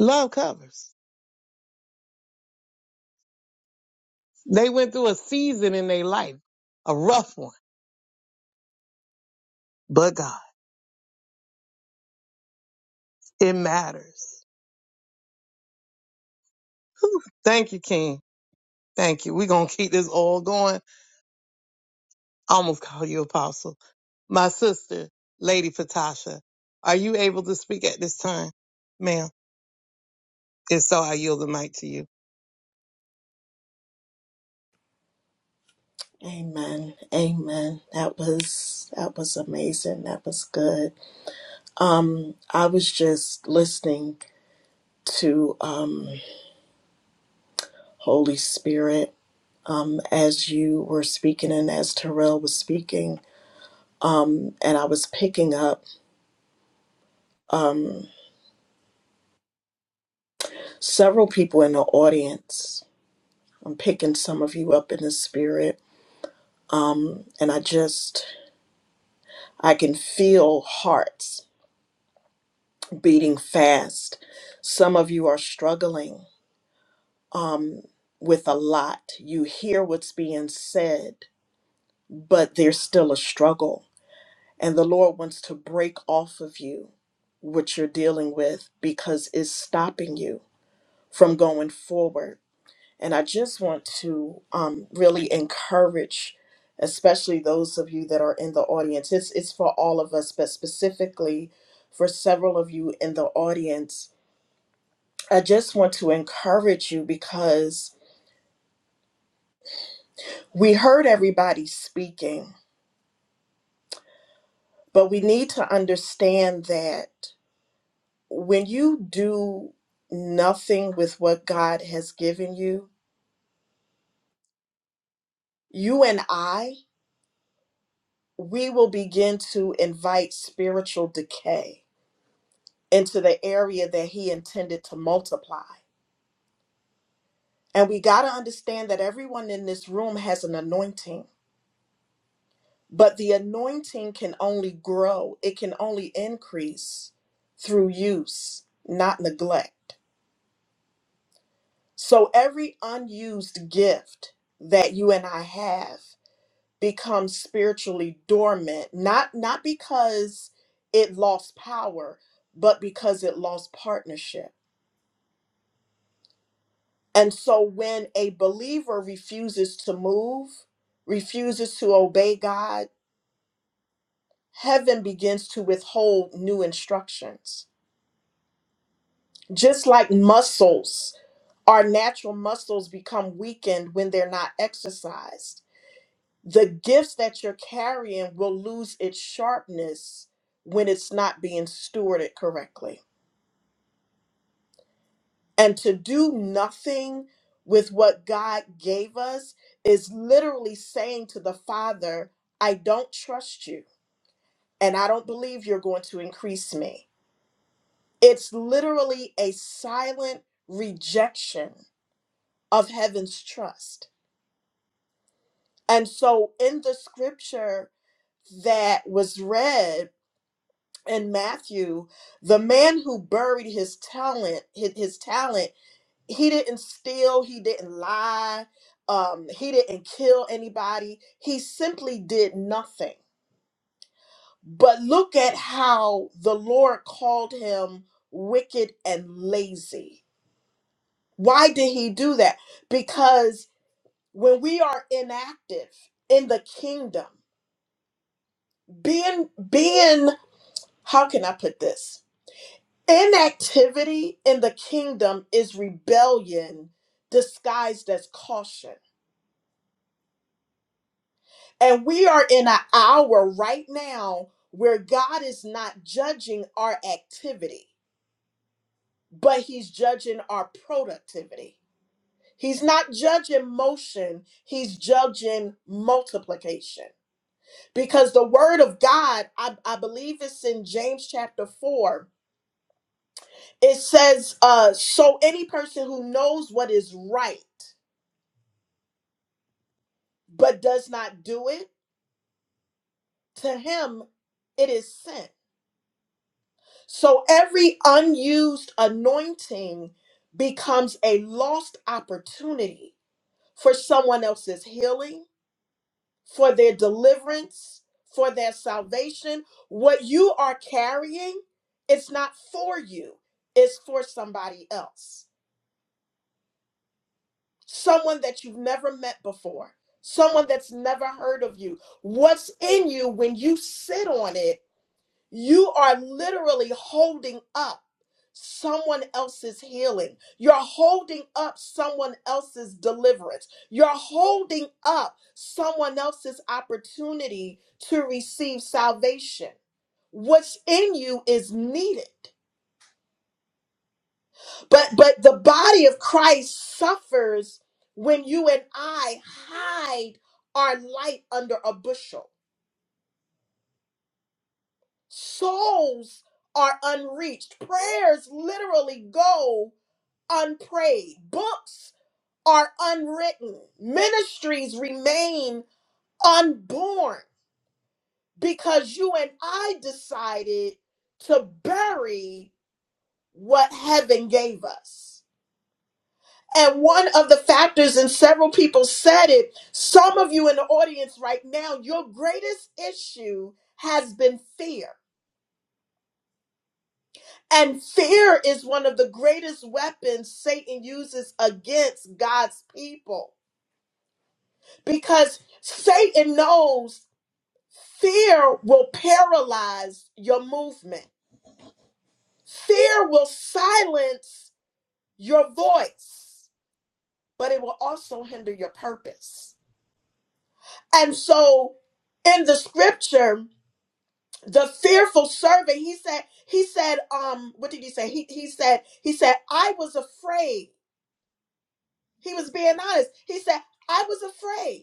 E: Love covers. They went through a season in their life, a rough one, but God, it matters. Whew. Thank you, King. Thank you. We're going to keep this all going. I almost call you apostle. My sister, Lady Patasha, are you able to speak at this time? Ma'am, if so, I yield the mic to you.
I: Amen. Amen. That was that was amazing. That was good. I was just listening to um Holy Spirit um, as you were speaking and as Terrell was speaking and I was picking up several people in the audience. I'm picking some of you up in the spirit and I just I can feel hearts beating fast. Some of you are struggling with a lot. You hear what's being said but there's still a struggle. And the Lord wants to break off of you what you're dealing with because it's stopping you from going forward. And I just want to um, really encourage, especially those of you that are in the audience, it's, it's for all of us, but specifically for several of you in the audience. I just want to encourage you because we heard everybody speaking, but we need to understand that when you do nothing with what God has given you, you and I, we will begin to invite spiritual decay into the area that He intended to multiply. And we got to understand that everyone in this room has an anointing, but the anointing can only grow, it can only increase through use, not neglect. So every unused gift that you and I have. become spiritually dormant not not because it lost power but because it lost partnership and so when a believer refuses to move refuses to obey god heaven begins to withhold new instructions just like muscles our natural muscles become weakened when they're not exercised the gifts that you're carrying will lose its sharpness when it's not being stewarded correctly. And to do nothing with what God gave us is literally saying to the Father, I don't trust you, and I don't believe you're going to increase me. It's literally a silent rejection of heaven's trust. And so in the scripture that was read, in Matthew, the man who buried his talent, his, his talent, he didn't steal, he didn't lie, um, he didn't kill anybody. He simply did nothing. But look at how the Lord called him wicked and lazy. Why did he do that? Because when we are inactive in the kingdom, being being how can I put this? Inactivity in the kingdom is rebellion disguised as caution. And we are in an hour right now where God is not judging our activity, but He's judging our productivity. He's not judging motion, he's judging multiplication. Because the word of God, I, I believe it's in James chapter 4, it says, uh, So any person who knows what is right but does not do it, to him it is sent. So every unused anointing becomes a lost opportunity for someone else's healing, for their deliverance, for their salvation. What you are carrying, it's not for you, it's for somebody else. Someone that you've never met before, someone that's never heard of you. What's in you when you sit on it? You are literally holding up someone else's healing. You're holding up someone else's deliverance. You're holding up someone else's opportunity to receive salvation. What's in you is needed. But but the body of Christ suffers when you and I hide our light under a bushel. Souls are unreached. Prayers literally go unprayed, books are unwritten, ministries remain unborn because you and I decided to bury what heaven gave us. And one of the factors, and several people said it, some of you in the audience right now, your greatest issue has been fear. And fear is one of the greatest weapons Satan uses against God's people. because Satan knows fear will paralyze your movement. Fear will silence your voice, but it will also hinder your purpose. And so in the scripture, the fearful servant, he said, he said, um, what did he say? He he said, he said, I was afraid. He was being honest. He said, I was afraid.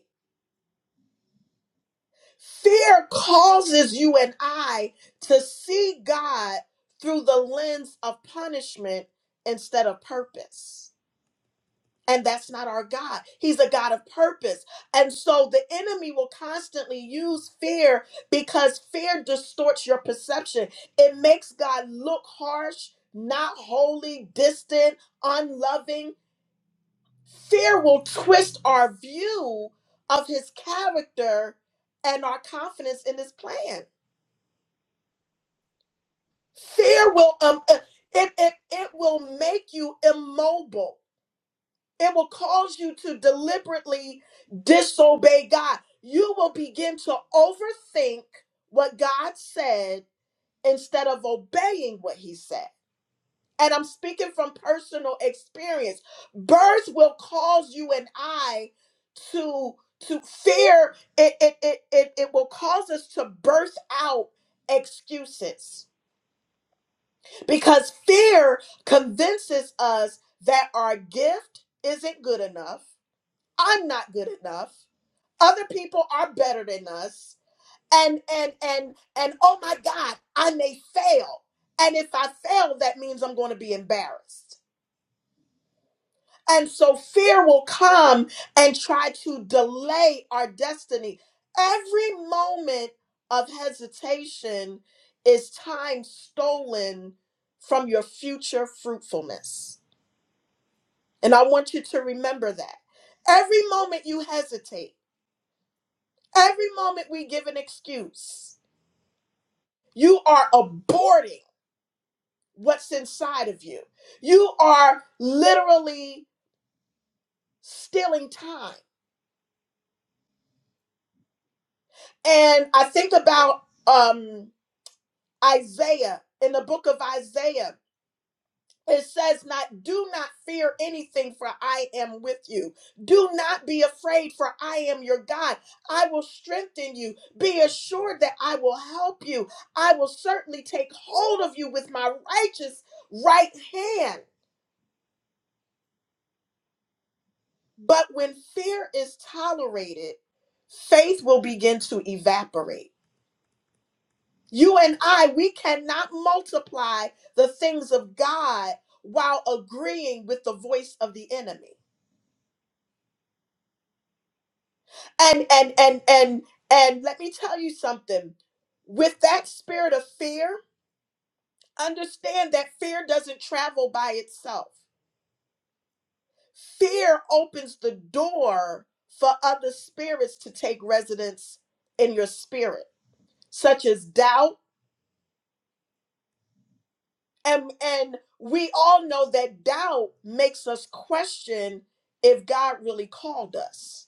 I: Fear causes you and I to see God through the lens of punishment instead of purpose. And that's not our God. He's a God of purpose. And so the enemy will constantly use fear because fear distorts your perception. It makes God look harsh, not holy, distant, unloving. Fear will twist our view of his character and our confidence in his plan. Fear will um uh, it it it will make you immobile. It will cause you to deliberately disobey God. You will begin to overthink what God said instead of obeying what he said. And I'm speaking from personal experience. Birth will cause you and I to to fear it it it it, it will cause us to birth out excuses Because fear convinces us that our gift isn't good enough. I'm not good enough. Other people are better than us. And and and and oh my God, I may fail. And if I fail, that means I'm going to be embarrassed. And so fear will come and try to delay our destiny. Every moment of hesitation is time stolen from your future fruitfulness And I want you to remember that. Every moment you hesitate, every moment we give an excuse, you are aborting what's inside of you. You are literally stealing time. And I think about um, Isaiah in the book of Isaiah It says not do not fear anything for I am with you. Do not be afraid for I am your God. I will strengthen you. Be assured that I will help you. I will certainly take hold of you with my righteous right hand. But when fear is tolerated, faith will begin to evaporate. You and I, we cannot multiply the things of God while agreeing with the voice of the enemy. and and and and and let me tell you something with that spirit of fear understand that fear doesn't travel by itself fear opens the door for other spirits to take residence in your spirit such as doubt and and we all know that doubt makes us question if god really called us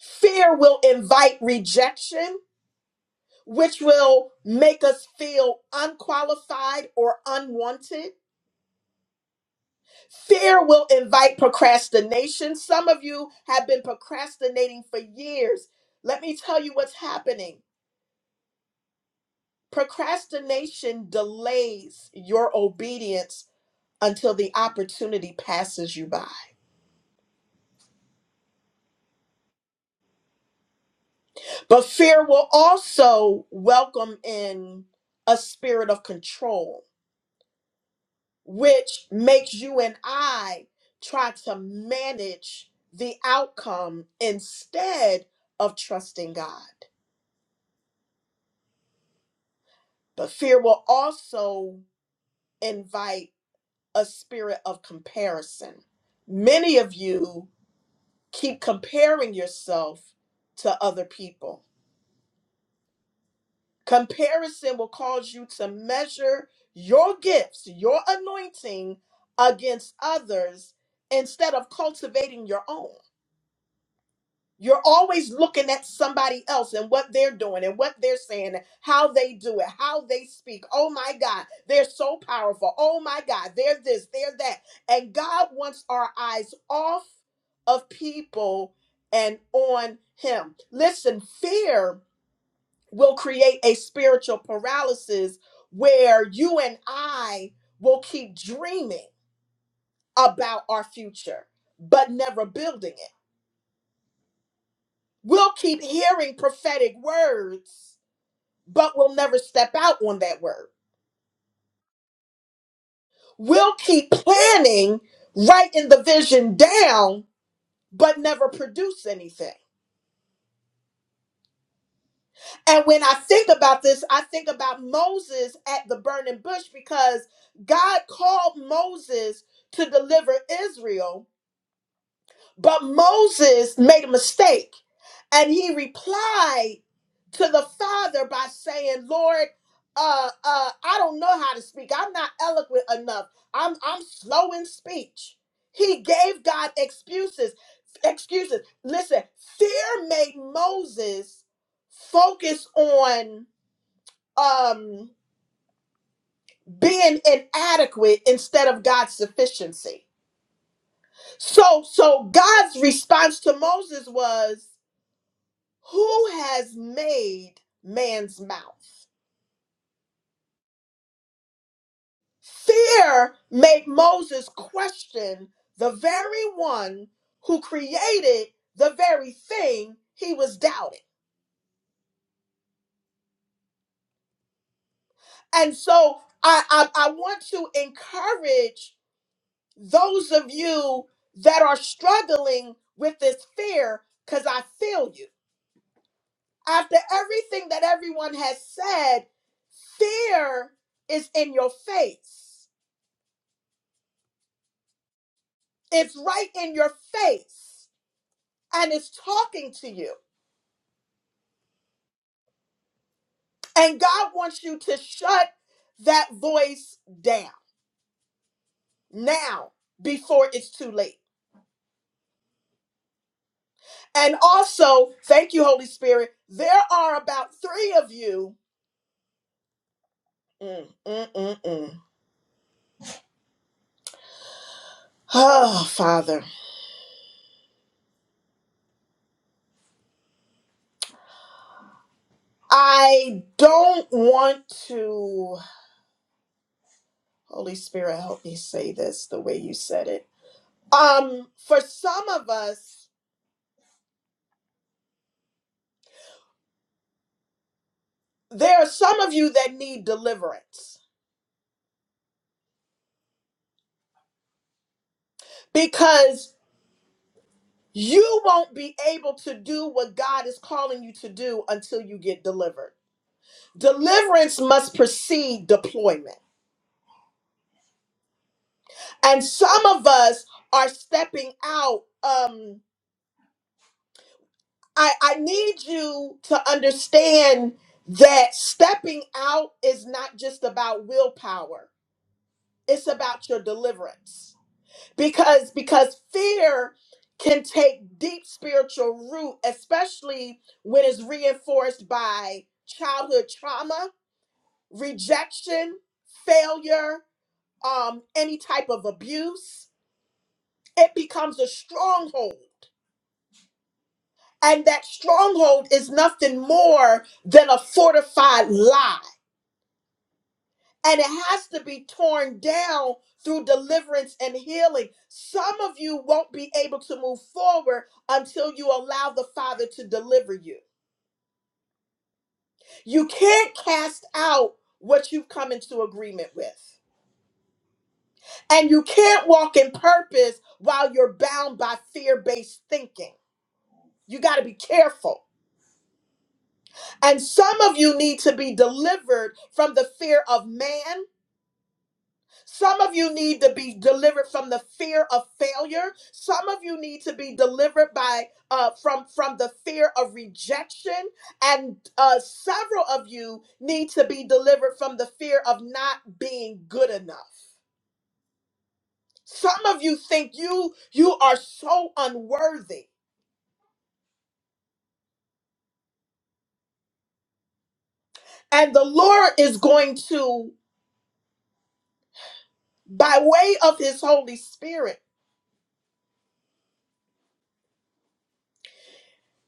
I: fear will invite rejection which will make us feel unqualified or unwanted. Fear will invite procrastination. Some of you have been procrastinating for years. Let me tell you what's happening. Procrastination delays your obedience until the opportunity passes you by. But fear will also welcome in a spirit of control which makes you and I try to manage the outcome instead of trusting God. But fear will also invite a spirit of comparison. Many of you keep comparing yourself to other people. Comparison will cause you to measure your gifts, your anointing against others instead of cultivating your own. You're always looking at somebody else and what they're doing and what they're saying, and how they do it, how they speak. Oh my God, they're so powerful. Oh my God, they're this, they're that. And God wants our eyes off of people and on Him. Listen, fear will create a spiritual paralysis where you and I will keep dreaming about our future, but never building it. We'll keep hearing prophetic words, but we'll never step out on that word. We'll keep planning, writing the vision down, but never produce anything. And when I think about this, I think about Moses at the burning bush because God called Moses to deliver Israel But Moses made a mistake and he replied to the father by saying, "Lord, uh, uh, I don't know how to speak. I'm not eloquent enough. I'm I'm slow in speech." He gave God excuses. Excuses. Listen, fear made Moses focus on um being inadequate instead of God's sufficiency. So so God's response to Moses was Who has made man's mouth? Fear made Moses question the very one who created the very thing he was doubting. And so I, I, I want to encourage those of you that are struggling with this fear because I feel you. After everything that everyone has said, fear is in your face. It's right in your face and it's talking to you. And God wants you to shut that voice down now before it's too late. And also, thank you, Holy Spirit. There are about three of you. Mm, mm, mm, mm. Oh, Father. I don't want to, Holy Spirit, help me say this the way you said it. Um, for some of us, there are some of you that need deliverance because you won't be able to do what God is calling you to do until you get delivered. Deliverance must precede deployment. And some of us are stepping out. Um, I, I need you to understand that stepping out is not just about willpower, it's about your deliverance because because fear can take deep spiritual root especially when it's reinforced by childhood trauma rejection failure um any type of abuse it becomes a stronghold and that stronghold is nothing more than a fortified lie and it has to be torn down through deliverance and healing. Some of you won't be able to move forward until you allow the Father to deliver you. You can't cast out what you've come into agreement with, and you can't walk in purpose while you're bound by fear based thinking. You got to be careful. And some of you need to be delivered from the fear of man Some of you need to be delivered from the fear of failure. Some of you need to be delivered by uh, from from the fear of rejection, and uh, several of you need to be delivered from the fear of not being good enough. Some of you think you you are so unworthy, and the Lord is going to, by way of His Holy Spirit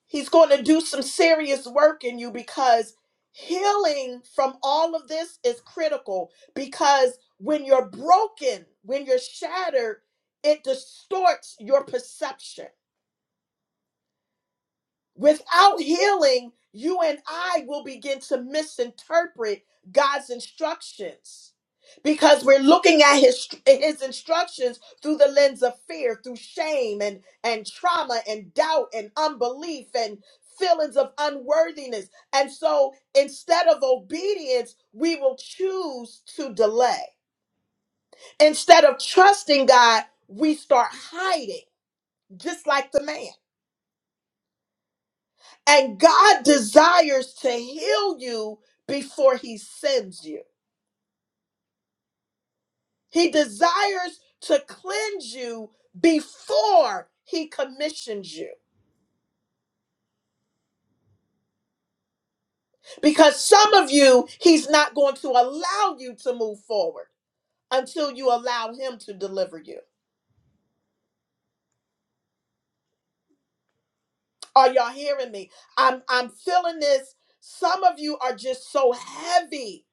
I: He's going to do some serious work in you because healing from all of this is critical. Because when you're broken, when you're shattered, it distorts your perception. Without healing, you and I will begin to misinterpret God's instructions because we're looking at his his instructions through the lens of fear, through shame and and trauma and doubt and unbelief and feelings of unworthiness. And so instead of obedience, we will choose to delay. Instead of trusting God, we start hiding, just like the man. And God desires to heal you before he sends you. He desires to cleanse you before he commissions you. Because some of you, he's not going to allow you to move forward until you allow him to deliver you. Are y'all hearing me? I'm I'm feeling this. Some of you are just so heavy.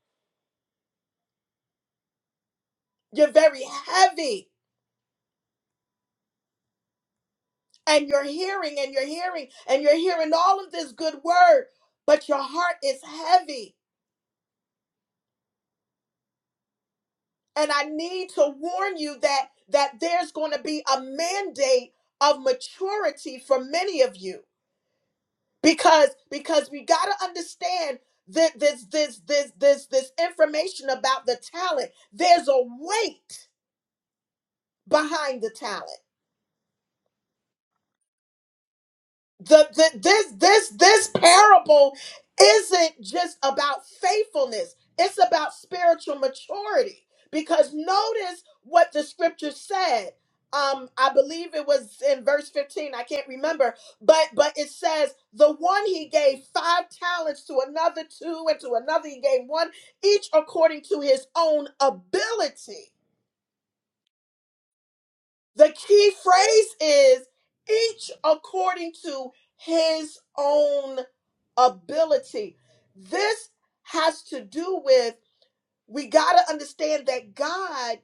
I: You're very heavy and you're hearing and you're hearing and you're hearing all of this good word but your heart is heavy and i need to warn you that that there's going to be a mandate of maturity for many of you because because we got to understand that this this this this this information about the talent there's a weight behind the talent the, the this this this parable isn't just about faithfulness it's about spiritual maturity because notice what the scripture said um i believe it was in verse 15 i can't remember but but it says the one he gave five talents to another two and to another he gave one each according to his own ability the key phrase is each according to his own ability. This has to do with we got to understand that God,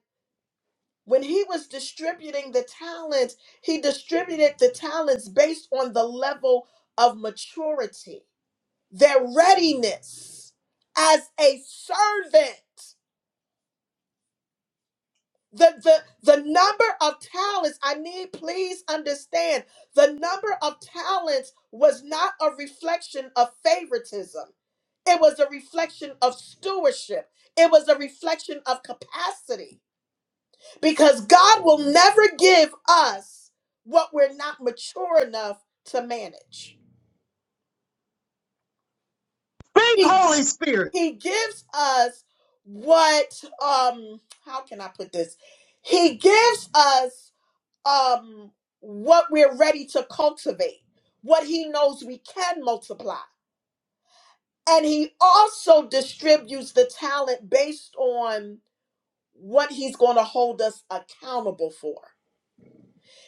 I: when he was distributing the talents, he distributed the talents based on the level of maturity, their readiness as a servant. The, the, the number of talents, I need please understand, the number of talents was not a reflection of favoritism. It was a reflection of stewardship. It was a reflection of capacity because God will never give us what we're not mature enough to manage.
E: Speak,
I: He
E: Holy Spirit.
I: he gives us what um how can I put this? He gives us um what we're ready to cultivate, what he knows we can multiply. And he also distributes the talent based on what he's going to hold us accountable for.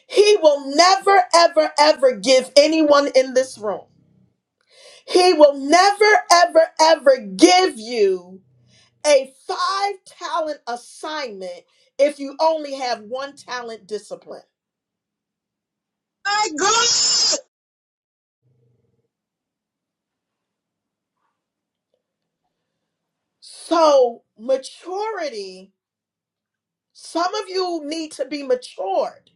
I: He will never, ever, ever give anyone in this room. He will never, ever, ever give you a five talent assignment if you only have one talent discipline.
E: My God, speak,
I: So, maturity Some of you need to be matured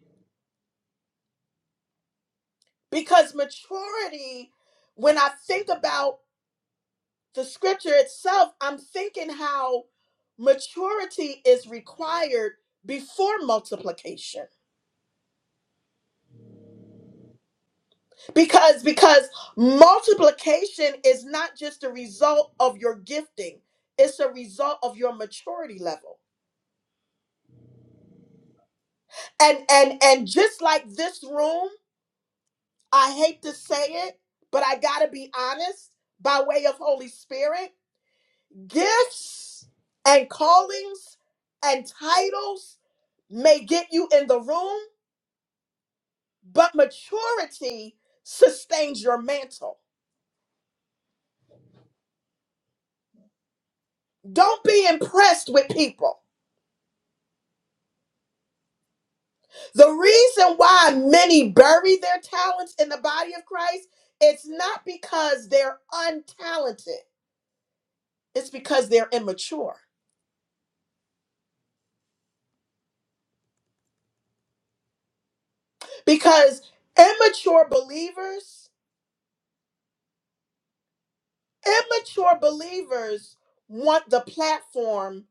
I: because maturity, when I think about the scripture itself, I'm thinking how maturity is required before multiplication because because multiplication is not just a result of your gifting it's a result of your maturity level and and and just like this room i hate to say it but i got to be honest by way of holy spirit Gifts and callings and titles may get you in the room, but maturity sustains your mantle. Don't be impressed with people. The reason why many bury their talents in the body of Christ, it's not because they're untalented. It's because they're immature. Because immature believers, immature believers want the platform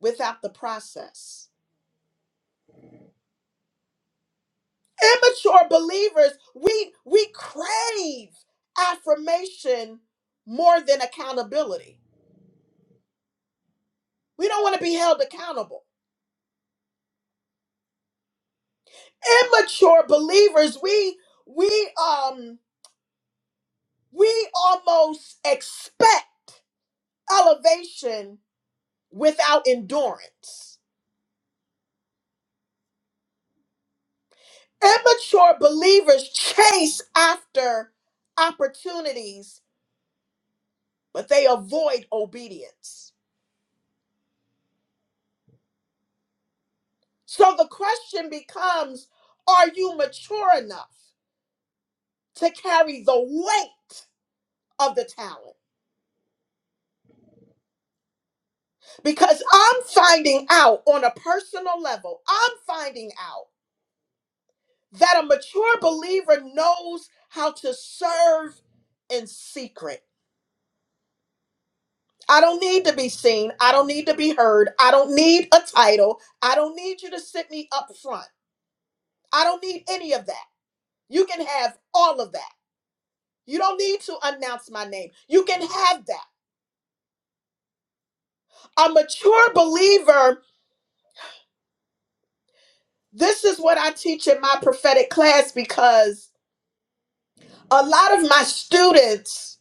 I: without the process. immature believers we we crave affirmation more than accountability we don't want to be held accountable immature believers we we um we almost expect elevation without endurance immature believers chase after opportunities but they avoid obedience so the question becomes are you mature enough to carry the weight of the talent because I'm finding out on a personal level, I'm finding out that a mature believer knows how to serve in secret. I don't need to be seen. I don't need to be heard. I don't need a title. I don't need you to sit me up front. I don't need any of that. You can have all of that. You don't need to announce my name. You can have that. A mature believer This is what I teach in my prophetic class because a lot of my students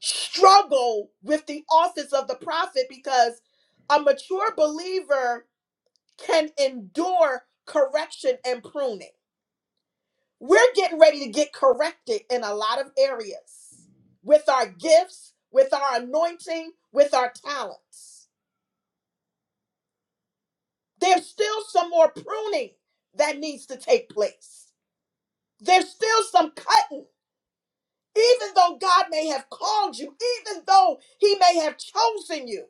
I: struggle with the office of the prophet because a mature believer can endure correction and pruning. We're getting ready to get corrected in a lot of areas with our gifts, with our anointing, with our talents. There's still some more pruning that needs to take place. There's still some cutting Even though God may have called you, even though He may have chosen you,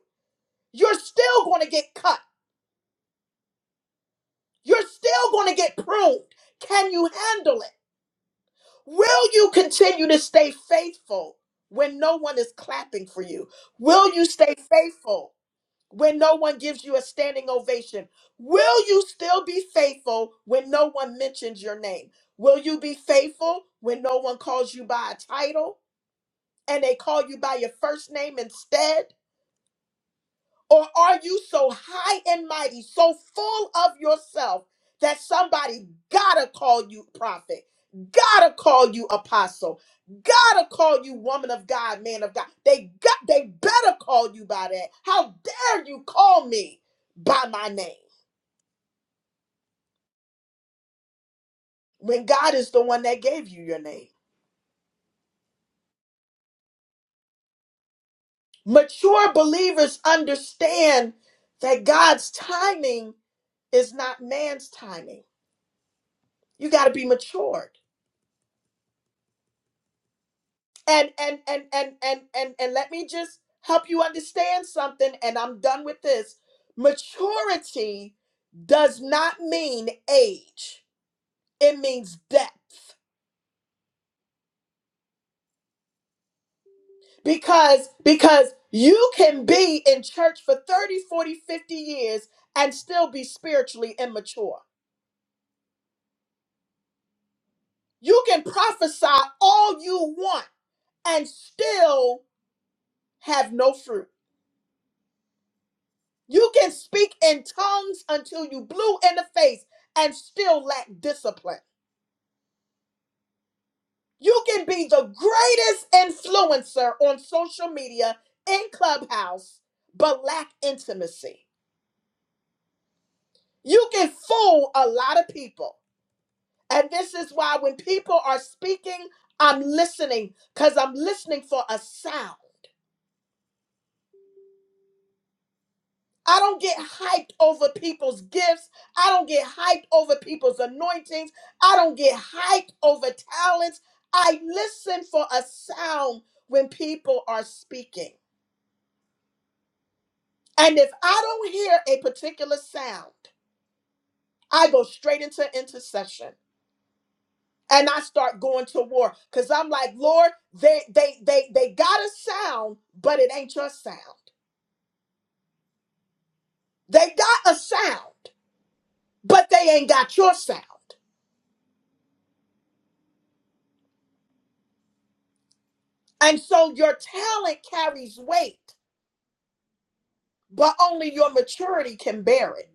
I: you're still going to get cut. You're still going to get pruned. Can you handle it? Will you continue to stay faithful when no one is clapping for you? Will you stay faithful when no one gives you a standing ovation? Will you still be faithful when no one mentions your name? Will you be faithful when no one calls you by a title and they call you by your first name instead? Or are you so high and mighty, so full of yourself that somebody gotta call you prophet, gotta call you apostle, gotta call you woman of God, man of God. They got they better call you by that. How dare you call me by my name when God is the one that gave you your name? Mature believers understand that God's timing is not man's timing. You got to be mature. and and and and and and and let me just help you understand something and i'm done with this maturity does not mean age it means depth because because you can be in church for 30, 40, 50 years and still be spiritually immature you can prophesy all you want and still have no fruit You can speak in tongues until you blue in the face and still lack discipline. You can be the greatest influencer on social media in Clubhouse, but lack intimacy. You can fool a lot of people. And this is why when people are speaking, I'm listening because I'm listening for a sound. I don't get hyped over people's gifts. I don't get hyped over people's anointings. I don't get hyped over talents. I listen for a sound when people are speaking. And if I don't hear a particular sound, I go straight into intercession and I start going to war cuz I'm like, "Lord, they they they they got a sound, but it ain't your sound. They got a sound, but they ain't got your sound. And so your talent carries weight, but only your maturity can bear it.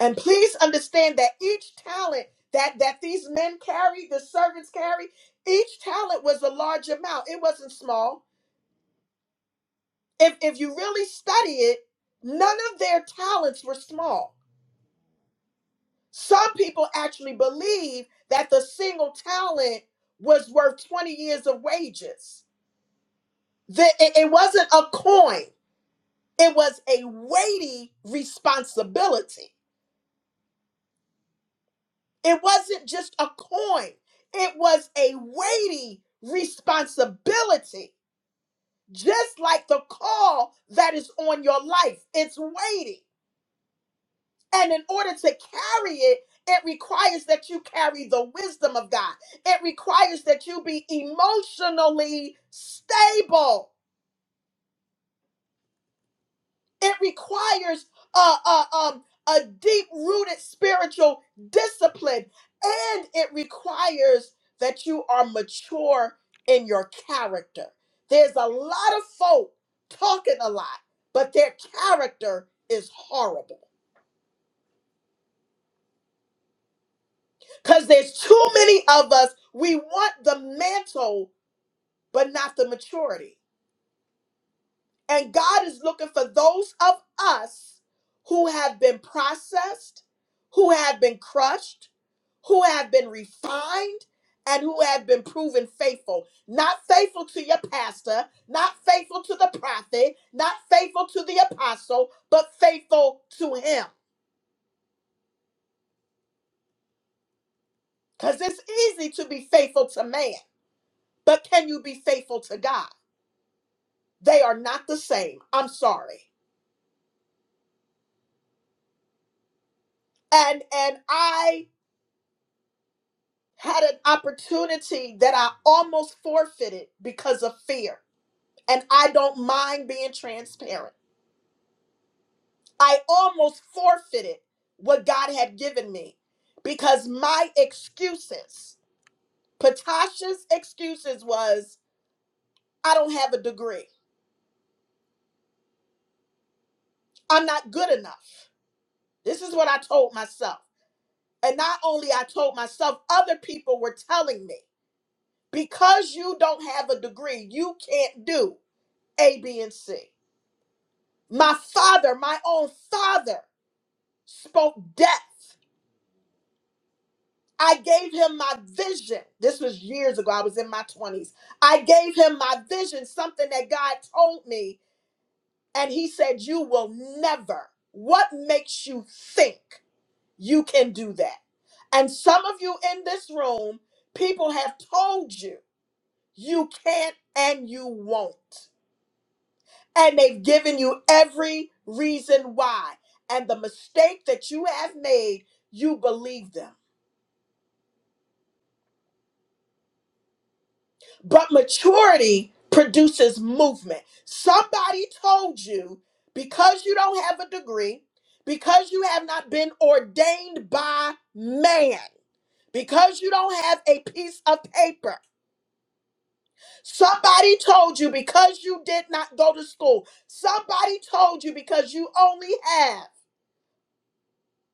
I: And please understand that each talent that that these men carry, the servants carry, each talent was a large amount. It wasn't small. If if you really study it, none of their talents were small. Some people actually believe that the single talent was worth 20 years of wages. That it it wasn't a coin. It was a weighty responsibility. It wasn't just a coin, it was a weighty responsibility. Just like the call that is on your life, it's weighty. And in order to carry it, it requires that you carry the wisdom of God. It requires that you be emotionally stable It requires a, a, um, a deep rooted spiritual discipline, and it requires that you are mature in your character. There's a lot of folk talking a lot, but their character is horrible because there's too many of us. We want the mantle, but not the maturity. And God is looking for those of us who have been processed, who have been crushed, who have been refined, and who have been proven faithful. Not faithful to your pastor, not faithful to the prophet, not faithful to the apostle, but faithful to him. Because it's easy to be faithful to man, but can you be faithful to God? They are not the same. I'm sorry. And and I had an opportunity that I almost forfeited because of fear. And I don't mind being transparent. I almost forfeited what God had given me because my excuses, Patasha's excuses was, I don't have a degree. I'm not good enough. This is what I told myself. And not only I told myself, other people were telling me, because you don't have a degree, you can't do A, B, and C. My father, my own father, spoke death. I gave him my vision. This was years ago. I was in my 20s. I gave him my vision, something that God told me, and he said, You will never. What makes you think you can do that? And some of you in this room, people have told you you can't and you won't. and they've given you every reason why. And the mistake that you have made, you believe them. But maturity produces movement. Somebody told you because you don't have a degree, because you have not been ordained by man, because you don't have a piece of paper, somebody told you because you did not go to school, somebody told you because you only have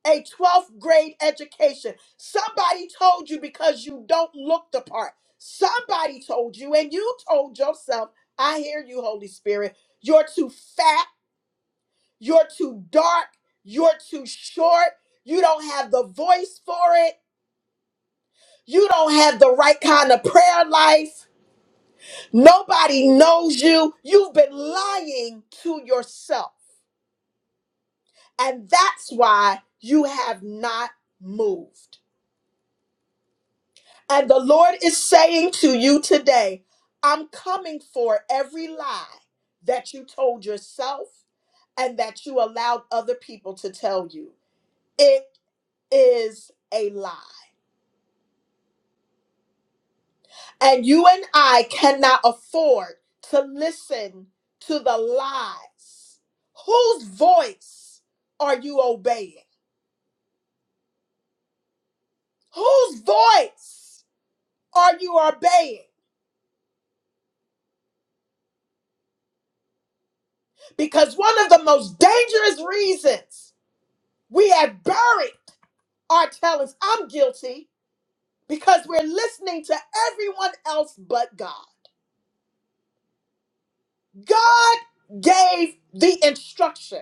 I: a 12th grade education. Somebody told you because you don't look the part. Somebody told you, and you told yourself, I hear you, Holy Spirit. You're too fat. You're too dark. You're too short. You don't have the voice for it. You don't have the right kind of prayer life. Nobody knows you. You've been lying to yourself. And that's why you have not moved. And the Lord is saying to you today, I'm coming for every lie that you told yourself and that you allowed other people to tell you. It is a lie. And you and I cannot afford to listen to the lies. Whose voice are you obeying? Whose voice are you obeying? Because one of the most dangerous reasons we have buried our talents. I'm guilty because we're listening to everyone else but God. God gave the instruction,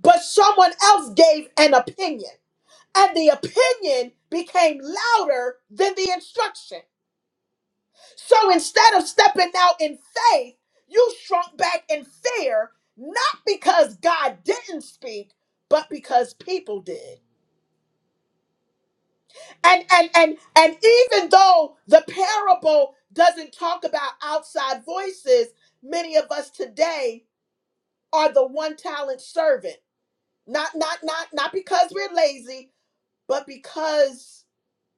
I: but someone else gave an opinion. And the opinion became louder than the instruction. So instead of stepping out in faith, you shrunk back in fear, not because God didn't speak, but because people did. and and and and even though the parable doesn't talk about outside voices many of us today are the one talent servant not not not not because we're lazy but because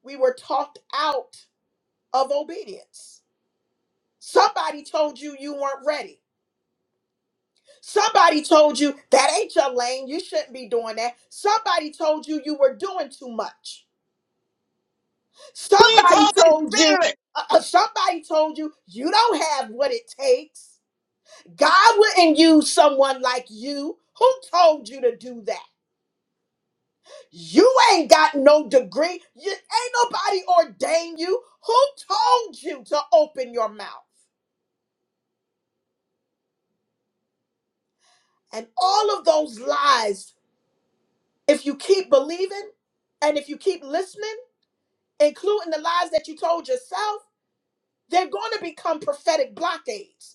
I: we were talked out of obedience somebody told you you weren't ready somebody told you that ain't your lane you shouldn't be doing that somebody told you you were doing too much Somebody
E: Holy
I: told you,
E: Spirit.
I: uh, uh, somebody told you, you don't have what it takes. God wouldn't use someone like you. Who told you to do that? You ain't got no degree. You, ain't nobody ordained you. Who told you to open your mouth? And all of those lies, if you keep believing and if you keep listening, including the lies that you told yourself, they're going to become prophetic blockades.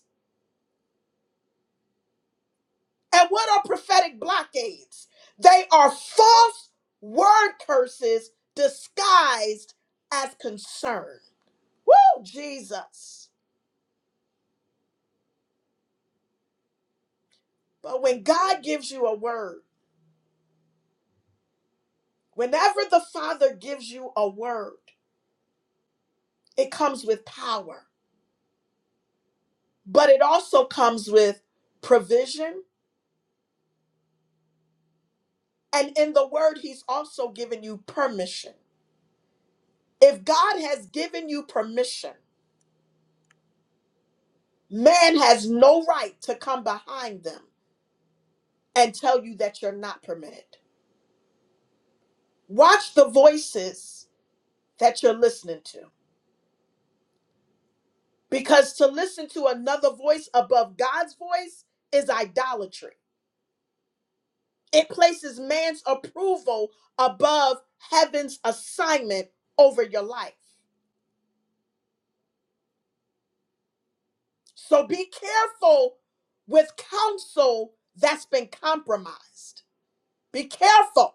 I: And what are prophetic blockades? They are false word curses disguised as concern. Woo, Jesus. But when God gives you a word, whenever the Father gives you a word, it comes with power, but it also comes with provision. And in the word, He's also given you permission. If God has given you permission, man has no right to come behind them and tell you that you're not permitted. Watch the voices that you're listening to because to listen to another voice above God's voice is idolatry. It places man's approval above heaven's assignment over your life. So be careful with counsel that's been compromised. Be careful.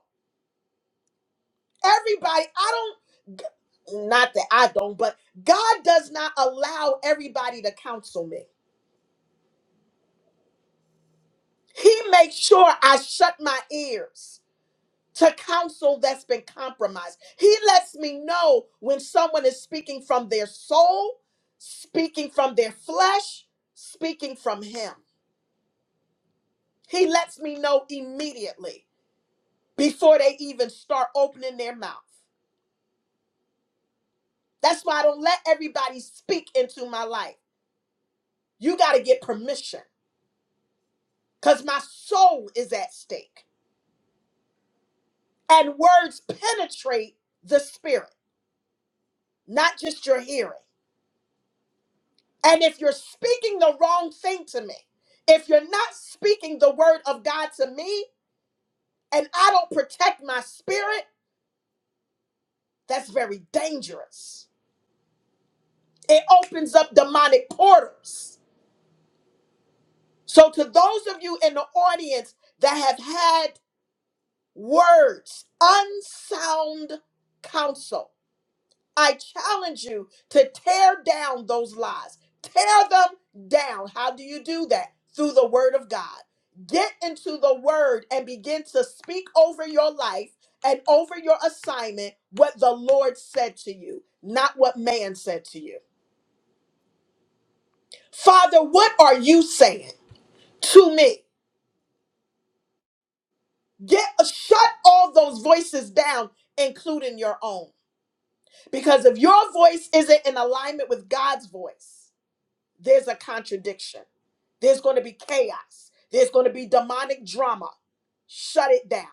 I: Everybody, I don't, not that I don't, but God does not allow everybody to counsel me. He makes sure I shut my ears to counsel that's been compromised. He lets me know when someone is speaking from their soul, speaking from their flesh, speaking from Him. He lets me know immediately before they even start opening their mouth. That's why I don't let everybody speak into my life. You got to get permission because my soul is at stake. And words penetrate the spirit, not just your hearing. And if you're speaking the wrong thing to me, if you're not speaking the word of God to me, and I don't protect my spirit, that's very dangerous. It opens up demonic portals. So, to those of you in the audience that have had words, unsound counsel, I challenge you to tear down those lies. Tear them down. How do you do that? Through the word of God. Get into the word and begin to speak over your life and over your assignment what the Lord said to you, not what man said to you. Father, what are you saying to me? Get shut all those voices down, including your own. Because if your voice isn't in alignment with God's voice, there's a contradiction. There's going to be chaos. There's going to be demonic drama. Shut it down.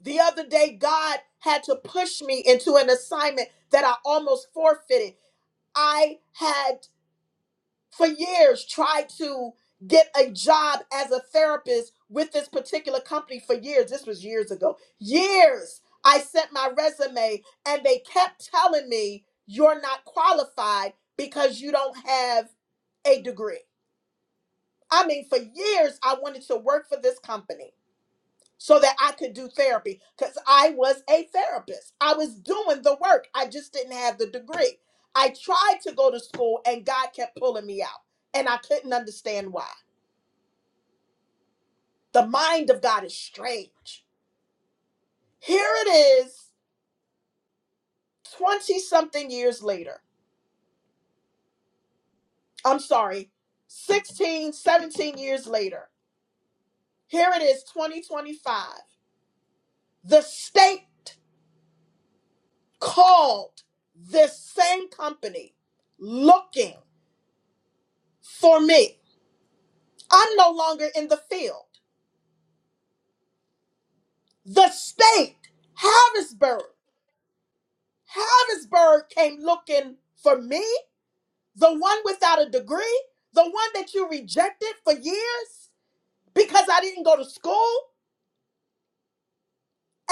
I: The other day, God had to push me into an assignment that I almost forfeited. I had for years tried to get a job as a therapist with this particular company for years. This was years ago. Years. I sent my resume and they kept telling me, you're not qualified because you don't have a degree. I mean, for years, I wanted to work for this company so that I could do therapy because I was a therapist. I was doing the work, I just didn't have the degree. I tried to go to school, and God kept pulling me out, and I couldn't understand why. The mind of God is strange. Here it is, 20 something years later. I'm sorry, 16, 17 years later. Here it is, 2025. The state. called this same company looking for me. I'm no longer in the field. The state, Harrisburg, Harrisburg came looking for me, the one without a degree, the one that you rejected for years because I didn't go to school.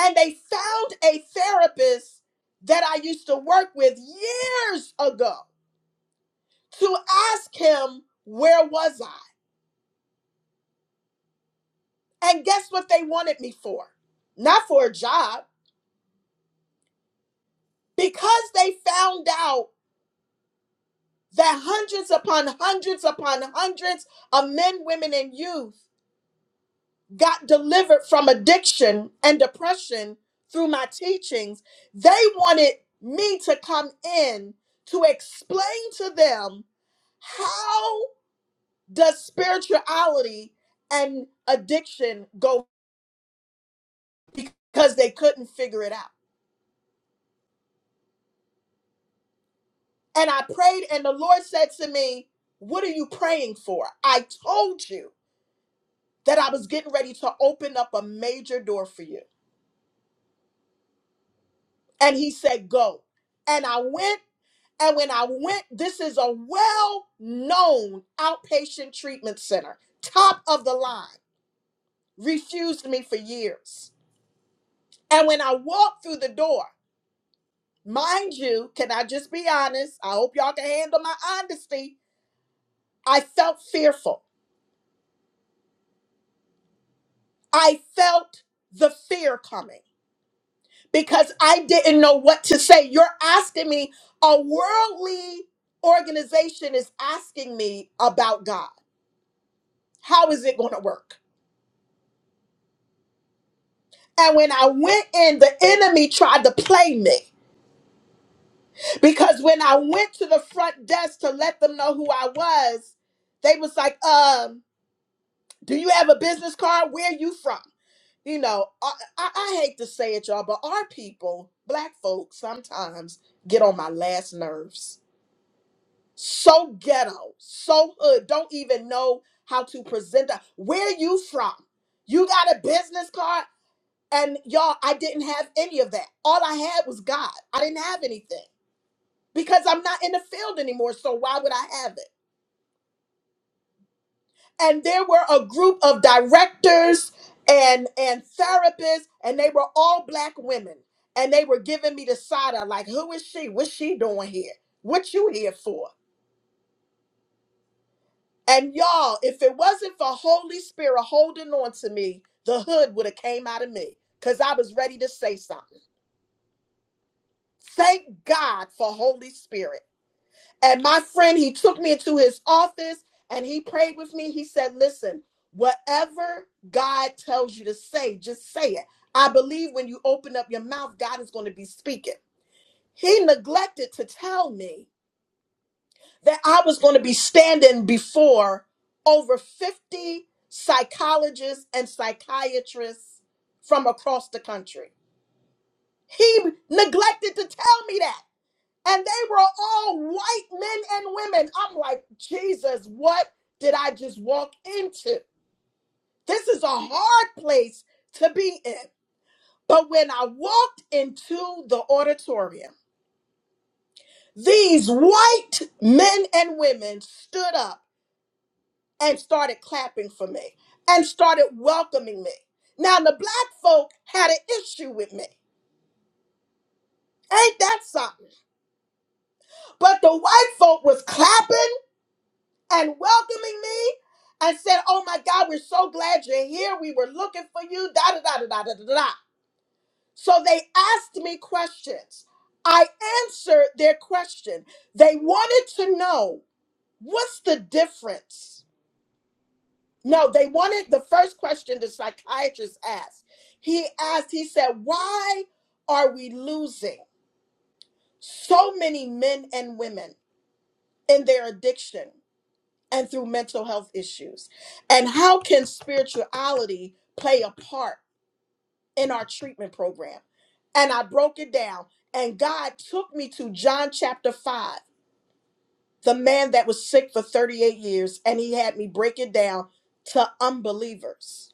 I: And they found a therapist that I used to work with years ago to ask him, Where was I? And guess what they wanted me for? Not for a job, because they found out that hundreds upon hundreds upon hundreds of men, women, and youth got delivered from addiction and depression through my teachings. They wanted me to come in to explain to them how does spirituality and addiction go because they couldn't figure it out. And I prayed, and the Lord said to me, What are you praying for? I told you that I was getting ready to open up a major door for you. And He said, Go. And I went. And when I went, this is a well known outpatient treatment center, top of the line, refused me for years. And when I walked through the door, mind you, can I just be honest? I hope y'all can handle my honesty. I felt fearful. I felt the fear coming. because I didn't know what to say. You're asking me, a worldly organization is asking me about God. How is it going to work? And when I went in, the enemy tried to play me because when I went to the front desk to let them know who I was, they was like, um, do you have a business card? Where you from? You know, I, I, I hate to say it, y'all, but our people, black folks, sometimes get on my last nerves so ghetto, so hood, don't even know how to present that. Where you from? You got a business card? And y'all, I didn't have any of that. All I had was God. I didn't have anything because I'm not in the field anymore. So why would I have it? And there were a group of directors and and therapists, and they were all black women. And they were giving me the side eye, like, who is she? What's she doing here? What you here for? And y'all, if it wasn't for Holy Spirit holding on to me, the hood would have came out of me because I was ready to say something. Thank God for Holy Spirit. And my friend, he took me into his office and he prayed with me. He said, Listen, whatever God tells you to say, just say it. I believe when you open up your mouth, God is going to be speaking. He neglected to tell me that I was going to be standing before over 50 psychologists and psychiatrists from across the country. He neglected to tell me that. And they were all white men and women. I'm like, Jesus, what did I just walk into? This is a hard place to be in. But when I walked into the auditorium, these white men and women stood up and started clapping for me and started welcoming me. Now the black folk had an issue with me. Ain't that something? But the white folk was clapping and welcoming me and said, Oh my God, we're so glad you're here. We were looking for you. Da da da da da da da. da. So they asked me questions. I answered their question. They wanted to know what's the difference No, they wanted the first question the psychiatrist asked. He asked, he said, Why are we losing so many men and women in their addiction and through mental health issues? And how can spirituality play a part in our treatment program? And I broke it down, and God took me to John chapter 5, the man that was sick for 38 years, and he had me break it down to unbelievers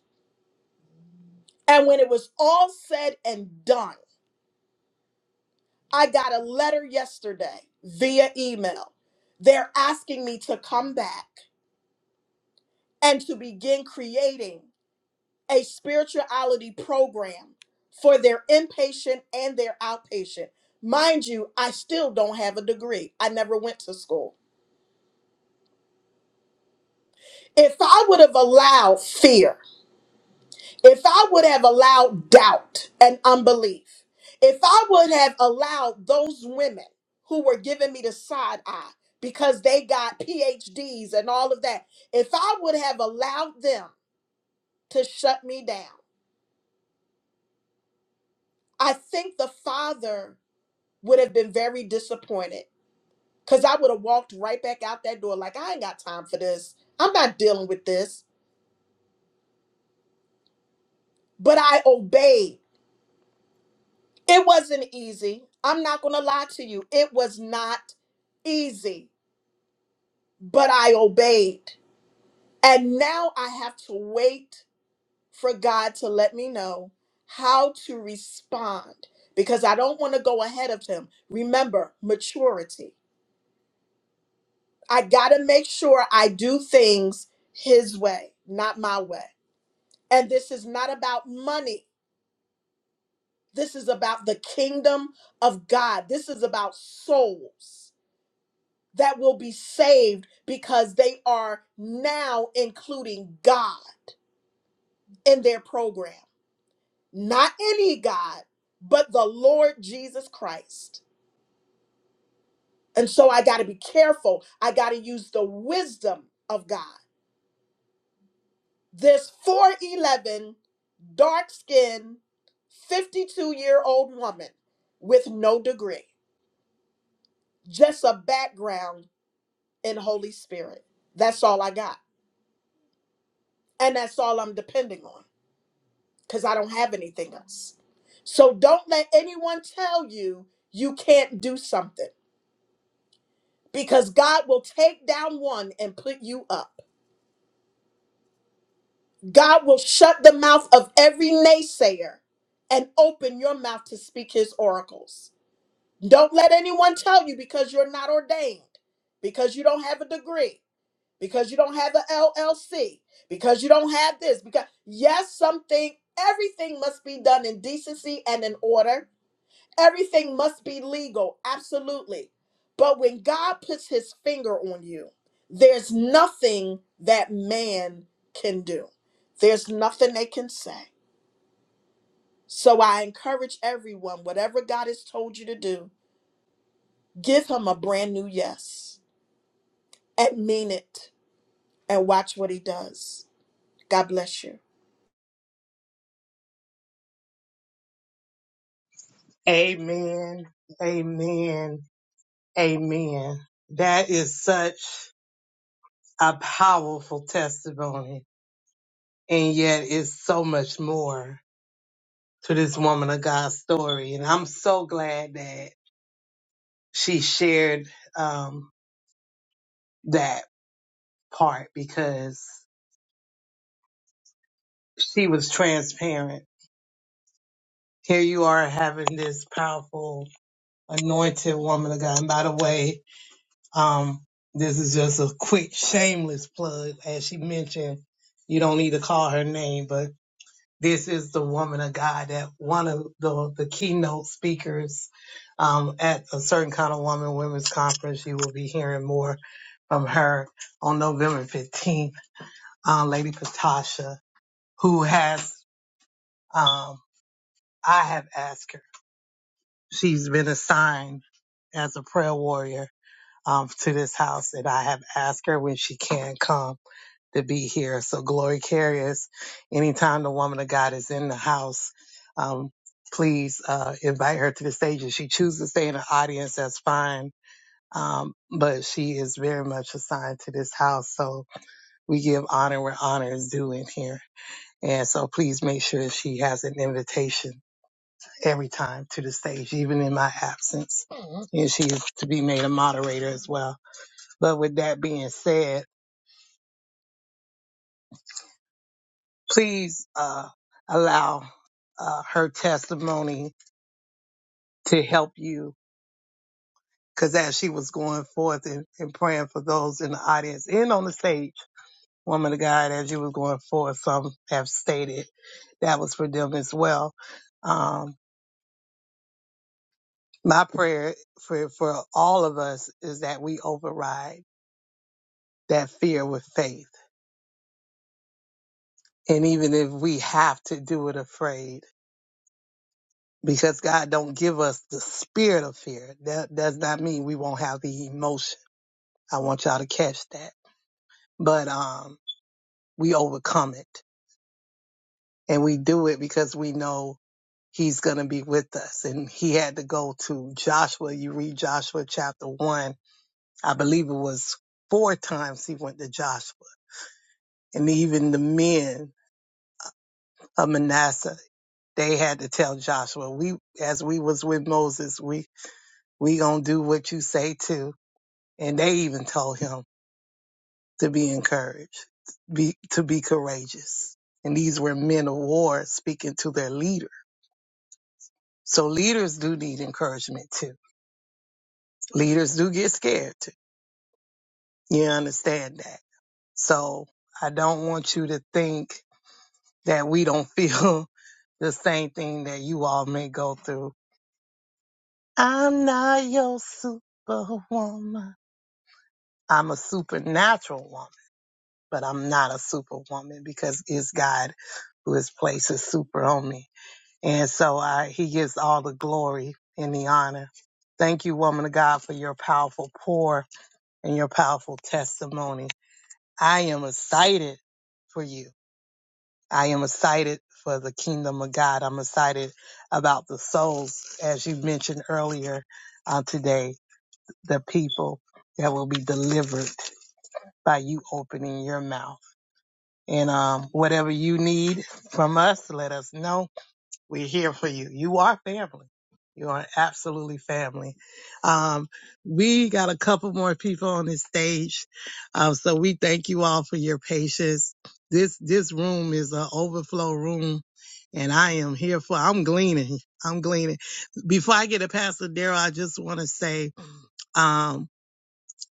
I: And when it was all said and done, I got a letter yesterday via email. They're asking me to come back and to begin creating a spirituality program for their inpatient and their outpatient. Mind you, I still don't have a degree. I never went to school. If I would have allowed fear If I would have allowed doubt and unbelief, if I would have allowed those women who were giving me the side eye because they got PhDs and all of that, if I would have allowed them to shut me down, I think the father would have been very disappointed because I would have walked right back out that door like, I ain't got time for this. I'm not dealing with this. But I obeyed. It wasn't easy. I'm not going to lie to you. It was not easy, but I obeyed. And now I have to wait for God to let me know how to respond because I don't want to go ahead of Him. Remember, maturity. I got to make sure I do things His way, not my way. And this is not about money. This is about the kingdom of God. This is about souls. that will be saved because they are now including God in their program. Not any God, but the Lord Jesus Christ. And so I got to be careful. I got to use the wisdom of God. This 4'11, dark skinned, 52 year old woman with no degree, just a background in Holy Spirit. That's all I got. And that's all I'm depending on. because I don't have anything else. So don't let anyone tell you you can't do something because God will take down one and put you up. God will shut the mouth of every naysayer and open your mouth to speak his oracles. Don't let anyone tell you because you're not ordained, because you don't have a degree, because you don't have an LLC, because you don't have this. Because, yes, something, everything must be done in decency and in order Everything must be legal, absolutely. But when God puts his finger on you, there's nothing that man can do, there's nothing they can say. So I encourage everyone, whatever God has told you to do, give him a brand new yes and mean it and watch what he does. God bless you.
E: Amen. Amen. Amen. That is such a powerful testimony. and yet it's so much more to this woman of God story. And I'm so glad that she shared um, that part because she was transparent. Here you are having this powerful, anointed woman of God. And by the way, um, this is just a quick, shameless plug. As she mentioned, you don't need to call her name, but This is the woman of God that one of the, the keynote speakers um, at a certain kind of woman women's conference. You will be hearing more from her on November 15th, uh, Lady Patasha, who has, um, I have asked her. She's been assigned as a prayer warrior um, to this house, and I have asked her when she can come. to be here. So glory carriers, anytime the woman of God is in the house, um, please uh, invite her to the stage. If she chooses to stay in the audience, that's fine. Um, but she is very much assigned to this house. So we give honor where honor is due in here. And so please make sure that she has an invitation every time to the stage, even in my absence. And she is to be made a moderator as well. But with that being said, please uh, allow uh, her testimony to help you. Because as she was going forth and, and praying for those in the audience and on the stage, woman of God, as you was going forth, some have stated that was for them as well. Um, my prayer for, for all of us is that we override that fear with faith. And even if we have to do it afraid, because God don't give us the spirit of fear. That does not mean we won't have the emotion. I want y'all to catch that. But um we overcome it and we do it because we know he's going to be with us. And he had to go to Joshua. You read Joshua chapter 1. I believe it was four times he went to Joshua. And even the men of Manasseh, they had to tell Joshua, we as we was with Moses, we we going to do what you say too And they even told him to be encouraged, be, to be courageous. And these were men of war speaking to their leader. So leaders do need encouragement too. Leaders do get scared too. You understand that. So I don't want you to think that we don't feel the same thing that you all may go through. I'm not your superwoman. I'm a supernatural woman but I'm not a superwoman because it's God who has placed his super on me. And so I, he gives all the glory and the honor. Thank you, woman of God, for your powerful pour and your powerful testimony. I am excited for you. I am excited for the kingdom of God. I'm excited about the souls, as you mentioned earlier uh, today, the people that will be delivered by you opening your mouth. And um, whatever you need from us, let us know. We're here for you. You are family. You are absolutely family. Um, we got a couple more people on this stage, um, so we thank you all for your patience. This this room is an overflow room, and I am here for. I'm gleaning. I'm gleaning. Before I get to Pastor Daryl, I just want to say. um,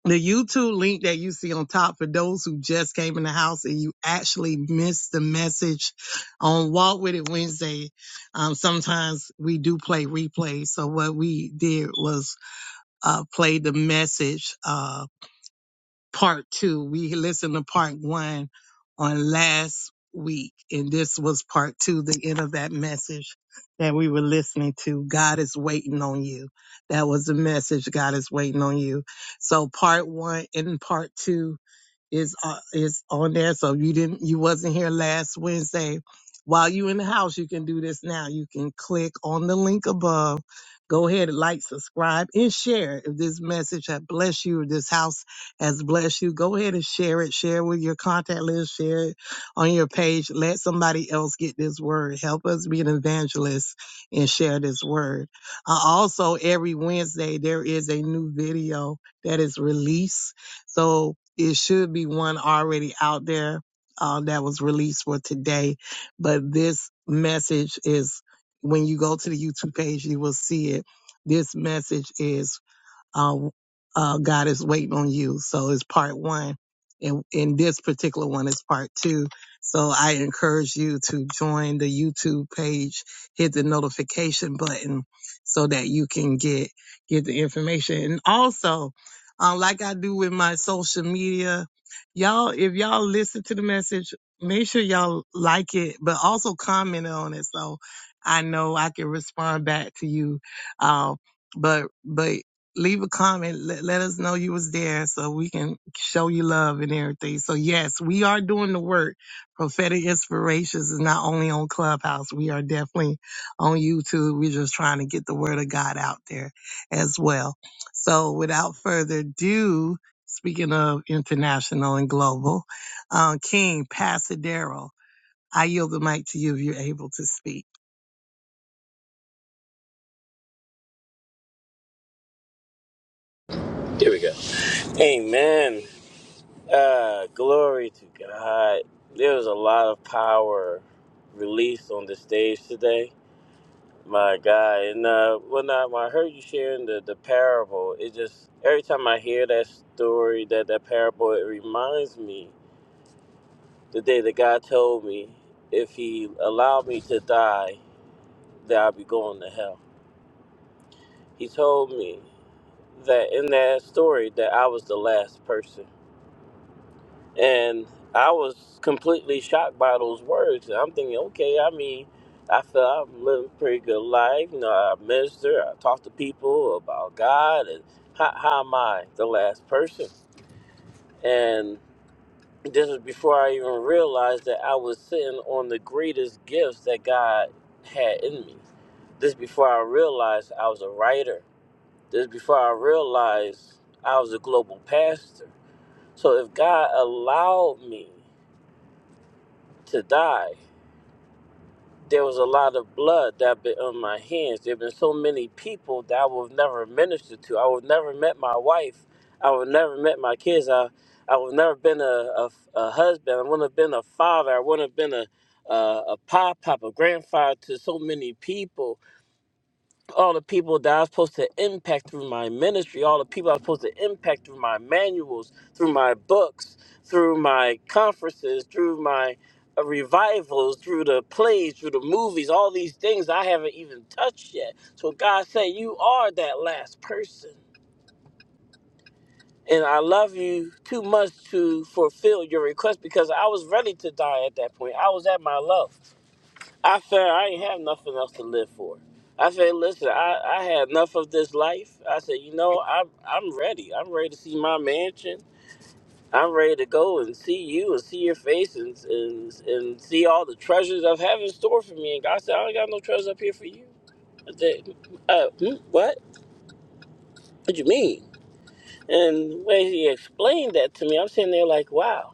E: the YouTube link that you see on top for those who just came in the house and you actually missed the message on Walk With It Wednesday. Um, sometimes we do play replays. So what we did was, uh, play the message, uh, part two. We listened to part one on last week, and this was part two, the end of that message that we were listening to. God is waiting on you. That was the message. God is waiting on you. So part one and part two is uh, is on there. So you didn't you wasn't here last Wednesday. While you in the house, you can do this now. You can click on the link above. Go ahead and like, subscribe, and share. If this message has blessed you, or this house has blessed you, go ahead and share it. Share with your contact list. Share it on your page. Let somebody else get this word. Help us be an evangelist and share this word. Uh, also, every Wednesday there is a new video that is released so it should be one already out there uh, that was released for today. But this message is when you go to the YouTube page, you will see it. This message is uh, uh, God is waiting on you. So it's part one. And, and this particular one is part two. So I encourage you to join the YouTube page, hit the notification button so that you can get, get the information. And also, uh, like I do with my social media, y'all, if y'all listen to the message, make sure y'all like it, but also comment on it. So I know I can respond back to you. Um, but, but leave a comment. Let, let us know you was there so we can show you love and everything. So yes, we are doing the work. Prophetic Inspirations is not only on Clubhouse. We are definitely on YouTube. We're just trying to get the word of God out there as well. So without further ado, speaking of international and global, uh, King Pasadero, I yield the mic to you if you're able to speak.
H: Amen. Uh, glory to God. There was a lot of power released on the stage today. My God. And uh, when I, when I heard you sharing the, the parable, it just, every time I hear that story, that, that parable, it reminds me the day that God told me if He allowed me to die, that I'd be going to hell. He told me that in that story that I was the last person. And I was completely shocked by those words. And I'm thinking, okay, I mean, I feel I'm living a pretty good life. You know, I minister, I talk to people about God, and how, how am I the last person? And this was before I even realized that I was sitting on the greatest gifts that God had in me. This before I realized I was a writer. This before I realized I was a global pastor. So if God allowed me to die. there was a lot of blood that been on my hands. There have been so many people that I would have never ministered to. I would have never met my wife. I would have never met my kids. I I would have never been a, a, a husband. I wouldn't have been a father. I wouldn't have been a a, a pop pop, a grandfather to so many people all the people that I'm supposed to impact through my ministry, all the people I'm supposed to impact through my manuals, through my books, through my conferences, through my uh, revivals, through the plays, through the movies, all these things I haven't even touched yet. So God said, You are that last person. And I love you too much to fulfill your request because I was ready to die at that point. I was at my low. I said, I ain't have nothing else to live for. I said, listen, I, I had enough of this life. I said, you know, I'm I'm ready. I'm ready to see my mansion. I'm ready to go and see you and see your face and and, and see all the treasures of heaven store for me. And God said, I ain't got no treasures up here for you. I said, uh, hmm, what? What you mean? And when he explained that to me, I'm sitting there like, wow,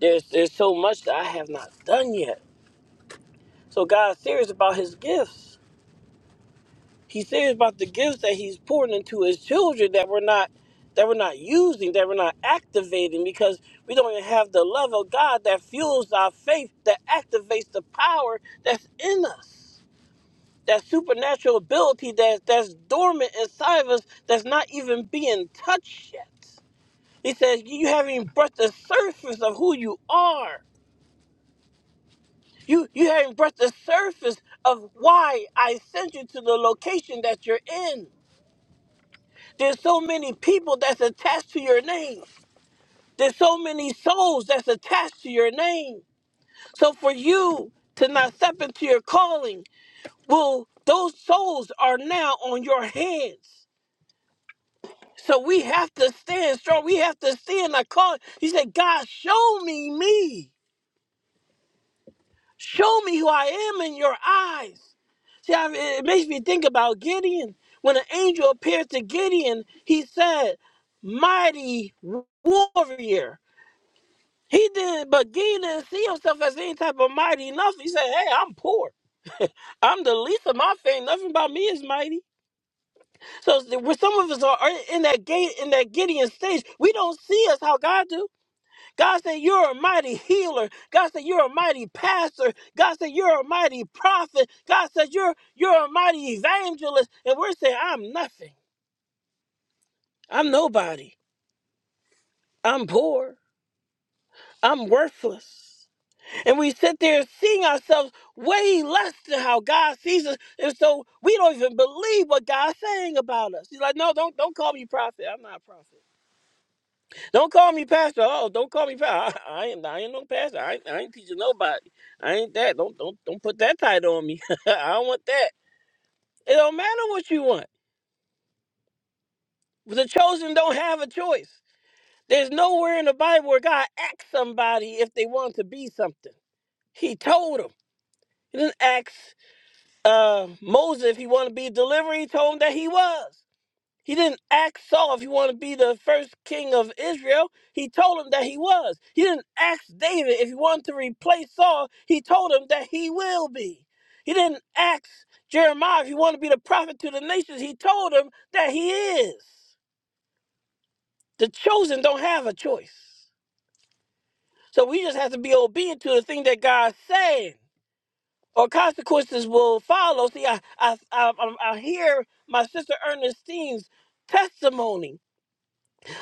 H: there's there's so much that I have not done yet. So God's serious about his gifts. He says about the gifts that he's pouring into his children that we're not that we're not using, that we're not activating because we don't even have the love of God that fuels our faith, that activates the power that's in us. That supernatural ability that that's dormant inside of us that's not even being touched yet. He says you haven't even brushed the surface of who you are. You you haven't brushed the surface of why I sent you to the location that you're in. There's so many people that's attached to your name. There's so many souls that's attached to your name. So for you to not step into your calling, well, those souls are now on your hands. So we have to stand strong. We have to stand our calling. He said, God, show me me. Show me who I am in your eyes. See, I, it makes me think about Gideon. When an angel appeared to Gideon, he said, Mighty warrior. He didn't, but Gideon didn't see himself as any type of mighty nothing. He said, "Hey, I'm poor. I'm the least of my family. Nothing about me is mighty." So, where some of us are are in that gate, in that Gideon stage, we don't see us how God do. God said, "You're a mighty healer." God said, "You're a mighty pastor." God said, "You're a mighty prophet." God said, "You're you're a mighty evangelist." And we're saying, "I'm nothing. I'm nobody. I'm poor. I'm worthless." And we sit there seeing ourselves way less than how God sees us. And so we don't even believe what God's saying about us. He's like, no, don't don't call me prophet. I'm not a prophet. Don't call me pastor. Oh, don't call me pastor. I, I ain't I ain't no pastor. I ain't, I ain't teaching nobody. I ain't that. Don't don't don't put that title on me. I don't want that. It don't matter what you want. The chosen don't have a choice. There's nowhere in the Bible where God asked somebody if they want to be something. He told them. He didn't ask. uh, Moses, if he wanted to be a deliverer, he told him that he was. He didn't ask Saul if he wanted to be the first king of Israel. He told him that he was. He didn't ask David if he wanted to replace Saul. He told him that he will be. He didn't ask Jeremiah if he wanted to be the prophet to the nations. He told him that he is. The chosen don't have a choice. So we just have to be obedient to the thing that God's saying. or consequences will follow. See, I, I, I, I I hear my sister Ernestine's testimony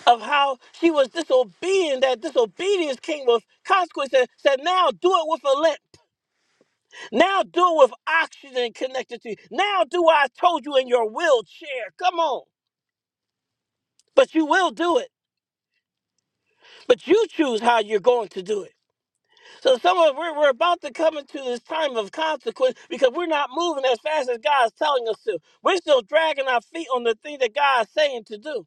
H: of how she was disobedient, that disobedience came with consequences. Said, now do it with a limp. Now do it with oxygen connected to you. Now do what I told you in your wheelchair. Come on. But you will do it. But you choose how you're going to do it. So some of we're, we're about to come into this time of consequence because we're not moving as fast as God's telling us to. We're still dragging our feet on the thing that God's saying to do.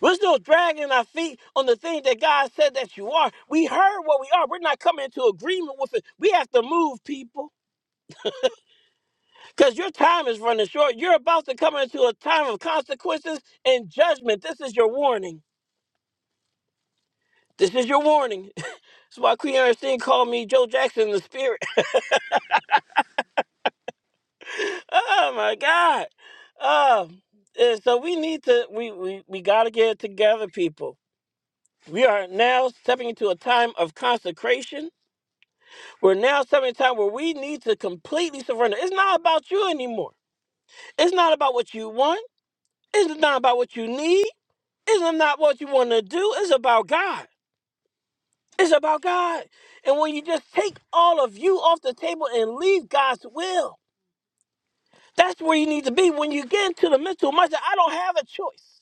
H: We're still dragging our feet on the thing that God said that you are. We heard what we are. We're not coming into agreement with it. We have to move, people, because your time is running short. You're about to come into a time of consequences and judgment. This is your warning. This is your warning. That's why Queen Ernestine called me Joe Jackson in the spirit. Oh my God. Um, and so we need to we we, we gotta get it together, people. We are now stepping into a time of consecration. We're now stepping into a time where we need to completely surrender. It's not about you anymore. It's not about what you want. It's not about what you need. It's not what you want to do. It's about God. It's about God. And when you just take all of you off the table and leave God's will, that's where you need to be. When you get into the mental mindset, I don't have a choice.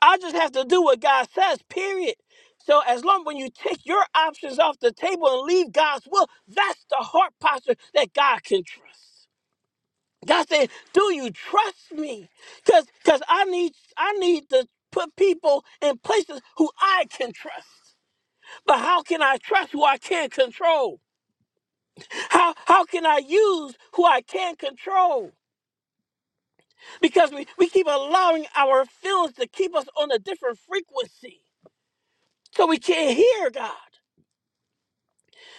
H: I just have to do what God says, period. So as long when you take your options off the table and leave God's will, that's the heart posture that God can trust. God said, "Do you trust me?" Cuz cuz I need I need to put people in places who I can trust. But how can I trust who I can't control? How how can I use who I can't control? Because we, we keep allowing our feelings to keep us on a different frequency. So we can't hear God.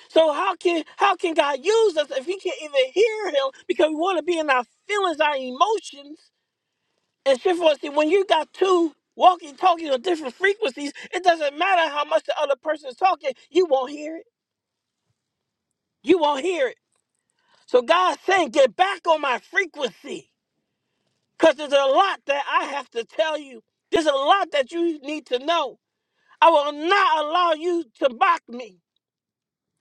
H: So how can how can God use us if He can't even hear Him because we want to be in our feelings, our emotions, and shit for us? See, When you got two walking, talking on different frequencies, it doesn't matter how much the other person is talking, you won't hear it. You won't hear it. So God's saying, get back on my frequency, because there's a lot that I have to tell you. There's a lot that you need to know. I will not allow you to mock me.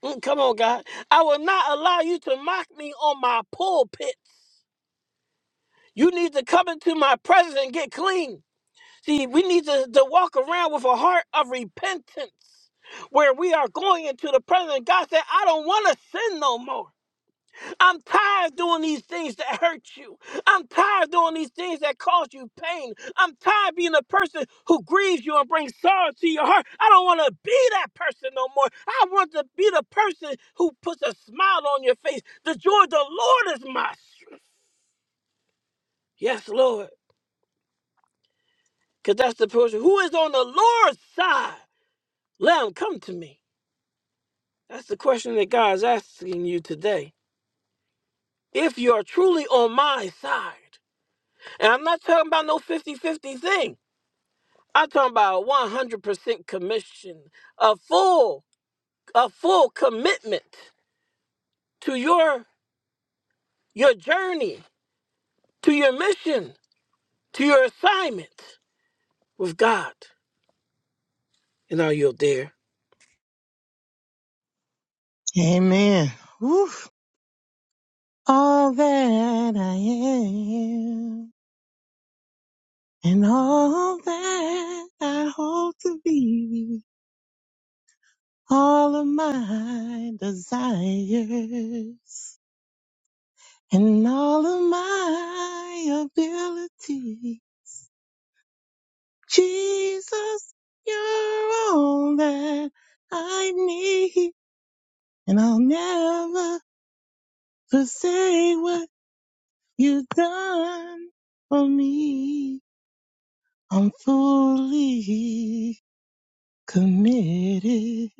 H: Mm, Come on, God. I will not allow you to mock me on my pulpit. You need to come into my presence and get clean. See, we need to, to walk around with a heart of repentance where we are going into the presence. of God said, I don't want to sin no more. I'm tired of doing these things that hurt you. I'm tired of doing these things that cause you pain. I'm tired of being a person who grieves you and brings sorrow to your heart. I don't want to be that person no more. I want to be the person who puts a smile on your face. The joy of the Lord is my strength. Yes, Lord. Because that's the person who is on the Lord's side. Let him come to me. That's the question that God is asking you today. If you are truly on my side, and I'm not talking about no fifty-fifty thing, I'm talking about 100% commission, a full, a full commitment to your, your journey, to your mission, to your assignment with God. And are you there?
E: Amen. Woo. All that I am. and all that I hope to be, all of my desires, and all of my ability. Jesus, you're all that I need, and I'll never forsake what you've done for me. I'm fully committed.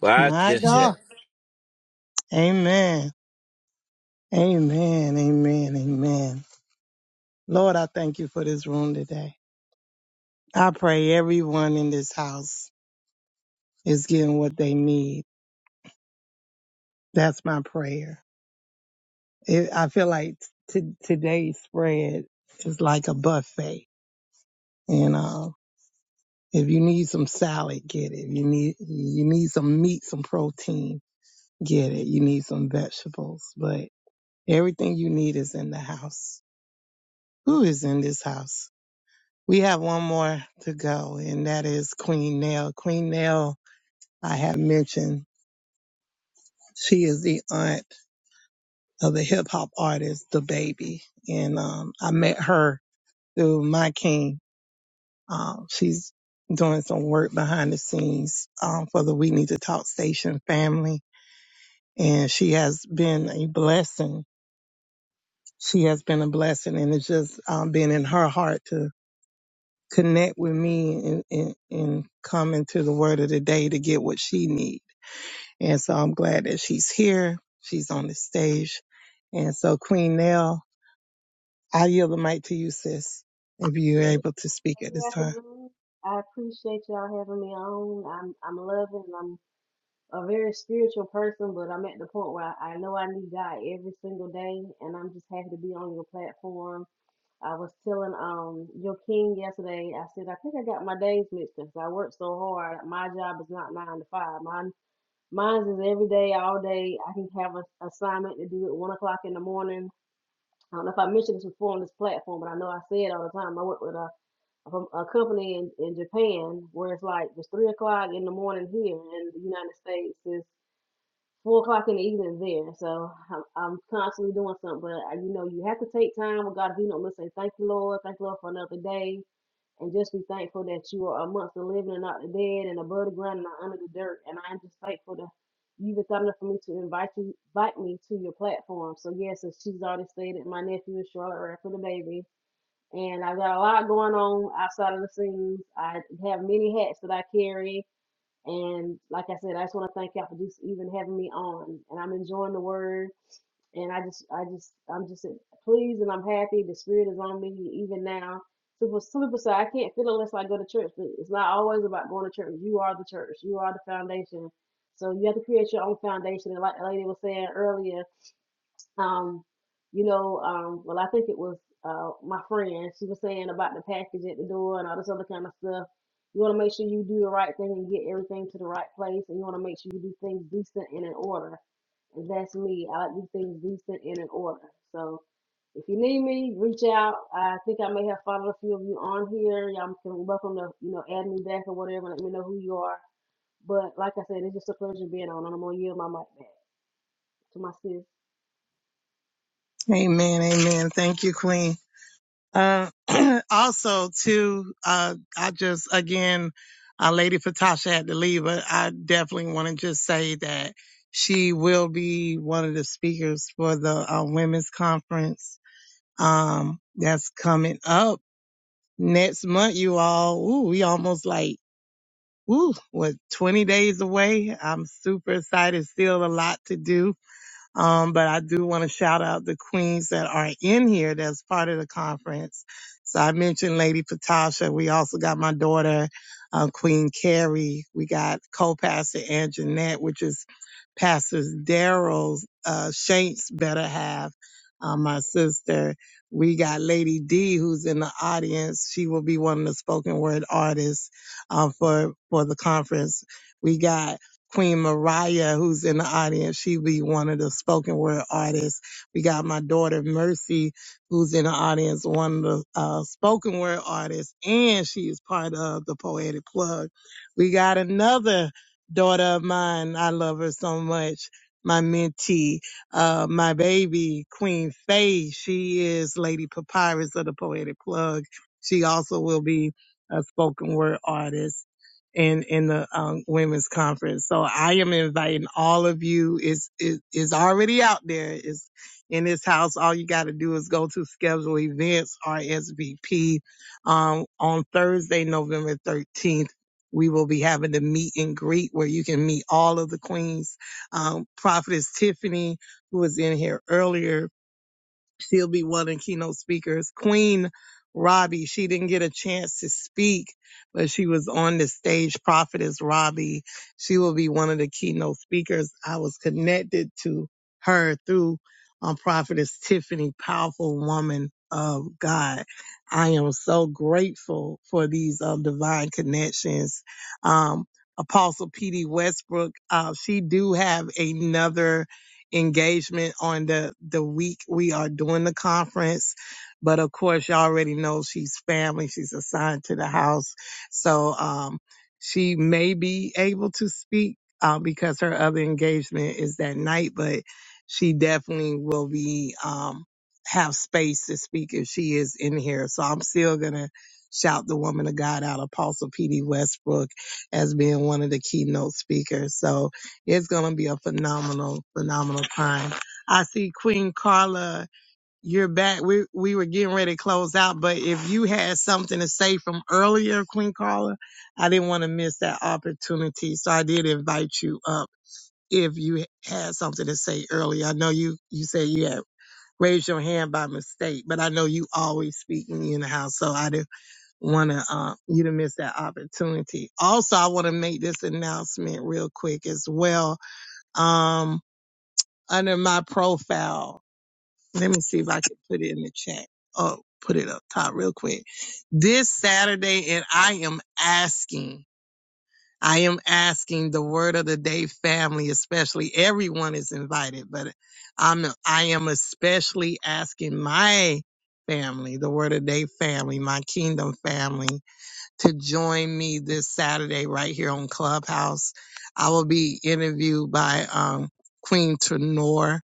H: Watch
E: My
H: yourself.
E: God. Amen. Amen, amen, amen. Lord, I thank you for this room today. I pray everyone in this house is getting what they need. That's my prayer. It, I feel like t- today's spread is like a buffet. And uh, if you need some salad, get it. If You need you need some meat, some protein, get it. You need some vegetables, but everything you need is in the house. Who is in this house? We have one more to go, and that is Queen Nell. Queen Nell, I have mentioned, she is the aunt of the hip hop artist, The Baby. And um, I met her through My King. Um, she's doing some work behind the scenes um, for the We Need to Talk Station family. And she has been a blessing. She has been a blessing, and it's just um, been in her heart to connect with me and, and, and come into the word of the day to get what she needs. And so I'm glad that she's here. She's on the stage. And so Queen Nell, I yield the mic to you, sis, if you're
J: Good
E: able to speak at this time.
J: afternoon. I appreciate y'all having me on. I'm I'm loving. I'm a very spiritual person, but I'm at the point where I, I know I need God every single day, and I'm just happy to be on your platform. I was telling um your king yesterday. I said I think I got my days mixed up 'cause I work so hard. My job is not nine to five. Mine mine's is every day, all day. I can have an assignment to do at one o'clock in the morning. I don't know if I mentioned this before on this platform, but I know I say it all the time. I work with a from a company in, in Japan where it's like it's three o'clock in the morning here in the United States it's four o'clock in the evening there. So I'm, I'm constantly doing something, but I- you know you have to take time with God. If you don't listen, thank you, Lord, thank you, Lord, for another day, and just be thankful that you are amongst the living and not the dead, and above the ground and not under the dirt. And I'm just thankful that you've been kind enough for me to invite you, invite me to your platform. So yes, as she's already stated, my nephew is Charlotte Rapp for the baby and I got a lot going on outside of the scenes. I have many hats that I carry, and like I said, I just want to thank y'all for just even having me on. And I'm enjoying the word, and I just, I just, I'm just pleased and I'm happy. The spirit is on me even now. Super, super. So I can't feel unless I go to church, but it's not always about going to church. You are the church. You are the foundation. So you have to create your own foundation. And like the lady was saying earlier, um, you know, um, well, I think it was uh, my friend. She was saying about the package at the door and all this other kind of stuff. You want to make sure you do the right thing and get everything to the right place, and you want to make sure you do things decent and in order. And that's me. I like to do things decent and in order. So if you need me, reach out. I think I may have followed a few of you on here. Y'all can welcome to you know add me back or whatever. Let me know who you are. But like I said, it's just a pleasure being on, and I'm gonna yield my mic back to my sis.
E: Amen. Amen. Thank you, Queen. Uh, also too, uh, I just, again, uh, Lady Patasha had to leave, but I definitely want to just say that she will be one of the speakers for the uh, women's conference, um, that's coming up next month, you all. Ooh, we almost like Woo, what, 20 days away? I'm super excited. Still a lot to do. Um, but I do want to shout out the queens that are in here that's part of the conference. So I mentioned Lady Patasha. We also got my daughter, uh, Queen Carrie. We got co-pastor Ann Jeanette, which is Pastors Daryl uh, Shanks better half, Uh, my sister. We got Lady D, who's in the audience. She will be one of the spoken word artists uh, for for the conference. We got Queen Mariah, who's in the audience, she be one of the spoken word artists. We got my daughter Mercy, who's in the audience, one of the uh, spoken word artists, and she is part of the Poetic Plug. We got another daughter of mine. I love her so much. My mentee, uh, my baby, Queen Faye. She is Lady Papyrus of the Poetic Plug. She also will be a spoken word artist in in the um, women's conference. So I am inviting all of you. It's it is already out there. It's in this house. All you got to do is go to schedule events RSVP. Um, on Thursday, November thirteenth, we will be having the meet and greet where you can meet all of the queens. Um, Prophetess Tiffany, who was in here earlier, She'll be one of the keynote speakers. Queen Robbie, she didn't get a chance to speak, but she was on the stage. Prophetess Robbie, she will be one of the keynote speakers. I was connected to her through um, Prophetess Tiffany, powerful woman of God. I am so grateful for these um, divine connections. Um, Apostle P.D. Westbrook, uh, she do have another engagement on the the week we are doing the conference. But of course, you all already know she's family. She's assigned to the house, so um, she may be able to speak uh, because her other engagement is that night. But she definitely will be um, have space to speak if she is in here. So I'm still gonna shout the woman of God out, Apostle P.D. Westbrook, as being one of the keynote speakers. So it's gonna be a phenomenal, phenomenal time. I see Queen Carla, you're back. We we were getting ready to close out, but if you had something to say from earlier, Queen Carla, I didn't want to miss that opportunity, so I did invite you up if you had something to say earlier. I know you you said you had raised your hand by mistake, but I know you always speak when you in the house, so I didn't want to uh, you to miss that opportunity. Also, I want to make this announcement real quick as well. Um, under my profile. Let me see if I can put it in the chat. Oh, put it up top real quick. This Saturday, and I am asking, I am asking the word of the day family, especially everyone is invited, but I'm, I am especially asking my family, the word of the day family, my kingdom family to join me this Saturday right here on Clubhouse. I will be interviewed by, um, Queen Tenor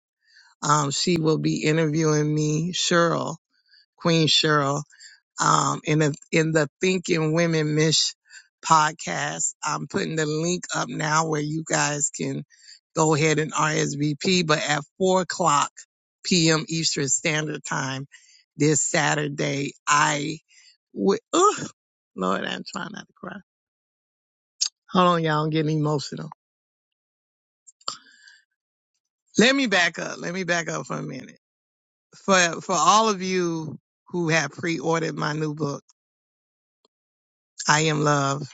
E: um, she will be interviewing me, Cheryl, Queen Cheryl, um, in the in the Thinking Women Mish podcast. I'm putting the link up now where you guys can go ahead and RSVP. But at four o'clock p.m. Eastern Standard Time this Saturday, I wi- ugh, Lord, I'm trying not to cry. Hold on, y'all, I'm getting emotional. Let me back up. Let me back up for a minute. for for all of you who have pre-ordered my new book, I Am Love,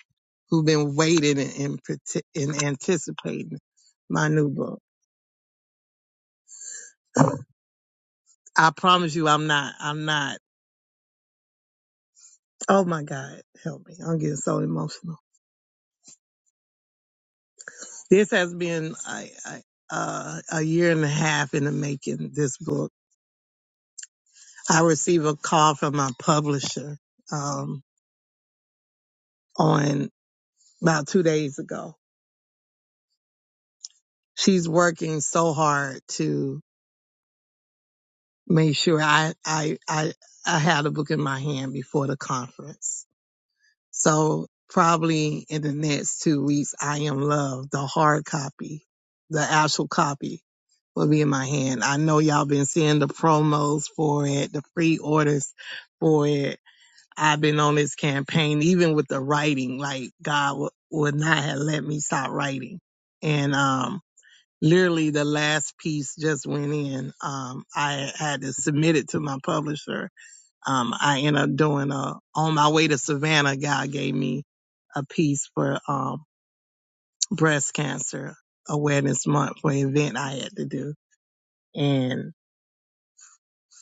E: who've been waiting and and anticipating my new book. I promise you, I'm not. I'm not. Oh my God, help me! I'm getting so emotional. This has been a, a, a year and a half in the making. This book. I received a call from my publisher um, on about two days ago. She's working so hard to. made sure I, I, I, I had a book in my hand before the conference. So probably in the next two weeks, I am love, the hard copy, the actual copy will be in my hand. I know y'all been seeing the promos for it, the free orders for it. I've been on this campaign, even with the writing, like God w- would not have let me stop writing. And, um, literally the last piece just went in. Um, I had to submit it to my publisher. Um, I ended up doing a, on my way to Savannah, God gave me a piece for, um, breast cancer awareness month for an event I had to do. And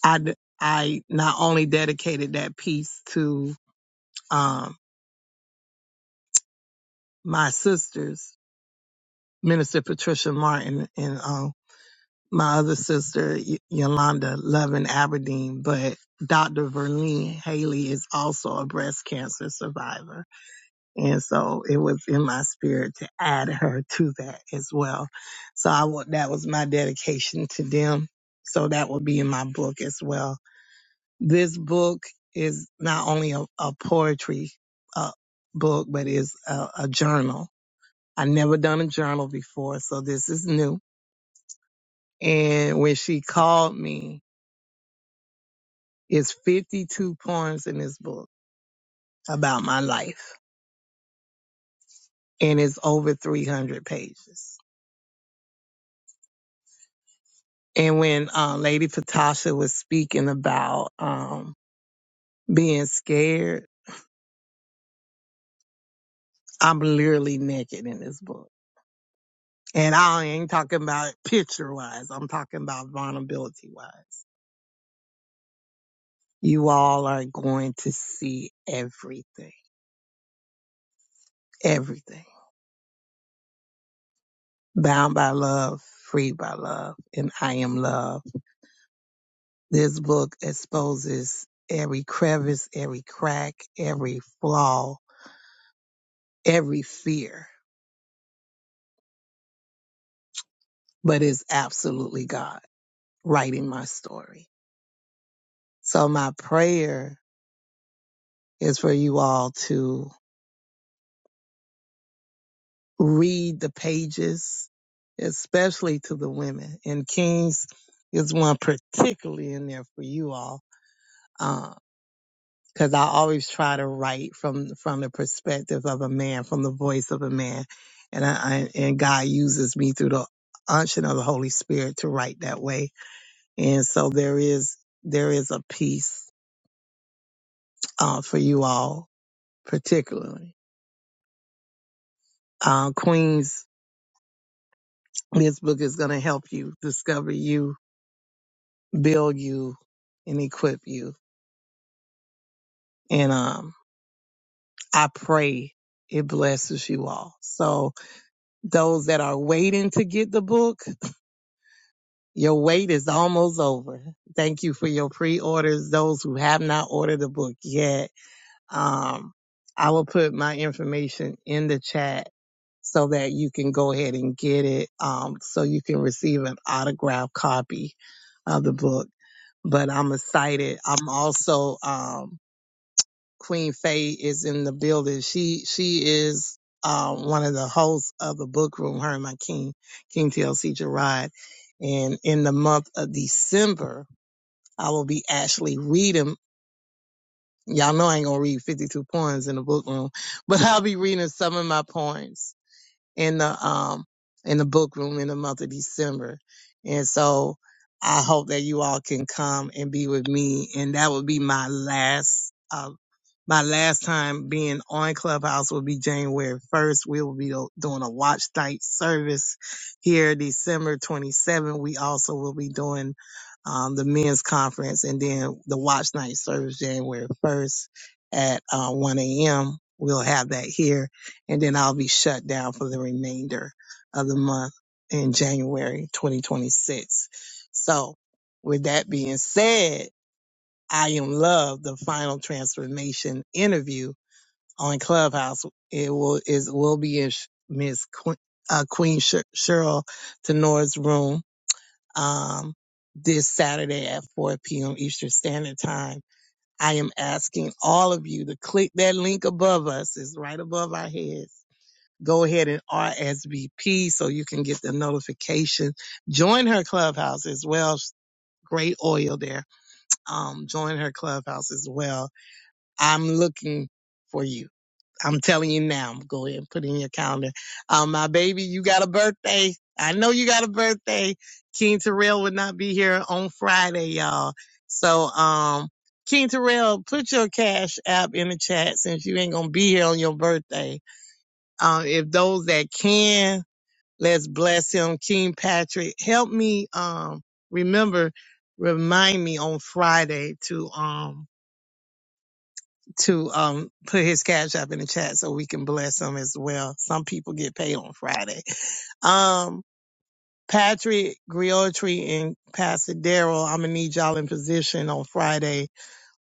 E: I I not only dedicated that piece to, um, my sisters, Minister Patricia Martin and, uh, my other sister, Y- Yolanda Lovin Aberdeen, but Dr. Verlene Haley is also a breast cancer survivor. And so it was in my spirit to add her to that as well. So I wa- that was my dedication to them. So that will be in my book as well. This book is not only a, a poetry uh, book, but is a, a journal. I never done a journal before, so this is new. And when she called me It's 52 poems in this book about my life, and it's over 300 pages. And when uh, Lady Patasha was speaking about um, being scared, I'm literally naked in this book. And I ain't talking about picture wise, I'm talking about vulnerability wise. You all are going to see everything, everything. Bound by love, free by love, and I am love This book exposes every crevice, every crack, every flaw, every fear, but it's absolutely God writing my story. So my prayer is for you all to read the pages, especially to the women. And Kings is one particularly in there for you all. Um, because I always try to write from from the perspective of a man, from the voice of a man, and I, I and God uses me through the unction of the Holy Spirit to write that way. And so there is there is a peace uh, for you all, particularly uh, Queens. This book is going to help you discover you, build you, and equip you. And um, I pray it blesses you all. So those that are waiting to get the book. Your wait is almost over. Thank you for your pre-orders. Those who have not ordered the book yet, um, I will put my information in the chat so that you can go ahead and get it, um, so you can receive an autographed copy of the book. But I'm excited. I'm also, um, Queen Faye is in the building. She she is uh, one of the hosts of the book room, her and my king, King TLC Gerard. And in the month of December, I will be actually reading. Y'all know I ain't gonna read 52 poems in the book room, but I'll be reading some of my poems in the um in the book room in the month of December. And so I hope that you all can come and be with me. And that will be my last uh, my last time being on Clubhouse will be January 1st. We will be doing a watch night service here December 27. We also will be doing um, the men's conference and then the watch night service January 1st at uh, 1 a.m. We'll have that here and then I'll be shut down for the remainder of the month in January 2026. So with that being said, I Am Love, the final transformation interview on Clubhouse. It will is will be in Miss Queen, uh, Queen Cheryl Tenor's room um, this Saturday at 4 p.m. Eastern Standard Time. I am asking all of you to click that link above us. It's right above our heads. Go ahead and RSVP so you can get the notification. Join her clubhouse as well. Great oil there. Um, join her clubhouse as well I'm looking for you. I'm telling you now. Go ahead and put it in your calendar. Um, my baby, you got a birthday. I know you got a birthday. King Terrell would not be here on Friday, y'all. So, um, King Terrell, put your cash app in the chat since you ain't gonna be here on your birthday. Um, if those that can, let's bless him. King Patrick, help me, um, remember, remind me on Friday to, um, to um put his cash app in the chat so we can bless him as well. Some people get paid on Friday. Um Patrick Griotri and Pastor Daryl, I'm gonna need y'all in position on Friday.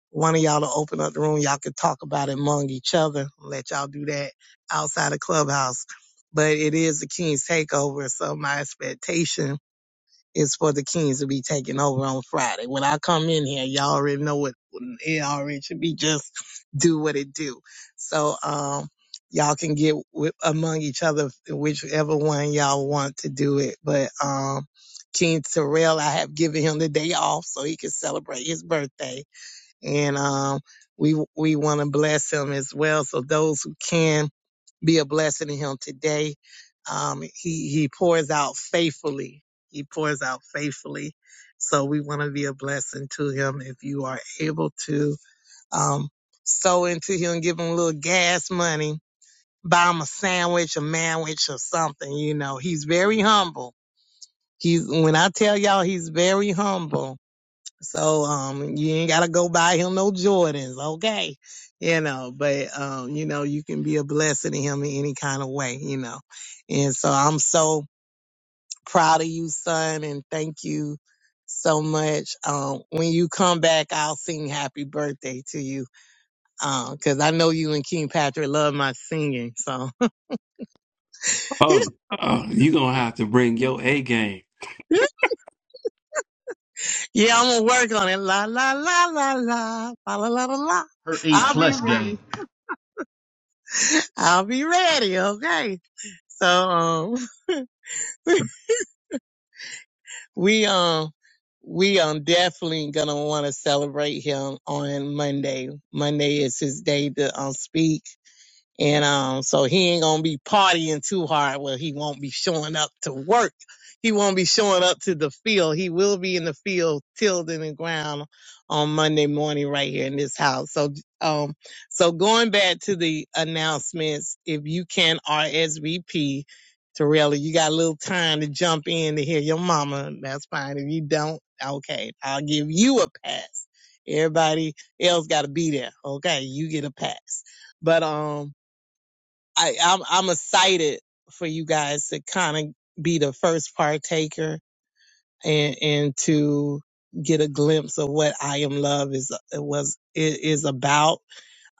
E: One of y'all to open up the room. Y'all can talk about it among each other. I'll Let y'all do that outside of clubhouse. But it is the King's takeover, so my expectation is for the Kings to be taking over on Friday. When I come in here, y'all already know what it already should be. Just do what it do. So, um, y'all can get with, among each other, whichever one y'all want to do it. But, um, King Terrell, I have given him the day off so he can celebrate his birthday. And, um, we, we want to bless him as well. So those who can be a blessing to him today. Um, he, he pours out faithfully. He pours out faithfully. So we want to be a blessing to him if you are able to, um, sow into him, give him a little gas money, buy him a sandwich, a manwich or something. You know, he's very humble. He's, when I tell y'all he's very humble, so um you ain't gotta go buy him no Jordans, okay? You know, but um, you know, you can be a blessing to him in any kind of way, you know. And so I'm so proud of you, son, and thank you so much. Um, when you come back, I'll sing happy birthday to you. Um, cause I know you and King Patrick love my singing, so yeah,
G: Oh, uh, you gonna have to bring your A game.
E: I'm gonna work on it. la la la la la la la la. la.
A: Her A All
E: I'll be
A: plus right.
E: ready.
A: game.
E: I'll be ready. Okay. So, um, we, um, we um definitely gonna want to celebrate him on Monday. Monday is his day to um speak. And um, so he ain't gonna be partying too hard. Well, he won't be showing up to work. He won't be showing up to the field. He will be in the field tilled in the ground on Monday morning right here in this house. So um, so going back to the announcements, if you can RSVP, Torella, you got a little time to jump in to hear your mama. That's fine. If you don't, okay, I'll give you a pass. Everybody else gotta be there. Okay, you get a pass. But um I, I'm I'm excited for you guys to kind of be the first partaker and and to get a glimpse of what I am love is uh, was is about.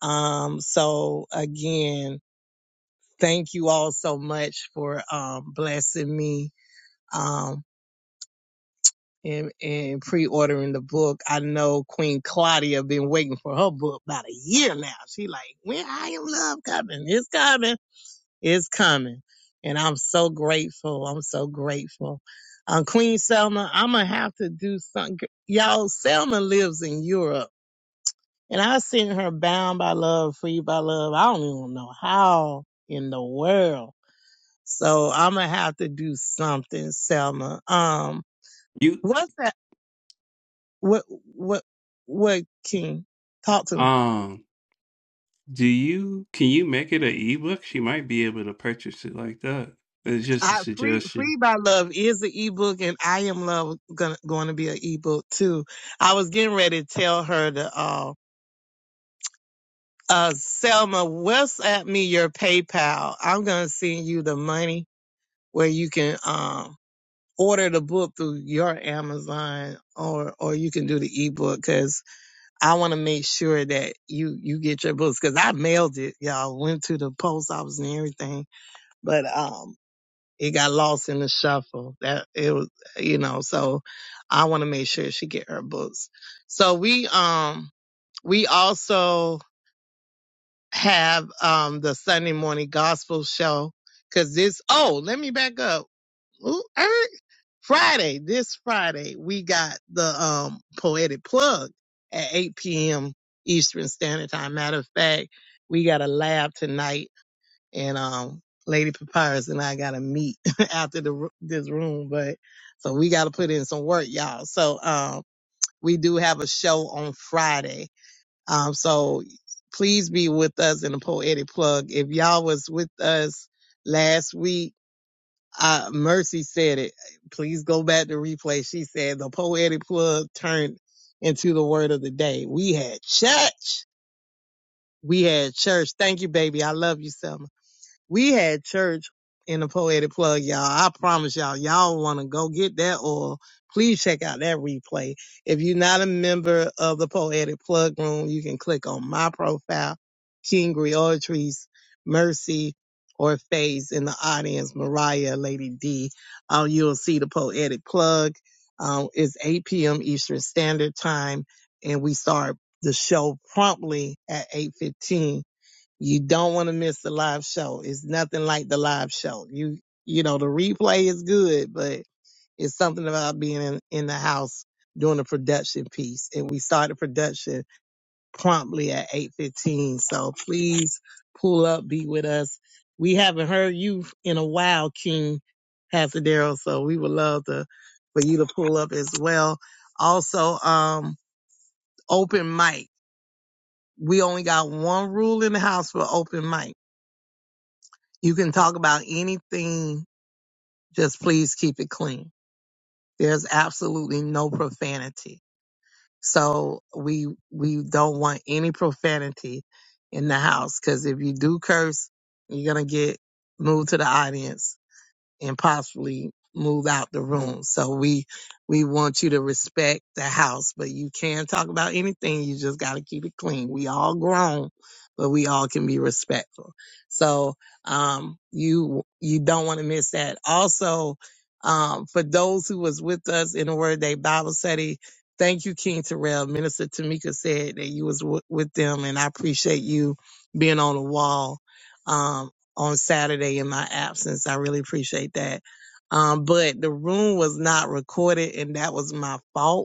E: Um, so again, thank you all so much for um blessing me. Um. And, and pre-ordering the book. I know Queen Claudia been waiting for her book about a year now. She like, when I am love coming, it's coming. It's coming. And I'm so grateful. I'm so grateful. Um, Queen Selma, I'm going to have to do something. Y'all, Selma lives in Europe. And I sent her bound by love, free by love. I don't even know how in the world. So I'm going to have to do something, Selma. Um,
G: You
E: what's that? What, what, what, King? Talk to me.
G: um, do you can you make it an ebook? She might be able to purchase it like that. It's just a
E: I free
G: suggestion.
E: free by love is an ebook and I am love gonna going to be an ebook too. I was getting ready to tell her to uh uh Selma, WhatsApp me your PayPal. I'm gonna send you the money where you can um order the book through your Amazon or or you can do the ebook because I want to make sure that you you get your books because I mailed it y'all went to the post office and everything but um. It got lost in the shuffle. That it was, you know, so I want to make sure she get her books. So we, um, we also have, um, the Sunday morning gospel show because this, oh, let me back up. Ooh, er, Friday, this Friday, we got the, um, poetic plug at 8 p.m. Eastern Standard Time. Matter of fact, we got a lab tonight and um Lady Papyrus and I gotta meet after the this room, but so we gotta put in some work, y'all. So um we do have a show on Friday. Um so please be with us in the poetic plug. If y'all was with us last week, uh Mercy said it. Please go back to replay. She said the poetic plug turned into the word of the day. We had church. We had church. Thank you, baby. I love you, Selma. We had church in the poetic plug, y'all. I promise y'all, y'all want to go get that oil. Please check out that replay. If you're not a member of the poetic plug room, you can click on my profile, Kingry Griotries, Mercy, or Faze in the audience, Mariah, Lady D. Um, you'll see the poetic plug. Um, it's 8 p.m. Eastern Standard Time, and we start the show promptly at 8:15 you don't want to miss the live show. It's nothing like the live show. You you know the replay is good, but it's something about being in, in the house doing the production piece. And we started production promptly at eight fifteen. So please pull up, be with us. We haven't heard you in a while, King Hasadero. So we would love to for you to pull up as well. Also, um, open mic. We only got one rule in the house for open mic You can talk about anything, just please keep it clean. There's absolutely no profanity. So we we don't want any profanity in the house cuz if you do curse, you're going to get moved to the audience and possibly move out the room. So we we want you to respect the house, but you can talk about anything. You just got to keep it clean. We all grown, but we all can be respectful. So um, you you don't want to miss that. Also, um, for those who was with us in the Word Day Bible study. Thank you, King Terrell. Minister Tamika said that you was w- with them, and I appreciate you being on the wall. Um, on Saturday in my absence. I really appreciate that. Um, but the room was not recorded and that was my fault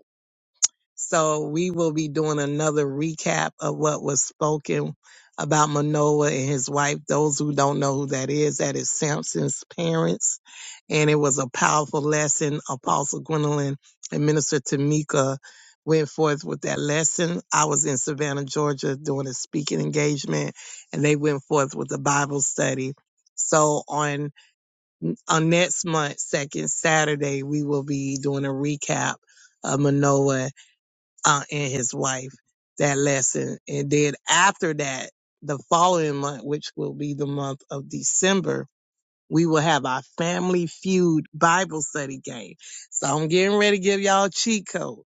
E: so we will be doing another recap of what was spoken about Manoah and his wife. Those who don't know who that is, that is Samson's parents. And it was a powerful lesson. Apostle Gwendolyn and Minister Tamika went forth with that lesson. I was in Savannah, Georgia doing a speaking engagement and they went forth with a Bible study. So on, on next month, second Saturday, we will be doing a recap of Manoah uh, and his wife that lesson. And then after that, the following month, which will be the month of December, we will have our family feud Bible study game. So I'm getting ready to give y'all a cheat code.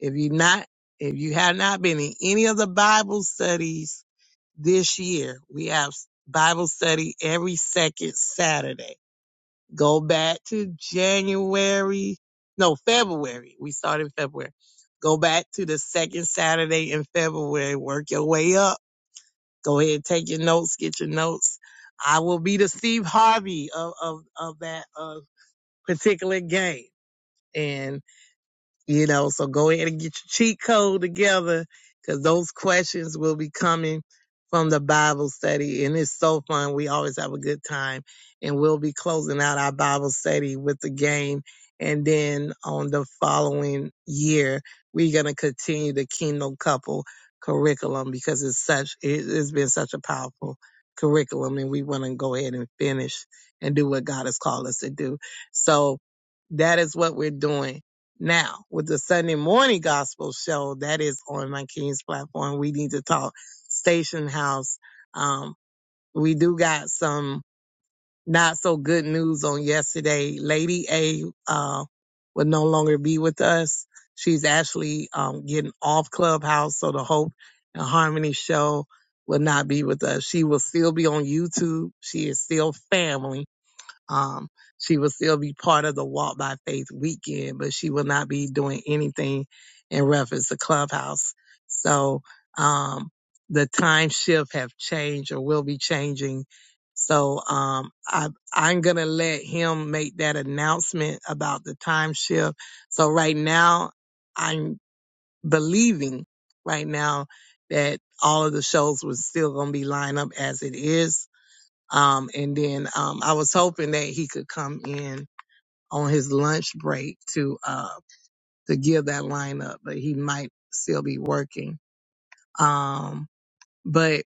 E: If you not, if you have not been in any of the Bible studies this year, we have Bible study every second Saturday. Go back to January. No, February. We started in February. Go back to the second Saturday in February. Work your way up. Go ahead, take your notes, get your notes. I will be the Steve Harvey of, of, of that uh, particular game. and. You know, so go ahead and get your cheat code together because those questions will be coming from the Bible study. And it's so fun. We always have a good time. And we'll be closing out our Bible study with the game. And then on the following year, we're going to continue the Kingdom Couple curriculum because it's such, it- it's been such a powerful curriculum. And we want to go ahead and finish and do what God has called us to do. So that is what we're doing. Now, with the Sunday morning gospel show that is on my King's platform, we need to talk station house. Um, we do got some not so good news on yesterday. Lady A, uh, will no longer be with us. She's actually, um, getting off clubhouse. So the Hope and Harmony show will not be with us. She will still be on YouTube. She is still family um, she will still be part of the Walk by Faith weekend, but she will not be doing anything in reference to Clubhouse. So, um, the time shift have changed or will be changing. So, um, I, I'm going to let him make that announcement about the time shift. So right now I'm believing right now that all of the shows were still going to be lined up as it is um, and then um, I was hoping that he could come in on his lunch break to uh, to give that lineup, but he might still be working. Um, but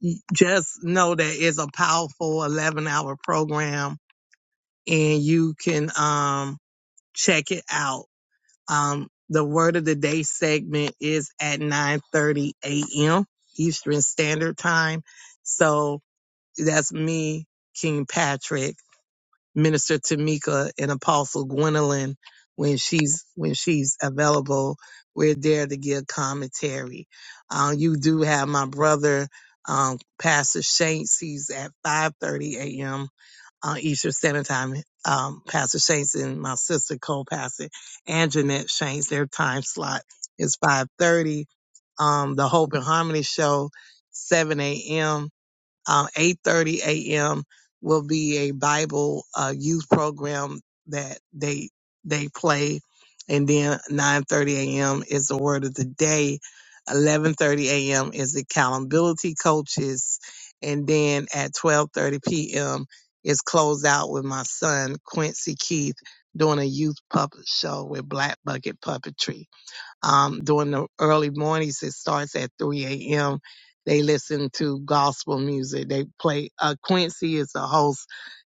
E: y- just know that it's a powerful 11 hour program and you can um, check it out. Um, the word of the day segment is at 9:30 a.m. Eastern Standard Time. So that's me, King Patrick Minister Tamika and Apostle Gwendolyn when she's when she's available. We're there to give commentary. Uh, you do have my brother, um, Pastor Shanks. He's at 5:30 a.m. Uh, Eastern Standard Time. Um, Pastor Shanks and my sister co-pastor and Jeanette Shanks. Their time slot is 5:30. Um, the Hope and Harmony show, 7 a.m um, 8.30 a.m. will be a Bible uh, youth program that they they play. And then 9.30 a.m. is the word of the day. 11.30 a.m. is the accountability coaches. And then at 12.30 p.m. is closed out with my son, Quincy Keith, doing a youth puppet show with Black Bucket Puppetry. Um, during the early mornings, it starts at 3 a.m. They listen to gospel music. They play, uh, Quincy is the host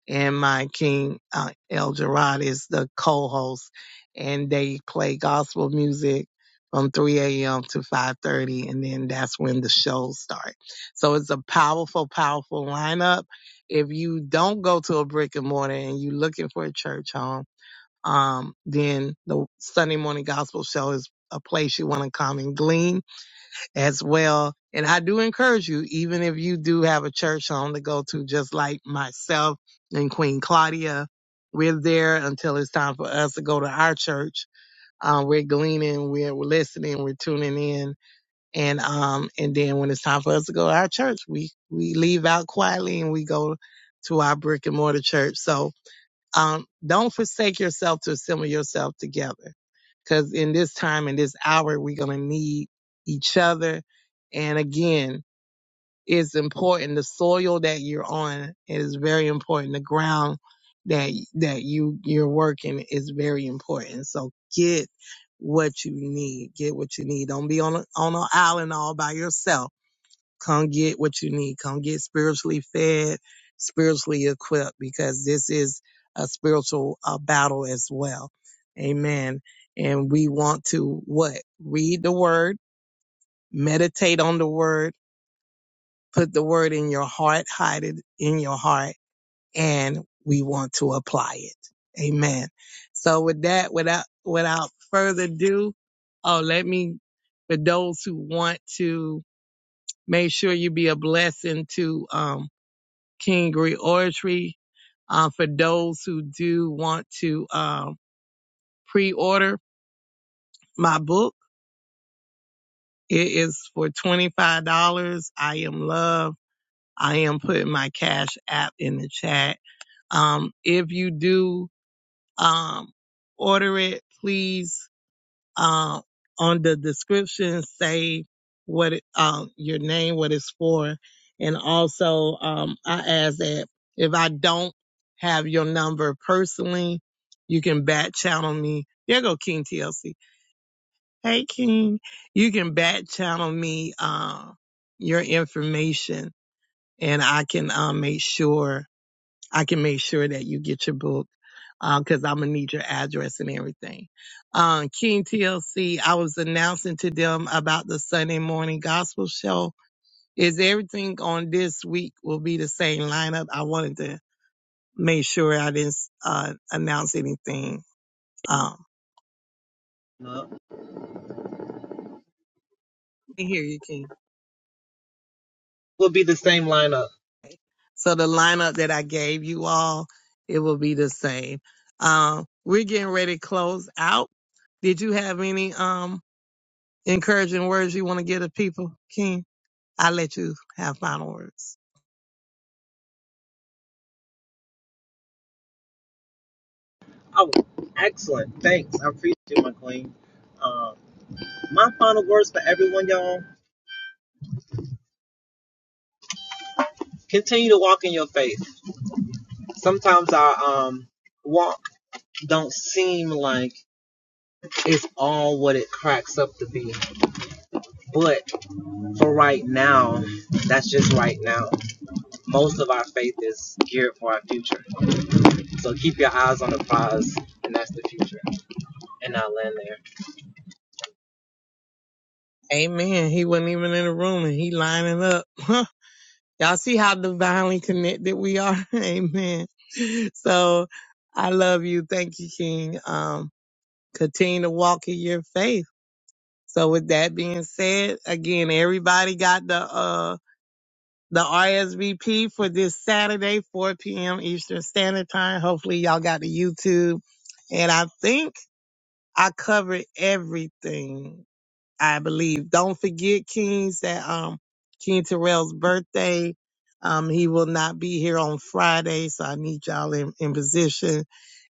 E: and my king, uh, El Gerard is the co-host and they play gospel music from 3 a.m. to 5.30 and then that's when the shows start. So it's a powerful, powerful lineup. If you don't go to a brick and mortar and you're looking for a church home, um, then the Sunday morning gospel show is a place you want to come and glean as well. And I do encourage you, even if you do have a church home to go to, just like myself and Queen Claudia, we're there until it's time for us to go to our church. Uh, we're gleaning, we're listening, we're tuning in, and um, and then when it's time for us to go to our church, we we leave out quietly and we go to our brick and mortar church. So um, don't forsake yourself to assemble yourself together. Cause in this time, in this hour, we're going to need each other. And again, it's important. The soil that you're on is very important. The ground that, that you, you're working is very important. So get what you need. Get what you need. Don't be on, a, on an island all by yourself Come get what you need. Come get spiritually fed, spiritually equipped, because this is a spiritual uh, battle as well. Amen. And we want to what? Read the word, meditate on the word, put the word in your heart, hide it in your heart, and we want to apply it. Amen. So with that, without, without further ado, oh, let me, for those who want to, make sure you be a blessing to um, King Reoratory. Uh, for those who do want to um, pre-order my book, it is for $25. I am love. I am putting my cash app in the chat. Um, if you do um, order it, please uh, on the description say what it, um, your name, what it's for, and also um, I ask that if I don't have your number personally, you can back channel me. There go King TLC. Hey King, you can back channel me uh, your information, and I can uh, make sure I can make sure that you get your book because I'm gonna need your address and everything. Um, King TLC, I was announcing to them about the Sunday morning gospel show. Is everything on this week will be the same lineup? I wanted to make sure I didn't uh, announce anything. Um,
K: lineup.
E: I hear you, King.
K: Will be the same lineup.
E: So the lineup that I gave you all, it will be the same. Um, we're getting ready to close out. Did you have any? um, encouraging words you want to give to people, King, I let you have final words.
K: Oh, excellent. Thanks. I appreciate you, my queen. Um, my final words for everyone, y'all. Continue to walk in your faith. Sometimes our um walk don't seem like it's all what it cracks up to be. But for right now, that's just right now. Most of our faith is geared for our future. So keep your eyes on the prize, and that's the future. And I will land there.
E: Amen. He wasn't even in the room and he lining up. Huh? Y'all see how divinely connected we are? Amen. So I love you. Thank you, King. Um, continue to walk in your faith. So with that being said, again, everybody got the, uh, the RSVP for this Saturday, 4 p.m. Eastern Standard Time. Hopefully y'all got the YouTube. And I think I covered everything, I believe. Don't forget, Kings, that um King Terrell's birthday. Um, he will not be here on Friday, so I need y'all in, in position.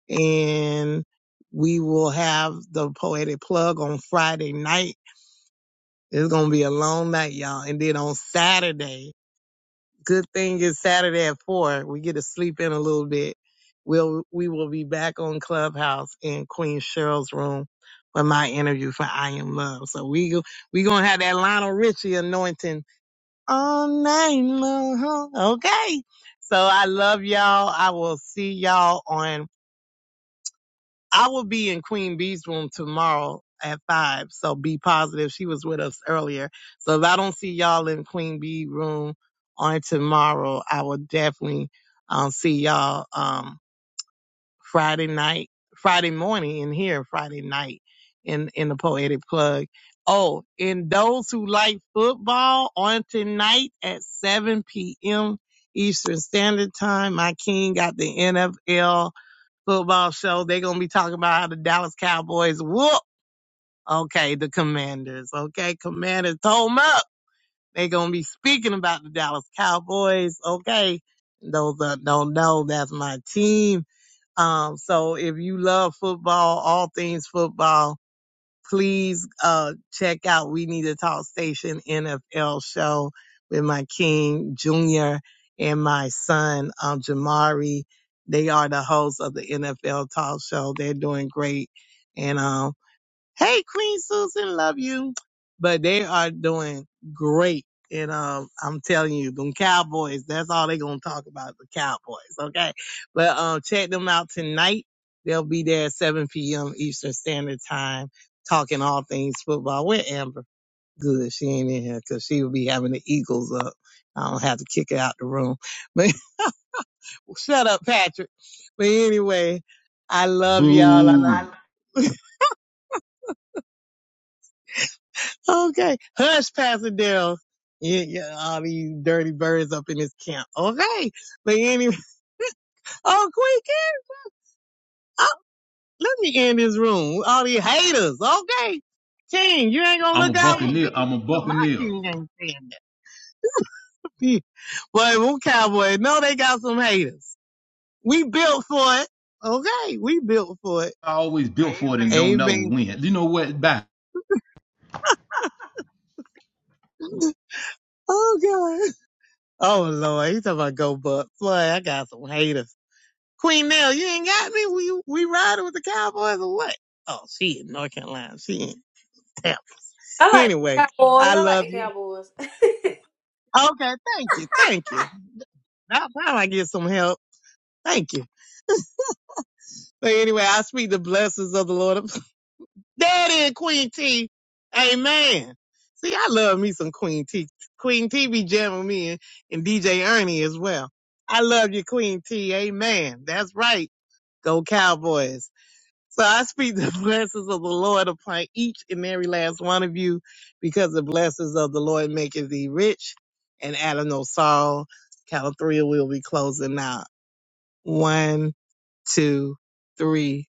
E: And we will have the poetic plug on Friday night. It's gonna be a long night, y'all. And then on Saturday, Good thing it's Saturday at four. We get to sleep in a little bit. We'll we will be back on Clubhouse in Queen Cheryl's room for my interview for I Am Love. So we go we gonna have that Lionel Richie anointing all night long. huh? Okay. So I love y'all. I will see y'all on I will be in Queen B's room tomorrow at five. So be positive. She was with us earlier. So if I don't see y'all in Queen B room on tomorrow, I will definitely um, see y'all um, Friday night, Friday morning in here, Friday night in, in the Poetic Plug. Oh, and those who like football on tonight at 7 p.m. Eastern Standard Time, my king got the NFL football show, they're gonna be talking about how the Dallas Cowboys whoop. Okay, the Commanders. Okay, Commanders told 'em up. They're gonna be speaking about the Dallas Cowboys. Okay, those that don't know, that's my team. Um, so if you love football, all things football, please uh, check out We Need to Talk Station NFL show with my King Jr. and my son um, Jamari. They are the hosts of the NFL Talk Show. They're doing great, and um hey queen susan love you but they are doing great and um i'm telling you them cowboys that's all they gonna talk about the cowboys okay but um check them out tonight they'll be there at 7 p.m eastern standard time talking all things football with amber good she ain't in here because she will be having the eagles up i don't have to kick her out the room but shut up patrick but anyway i love y'all i
A: Boo.
E: love
A: I
E: Okay. Hush, Pasadena. Yeah, yeah, all these dirty birds up in this camp. Okay. But anyway, oh, Queen, oh, let me end this room. All these haters. Okay. King, you ain't gonna
A: am a
E: look
A: hey,
E: out for
A: buccaneer.
E: me?
A: I'm a
E: No, my
A: buccaneer.
E: king ain't saying that. But we cowboy. No, they got some haters. We built for it. Okay. We built for it.
A: I always built for it and amen. don't know
E: Amen.
A: when. You know what? Bye.
E: Oh, God. Oh, Lord. You talking about go buck. Boy, I got some haters. Queen Nell, you ain't got me. We we riding with the Cowboys or what? Oh, she in North Carolina. She in damn.
J: I like the
E: Anyway,
J: Cowboys.
E: I
J: I like
E: love
J: the
E: you.
J: Cowboys.
E: Okay, thank you, thank you. Now, now I get some help. Thank you. But anyway, I speak the blessings of the Lord. That is Queen T. Amen. See, I love me some Queen T. Queen T be jamming me and, and DJ Ernie as well. I love you, Queen T. Amen. That's right. Go Cowboys. So I speak the blessings of the Lord upon each and every last one of you, because the blessings of the Lord maketh thee rich. And out no sorrow, count of three, we'll be closing out. One, two, three.